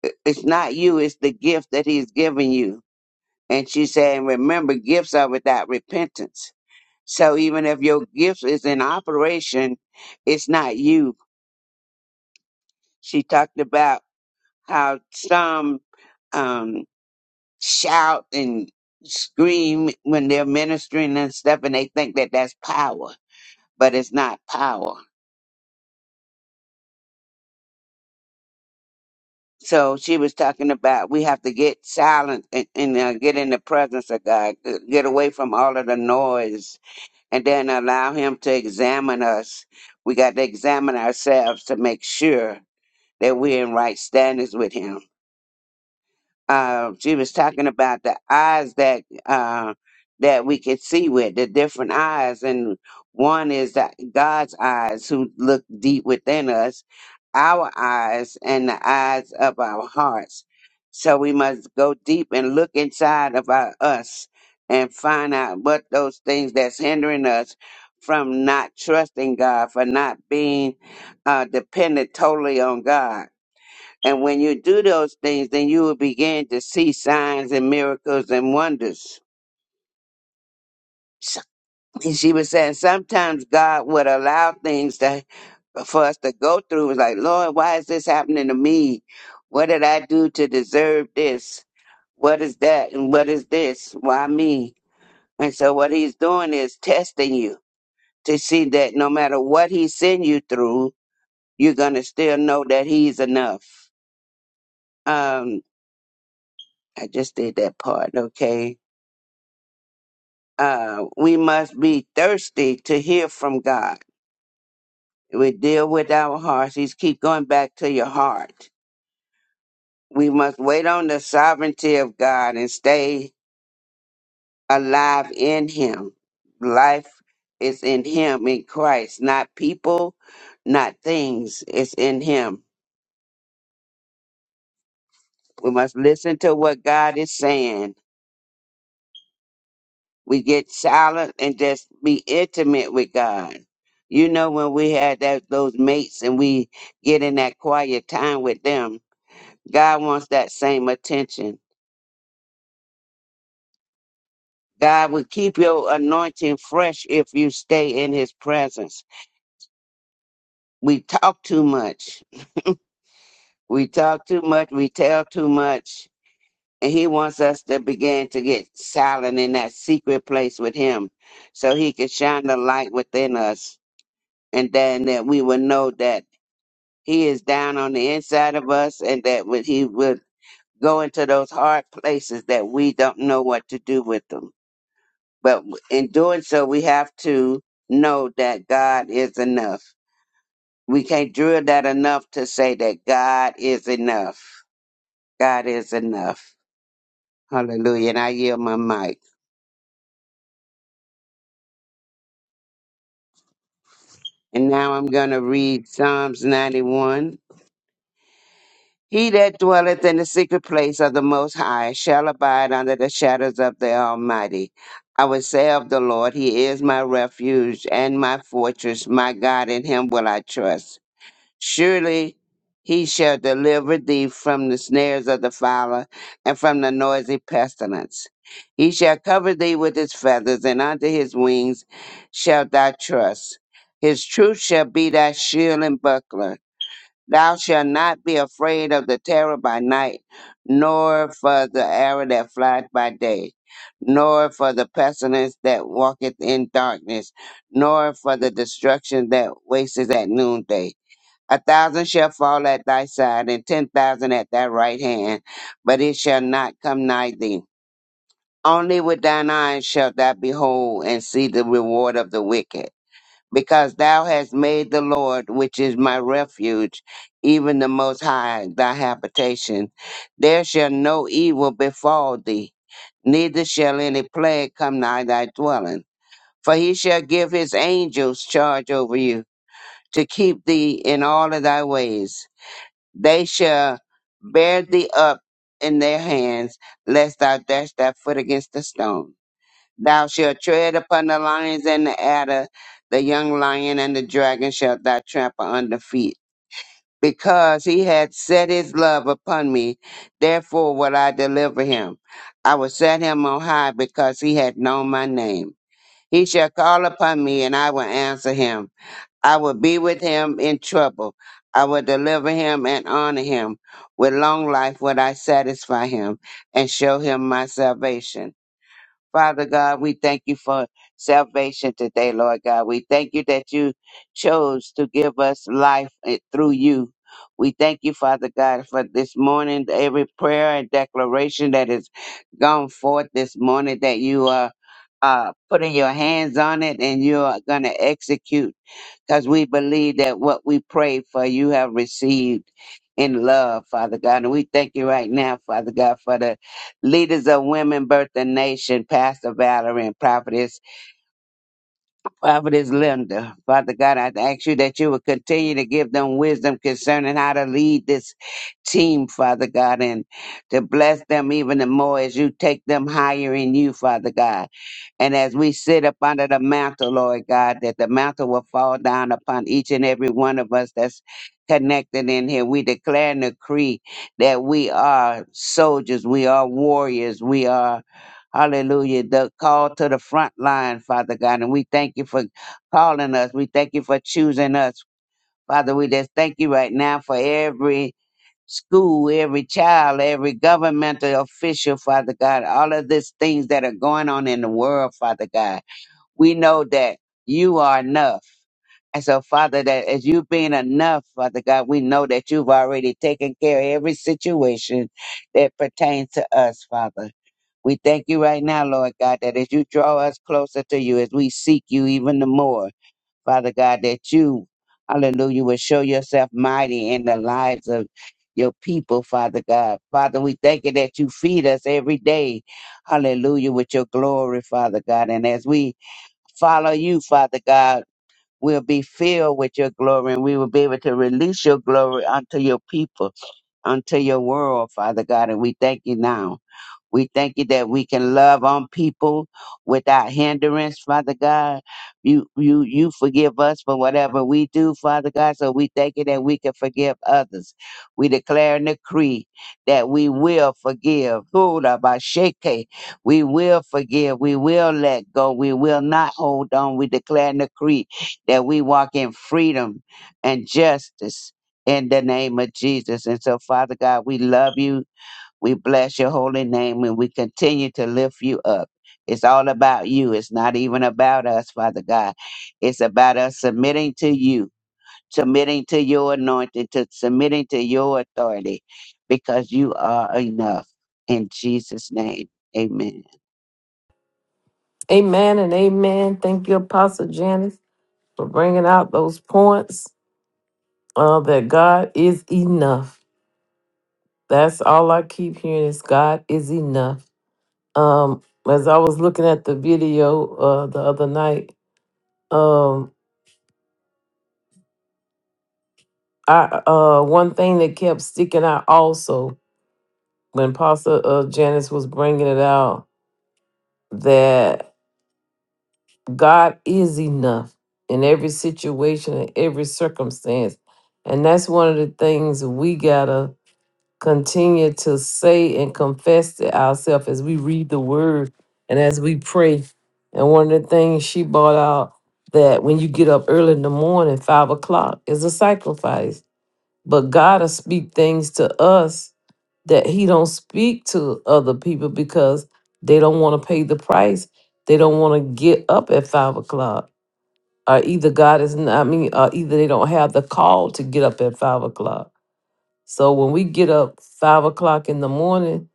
S7: i- It's not you, it's the gift that he's given you. And she said, and remember, gifts are without repentance. So even if your gift is in operation, it's not you. She talked about how some, um, shout and scream when they're ministering and stuff, and they think that that's power, but it's not power. So she was talking about we have to get silent and, and uh, get in the presence of God, g- get away from all of the noise, and then allow Him to examine us. We got to examine ourselves to make sure that we're in right standings with Him uh, she was talking about the eyes that uh, that we could see with the different eyes, and one is that God's eyes who look deep within us, our eyes, and the eyes of our hearts. So we must go deep and look inside of our us and find out what those things that's hindering us from not trusting God, for not being uh, dependent totally on God and when you do those things, then you will begin to see signs and miracles and wonders. So- and she was saying sometimes God would allow things to, for us to go through. It was like, Lord, why is this happening to me? What did I do to deserve this? What is that? And what is this? Why me? And so what he's doing is testing you to see that no matter what he send you through, you're going to still know that he's enough. Um, I just did that part. Okay uh, we must be thirsty to hear from God. We deal with our hearts. He's keep going back to your heart. We must wait on the sovereignty of God and stay alive in Him. Life is in Him, in Christ, not people, not things. It's in Him. We must listen to what God is saying we get silent and just be intimate with God. You know, when we had that those mates and we get in that quiet time with them, God wants that same attention. God will keep your anointing fresh if you stay in his presence. We talk too much. We talk too much. We tell too much. And he wants us to begin to get silent in that secret place with him so he can shine the light within us. And then that we will know that He is down on the inside of us, and that when He would go into those hard places that we don't know what to do with them. But in doing so, we have to know that God is enough. We can't drill that enough to say that God is enough. God is enough. Hallelujah. And I yield my mic. And now I'm going to read Psalms 91. He that dwelleth in the secret place of the Most High shall abide under the shadows of the Almighty. I will say of the Lord, He is my refuge and my fortress, my God, in Him will I trust. Surely He shall deliver thee from the snares of the fowler and from the noisy pestilence. He shall cover thee with His feathers, and under His wings shalt thou trust. His truth shall be thy shield and buckler. Thou shalt not be afraid of the terror by night, nor for the arrow that flieth by day, nor for the pestilence that walketh in darkness, nor for the destruction that wasteth at noonday. A thousand shall fall at thy side, and ten thousand at thy right hand, but it shall not come nigh thee. Only with thine eyes shalt thou behold and see the reward of the wicked because thou hast made the Lord, which is my refuge, even the Most High, thy habitation. There shall no evil befall thee, neither shall any plague come nigh thy dwelling. For he shall give his angels charge over you, to keep thee in all of thy ways. They shall bear thee up in their hands, lest thou dash thy foot against a stone. Thou shalt tread upon the lions and the adder, the young lion and the dragon shalt thou trample under feet. Because he hath set his love upon me, therefore will I deliver him. I will set him on high because he hath known my name. He shall call upon me and I will answer him. I will be with him in trouble. I will deliver him and honor him. With long life will I satisfy him and show him my salvation. Father God, we thank you for salvation today, Lord God. We thank you that you chose to give us life eh, through you. We thank you, Father God, for this morning, every prayer and declaration that has gone forth this morning, that you are uh, putting your hands on it and you are going to execute because we believe that what we pray for, you have received in love, Father God. And we thank you right now, Father God, for the leaders of Women Birth and Nation, Pastor Valerie and Prophetess Prophetess Linda, Father God, I ask you that you would continue to give them wisdom concerning how to lead this team, Father God, and to bless them even the more as you take them higher in you, Father God. And as we sit up under the mantle, Lord God, that the mantle will fall down upon each and every one of us that's connected in here. We declare and decree that we are soldiers, we are warriors, we are Hallelujah. The call to the front line, Father God. And we thank you for calling us. We thank you for choosing us. Father, we just thank you right now for every school, every child, every governmental official, Father God, all of these things that are going on in the world, Father God. We know that you are enough. And so, Father, that as you being enough, Father God, we know that you've already taken care of every situation that pertains to us, Father. We thank you right now, Lord God, that as you draw us closer to you, as we seek you even the more, Father God, that you, hallelujah, will show yourself mighty in the lives of your people, Father God. Father, we thank you that you feed us every day, hallelujah, with your glory, Father God. And as we follow you, Father God, we'll be filled with your glory and we will be able to release your glory unto your people, unto your world, Father God. And we thank you now. We thank you that we can love on people without hindrance, Father God. You you you forgive us for whatever we do, Father God. So we thank you that we can forgive others. We declare and decree that we will forgive. Hula basheke. We will forgive. We will let go. We will not hold on. We declare and decree that we walk in freedom and justice in the name of Jesus. And so, Father God, we love you. We bless your holy name and we continue to lift you up. It's all about you. It's not even about us, Father God. It's about us submitting to you, submitting to your anointing, to submitting to your authority, because you are enough. In Jesus' name, amen.
S3: Amen and amen. Thank you, Apostle Janice, for bringing out those points. Uh, that God is enough. That's all I keep hearing is God is enough. Um, as I was looking at the video uh, the other night, um, I uh, one thing that kept sticking out also when Pastor uh, Janice was bringing it out that God is enough in every situation and every circumstance, and that's one of the things we gotta continue to say and confess to ourselves as we read the word and as we pray. And one of the things she brought out that when you get up early in the morning, five o'clock, is a sacrifice. But God will speak things to us that He don't speak to other people because they don't want to pay the price. They don't want to get up at five o'clock. Or either God is not, I mean, or either they don't have the call to get up at five o'clock. So when we get up five o'clock in the morning,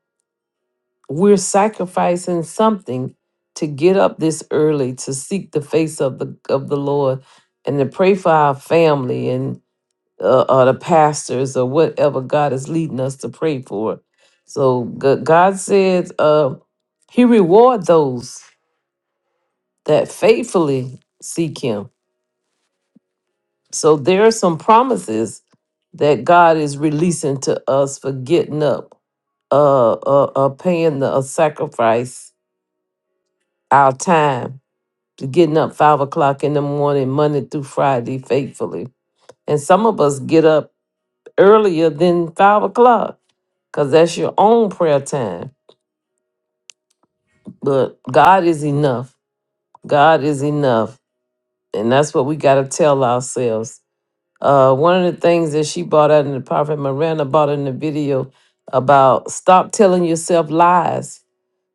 S3: we're sacrificing something to get up this early to seek the face of the of the Lord and to pray for our family and uh, uh, the pastors or whatever God is leading us to pray for. So G- God said, uh, He reward those that faithfully seek Him. So there are some promises that God is releasing to us for getting up uh, uh, uh paying the a sacrifice our time to getting up five o'clock in the morning Monday through Friday faithfully. And some of us get up earlier than five o'clock because that's your own prayer time. But God is enough. God is enough, and that's what we got to tell ourselves. Uh, one of the things that she brought out in the prophet Miranda brought in the video about stop telling yourself lies.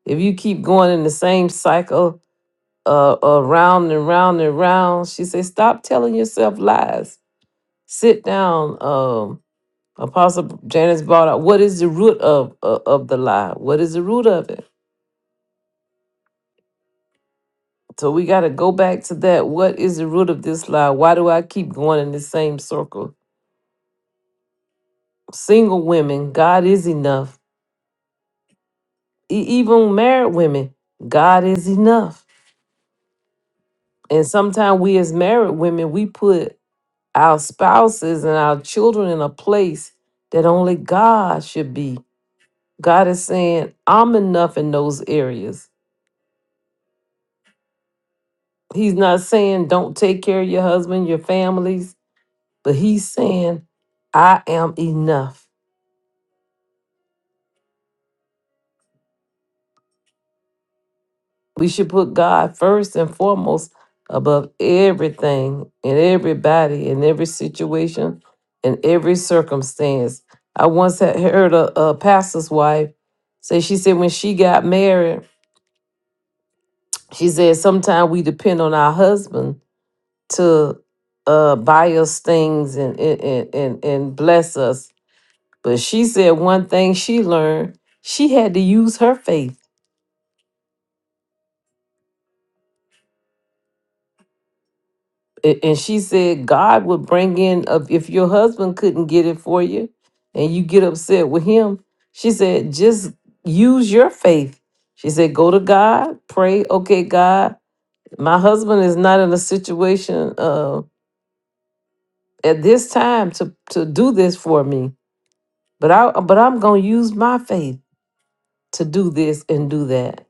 S3: If you keep going in the same cycle uh, uh, round and round and round. She said, "Stop telling yourself lies. Sit down." Um, Apostle Janice brought out, "What is the root of uh, of the lie? What is the root of it?" So we got to go back to that. What is the root of this lie? Why do I keep going in the same circle? Single women, God is enough. E- even married women, God is enough. And sometimes we as married women, we put our spouses and our children in a place that only God should be. God is saying, I'm enough in those areas. He's not saying, don't take care of your husband, your families, but He's saying, I am enough. We should put God first and foremost above everything and everybody and every situation and every circumstance. I once had heard a, a pastor's wife say, she said, when she got married, She said sometimes we depend on our husband to uh, buy us things and, and and and and bless us. But she said one thing she learned: she had to use her faith. A- And she said God would bring in of- if your husband couldn't get it for you, and you get upset with him. She said just use your faith. She said go to God, pray. Okay, God, my husband is not in a situation uh, at this time to to do this for me But I but I'm gonna use my faith to do this and do that.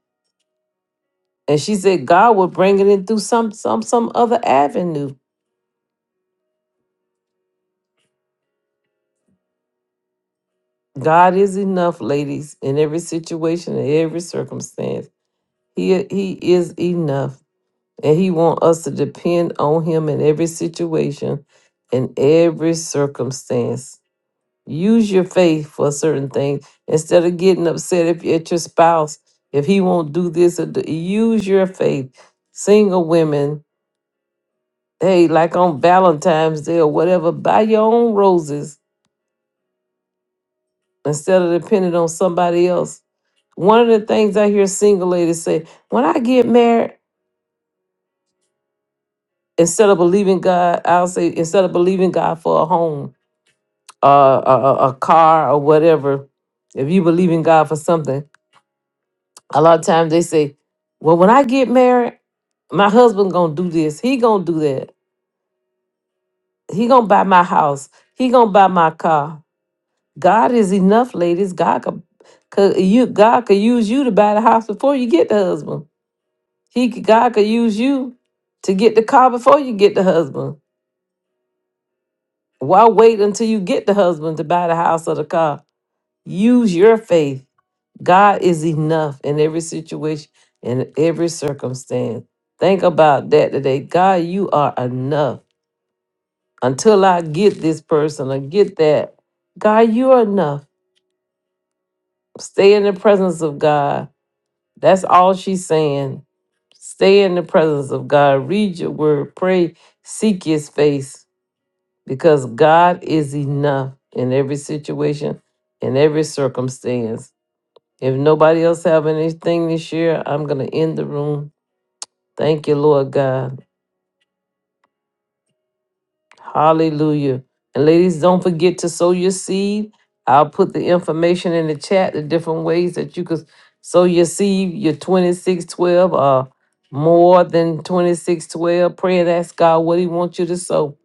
S3: And she said God will bring it in through some some some other avenue. God is enough, ladies, in every situation, in every circumstance. He he is enough. And he wants us to depend on him in every situation, in every circumstance. Use your faith for certain things instead of getting upset if at your spouse if he won't do this or do, use your faith. Single women hey, like on Valentine's Day or whatever, buy your own roses instead of depending on somebody else. One of the things I hear single ladies say, when I get married, instead of believing God, I'll say, instead of believing God for a home, uh, a, a a car, or whatever, if you believe in God for something, a lot of times they say, well, when I get married, my husband gonna do this. He gonna do that. He gonna buy my house. He gonna buy my car God is enough, ladies. God could, could you God could use you to buy the house before you get the husband. He could- God could use you to get the car before you get the husband. Why wait until you get the husband to buy the house or the car? Use your faith. God is enough in every situation, in every circumstance. Think about that today. God, you are enough. Until I get this person or get that, God, you are enough. Stay in the presence of God That's all she's saying. Stay in the presence of God. Read your word. Pray. Seek his face because God is enough in every situation, in every circumstance. If nobody else have anything to share, I'm going to end the room. Thank you, Lord God. Hallelujah. And ladies, don't forget to sow your seed. I'll put the information in the chat, the different ways that you could sow your seed, your 2612 or more than 2612. Pray and ask God what He wants you to sow.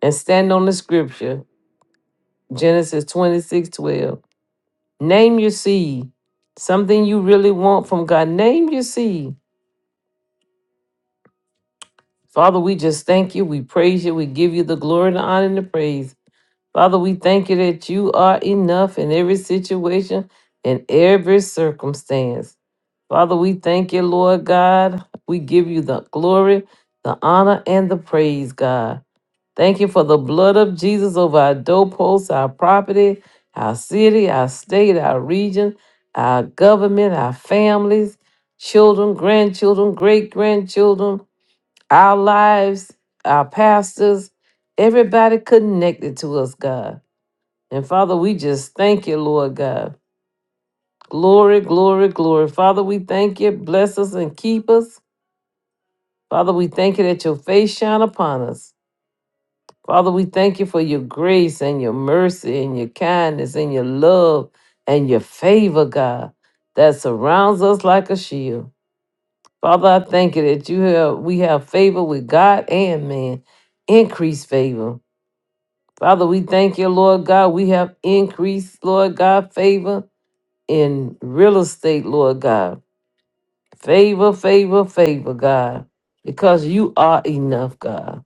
S3: And stand on the scripture, Genesis 2612. Name your seed, something you really want from God. Name your seed. Father, we just thank you. We praise you. We give you the glory, the honor, and the praise. Father, we thank you that you are enough in every situation and every circumstance. Father, we thank you, Lord God. We give you the glory, the honor, and the praise, God. Thank you for the blood of Jesus over our doorposts, our property, our city, our state, our region, our government, our families, children, grandchildren, great grandchildren, our lives, our pastors, everybody connected to us, God. And Father, we just thank you, Lord God. Glory, glory, glory. Father, we thank you. Bless us and keep us. Father, we thank you that your face shine upon us. Father, we thank you for your grace and your mercy and your kindness and your love and your favor, God, that surrounds us like a shield. Father, I thank you that you have we have favor with God and man. Increased favor. Father, we thank you, Lord God. We have increased, Lord God, favor in real estate, Lord God. Favor, favor, favor, God, because you are enough, God.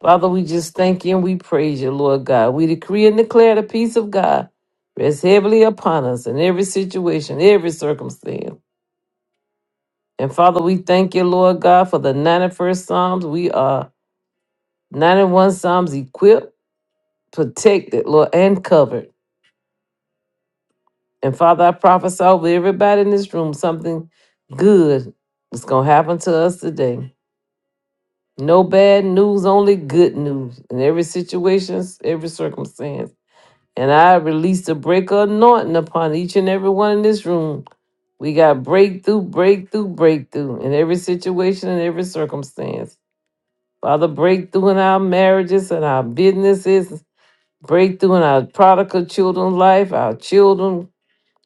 S3: Father, we just thank you and we praise you, Lord God. We decree and declare the peace of God rests heavily upon us in every situation, every circumstance. And Father, we thank you, Lord God, for the 91st Psalms. We are 91 Psalms equipped, protected, Lord, and covered. And Father, I prophesy over everybody in this room something good is going to happen to us today. No bad news, only good news in every situation, every circumstance. And I release the breaker anointing upon each and every one in this room. We got breakthrough, breakthrough, breakthrough in every situation and every circumstance. Father, breakthrough in our marriages and our businesses, breakthrough in our prodigal children's life, our children,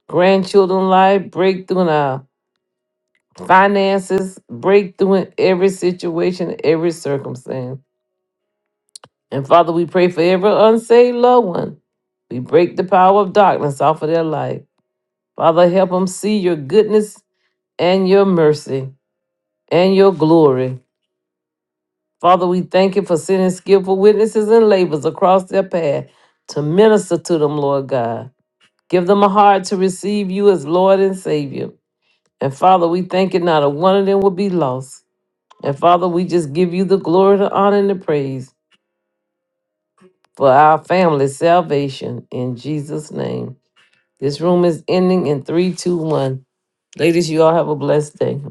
S3: grandchildren life, breakthrough in our finances, breakthrough in every situation, every circumstance. And Father, we pray for every unsaved loved one. We break the power of darkness off of their life. Father, help them see your goodness and your mercy and your glory. Father, we thank you for sending skillful witnesses and laborers across their path to minister to them, Lord God. Give them a heart to receive you as Lord and Savior. And Father, we thank you not a one of them will be lost. And Father, we just give you the glory, the honor, and the praise for our family's salvation in Jesus' name. This room is ending in three, two, one. Ladies, you all have a blessed day.